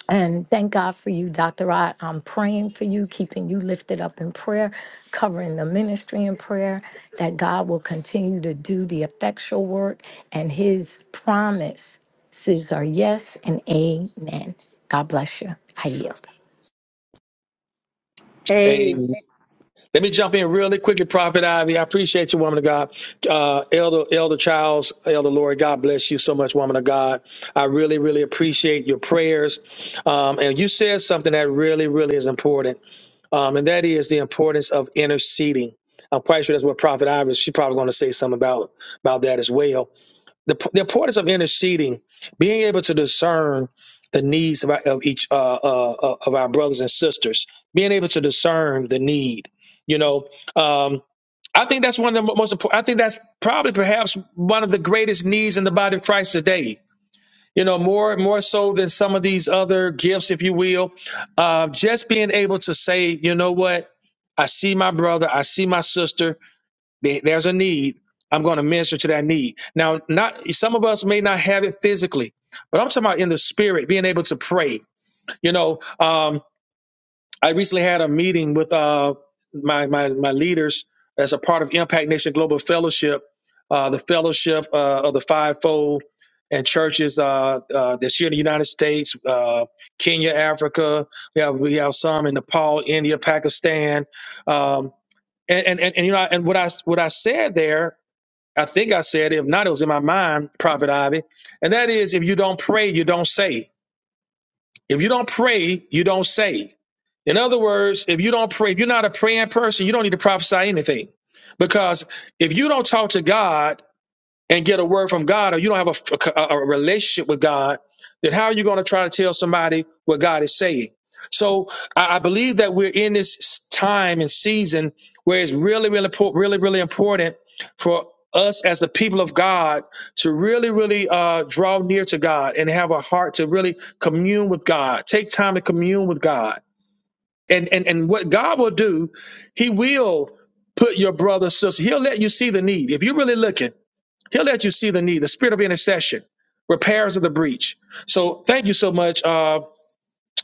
[SPEAKER 9] And thank God for you, Dr. Rod. I'm praying for you, keeping you lifted up in prayer, covering the ministry in prayer, that God will continue to do the effectual work and his promises are yes and amen. God bless you. I yield.
[SPEAKER 1] Amen. Let me jump in really quickly, Prophet Ivy. I appreciate you, woman of God. Uh, Elder, Elder Charles, Elder Lori, God bless you so much, woman of God. I really, really appreciate your prayers. Um, and you said something that really, really is important, um, and that is the importance of interceding. I'm quite sure that's what Prophet Ivy. She's probably going to say something about about that as well the, the importance of interceding, being able to discern the needs of, our, of each uh, uh, uh, of our brothers and sisters, being able to discern the need. You know, um, I think that's one of the most important. I think that's probably perhaps one of the greatest needs in the body of Christ today. You know, more more so than some of these other gifts, if you will, uh, just being able to say, you know what, I see my brother, I see my sister. There- There's a need. I'm going to minister to that need. Now, not some of us may not have it physically, but I'm talking about in the spirit, being able to pray. You know, um, I recently had a meeting with uh, my, my my leaders as a part of Impact Nation Global Fellowship, uh, the fellowship uh, of the fivefold and churches uh, uh, that's here in the United States, uh, Kenya, Africa. We have we have some in Nepal, India, Pakistan. Um, and, and, and, and you know, and what I what I said there I think I said, it. if not, it was in my mind, Prophet Ivy. And that is, if you don't pray, you don't say. If you don't pray, you don't say. In other words, if you don't pray, if you're not a praying person, you don't need to prophesy anything. Because if you don't talk to God and get a word from God, or you don't have a, a- a relationship with God, then how are you going to try to tell somebody what God is saying? So I, I believe that we're in this time and season where it's really, really, po- really, really important for us as the people of God to really, really uh, draw near to God and have a heart to really commune with God. Take time to commune with God. And, and, and what God will do, He will put your brother, sister, He'll let you see the need. If you're really looking, He'll let you see the need, the spirit of intercession, repairs of the breach. So thank you so much. uh,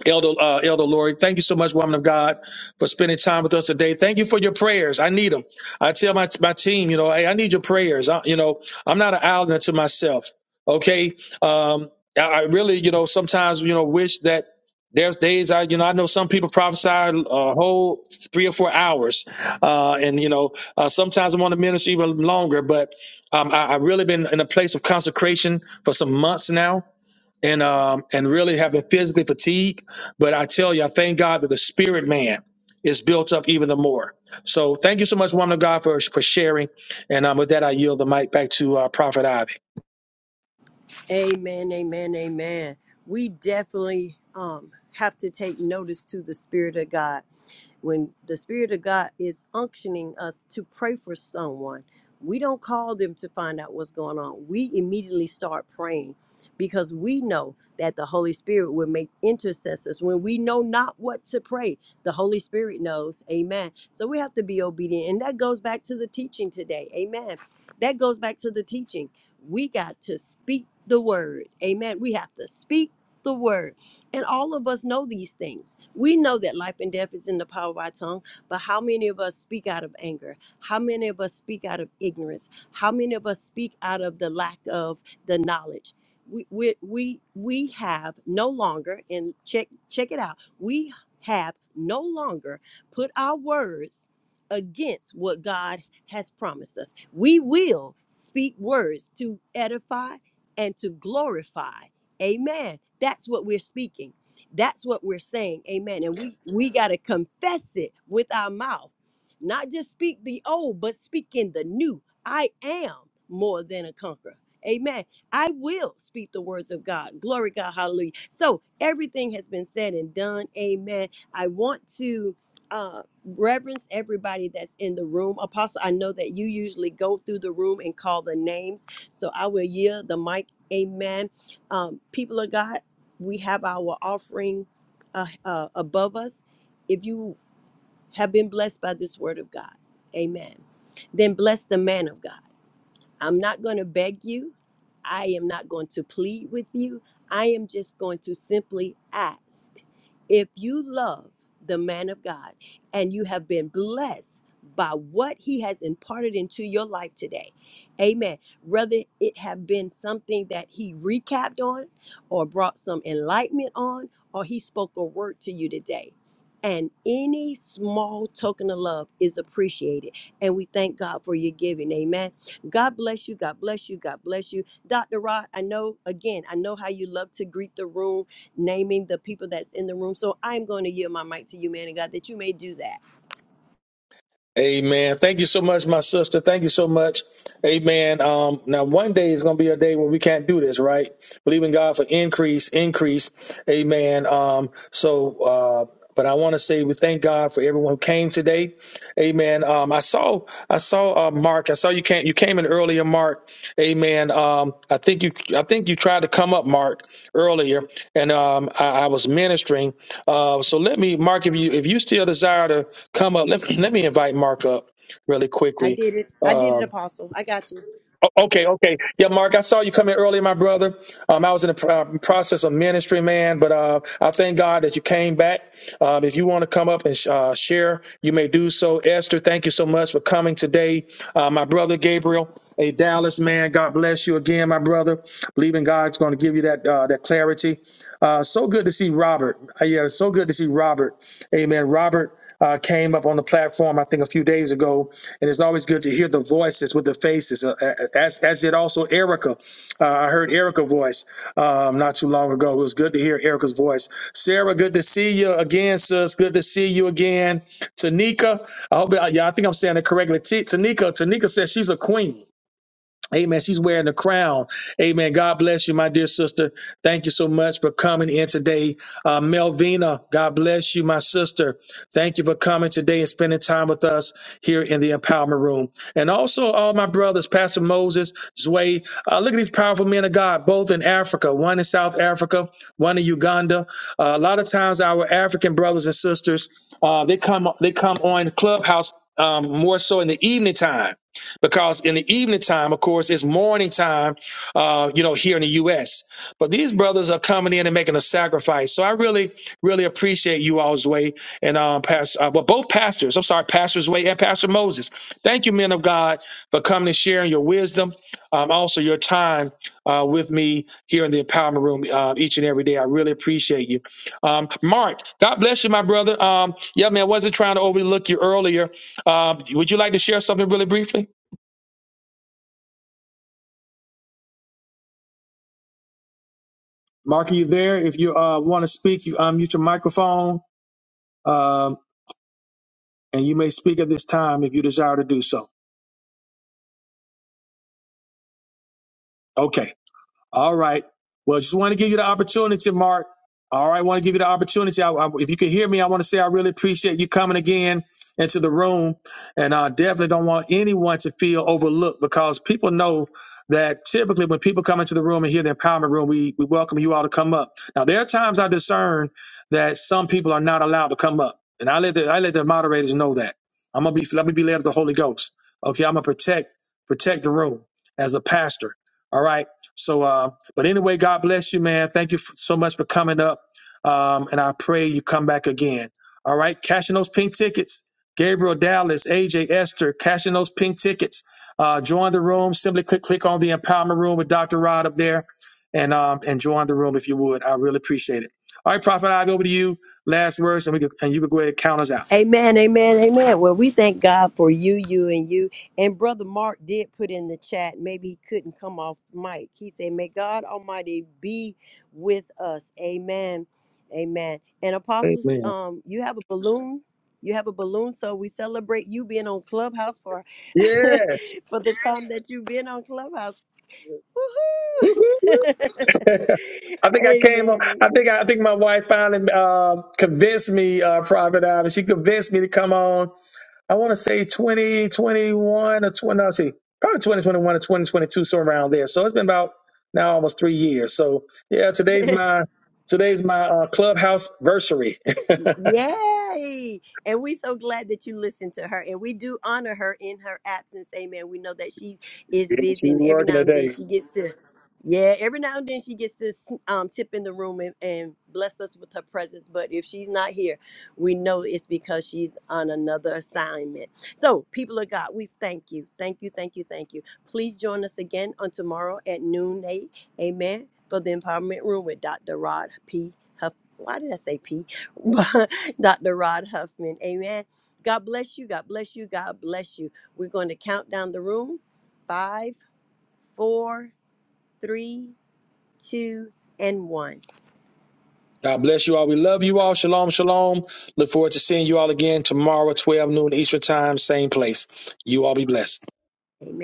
[SPEAKER 1] Elder uh, Elder Lori, thank you so much, woman of God, for spending time with us today. Thank you for your prayers. I need them. I tell my my team, you know, hey, I need your prayers. I, you know, I'm not an island to myself. Okay, um, I, I really, you know, sometimes you know wish that there's days I, you know, I know some people prophesy a whole three or four hours, uh, and you know, uh, sometimes I want to minister even longer. But um, I, I've really been in a place of consecration for some months now and um and really have been physically fatigued. But I tell you, I thank God that the spirit man is built up even the more. So thank you so much, woman of God, for for sharing. And um, with that, I yield the mic back to uh, Prophet Ivy.
[SPEAKER 2] Amen, amen, amen. We definitely um, have to take notice to the Spirit of God. When the Spirit of God is unctioning us to pray for someone, we don't call them to find out what's going on. We immediately start praying because we know that the Holy Spirit will make intercessors. When we know not what to pray, the Holy Spirit knows. Amen. So we have to be obedient. And that goes back to the teaching today. Amen. That goes back to the teaching. We got to speak the word. Amen. We have to speak the word. And all of us know these things. We know that life and death is in the power of our tongue, but how many of us speak out of anger? How many of us speak out of ignorance? How many of us speak out of the lack of the knowledge? We we we, we have no longer, and check check it out, we have no longer put our words against what God has promised us. We will speak words to edify and to glorify Amen. That's what we're speaking. That's what we're saying. Amen. And we we got to confess it with our mouth. Not just speak the old, but speak in the new. I am more than a conqueror. Amen. I will speak the words of God. Glory God. Hallelujah. So everything has been said and done. Amen. I want to uh reverence everybody that's in the room. Apostle, I know that you usually go through the room and call the names. So I will yield the mic. Amen um, people of God, we have our offering uh, uh, above us. If you have been blessed by this word of God, amen. Then bless the man of God. I'm not going to beg you. I am not going to plead with you. I am just going to simply ask. If you love the man of God and you have been blessed by what he has imparted into your life today, amen. Whether it have been something that he recapped on or brought some enlightenment on, or he spoke a word to you today. And any small token of love is appreciated. And we thank God for your giving. Amen. God bless you. God bless you. God bless you. Dr. Rod, I know, again, I know how you love to greet the room, naming the people that's in the room. So I'm going to yield my mic to you, man of God, that you may do that.
[SPEAKER 1] Amen. Thank you so much, my sister. Thank you so much. Amen. Um, now one day is gonna be a day where we can't do this, right? Believe in God for increase, increase. Amen. Um, so uh but I want to say we thank God for everyone who came today. Amen. Um, I saw I saw uh, Mark. I saw you came you came in earlier, Mark. Amen. Um, I think you, I think you tried to come up, Mark, earlier, and um, I, I was ministering. Uh, so let me, Mark, if you if you still desire to come up, let me, let me invite Mark up really
[SPEAKER 2] I
[SPEAKER 1] quickly.
[SPEAKER 2] did it. I did it,
[SPEAKER 1] Um,
[SPEAKER 2] Apostle. I got you.
[SPEAKER 1] O- Okay, okay. Yeah, Mark, I saw you come in earlier, my brother. Um, I was in the pr- uh, process of ministry, man, but uh, I thank God that you came back. Um, if you want to come up and sh- uh, share, you may do so. Esther, thank you so much for coming today. Uh, my brother Gabriel, a Dallas man, God bless you again, my brother. Believe in God's going to give you that uh, that clarity. Uh, so good to see Robert. Uh, yeah, so good to see Robert. Amen. Robert uh, came up on the platform, I think, a few days ago, and it's always good to hear the voices with the faces, uh, uh, uh, as as did also Erica. Uh, I heard Erica's voice um, not too long ago. It was good to hear Erica's voice. Sarah, good to see you again, sis. Good to see you again. Tanika, I hope, uh, yeah, I think I'm saying it correctly. T- Tanika, Tanika says she's a queen. Amen. She's wearing the crown. Amen. God bless you, my dear sister. Thank you so much for coming in today. Uh, Melvina, God bless you, my sister. Thank you for coming today and spending time with us here in the empowerment room. And also, all my brothers, Pastor Moses, Zway. Uh, look at these powerful men of God, both in Africa, one in South Africa, one in Uganda. Uh, a lot of times, our African brothers and sisters, uh, they come they come on Clubhouse um, more so in the evening time because in the evening time, of course, it's morning time, uh, you know, here in the U.S. But these brothers are coming in and making a sacrifice. So I really, really appreciate you all's way and um, pastor, uh, well, both pastors. I'm sorry, pastors way and Pastor Moses. Thank you, men of God, for coming and sharing your wisdom, um, also your time uh, with me here in the empowerment room uh, each and every day. I really appreciate you, um, Mark. God bless you, my brother. Um, yeah, man, I wasn't trying to overlook you earlier. Um, would you like to share something really briefly? Mark, are you there? If you uh, want to speak, you unmute your microphone um, and you may speak at this time if you desire to do so. Okay. All right. Well, just want to give you the opportunity, Mark. All right, want to give you the opportunity. I, I- if you can hear me, I want to say I really appreciate you coming again into the room, and I definitely don't want anyone to feel overlooked because people know that typically when people come into the room and hear the empowerment room, we we welcome you all to come up. Now there are times I discern that some people are not allowed to come up, and I let the I let the moderators know that I'm gonna be let me be led of the Holy Ghost. Okay, I'm gonna protect protect the room as a pastor. All right. So, uh, but anyway, God bless you, man. Thank you f- so much for coming up. Um, and I pray you come back again. All right, cashing those pink tickets. Gabriel Dallas, AJ Esther, cashing those pink tickets. Uh, join the room. Simply click click on the empowerment room with Dr. Rod up there, and um, and join the room if you would. I really appreciate it. All right, Prophet Ivy, over to you. Last words, and we can, and you can go ahead and count us out.
[SPEAKER 2] Amen, amen, amen. Well, we thank God for you, you, and you. And Brother Mark did put in the chat, maybe he couldn't come off mic. He said, May God Almighty be with us. Amen, amen. And apostles,
[SPEAKER 1] Amen.
[SPEAKER 2] um, you have a balloon. You have a balloon, so we celebrate you being on Clubhouse for
[SPEAKER 1] Yes.
[SPEAKER 2] for the time that you've been on Clubhouse.
[SPEAKER 1] Woo-hoo-hoo.
[SPEAKER 2] Woohoo!
[SPEAKER 1] I think I came on.
[SPEAKER 2] amen.
[SPEAKER 1] I think I, I think my wife finally uh, convinced me, uh, Prophet Ivan. She convinced me to come on. I want to say 2021 or 20. No, let's see, probably 2021 or 2022, somewhere around there. So it's been about now almost three years. So yeah, today's my today's my uh, clubhouse versary.
[SPEAKER 2] Yay! And we so glad that you listened to her. And we do honor her in her absence. Amen. We know that she is
[SPEAKER 1] She's
[SPEAKER 2] busy and every
[SPEAKER 1] working
[SPEAKER 2] now and
[SPEAKER 1] today.
[SPEAKER 2] then she gets to yeah, every now and then she gets to um, tip in the room and, and bless us with her presence. But if she's not here, we know it's because she's on another assignment. So, people of God, we thank you. Thank you, thank you, thank you. Please join us again on tomorrow at noon 8. Amen. For the Empowerment Room with Dr. Rod P. Huff. Why did I say P? Dr. Rod Huffman. Amen. God bless you. God bless you. God bless you. We're going to count down the room. Five, four, three, two, and one.
[SPEAKER 1] God bless you all. We love you all. Shalom, shalom. Look forward to seeing you all again tomorrow, 12 noon Eastern time, same place. You all be blessed.
[SPEAKER 2] Amen.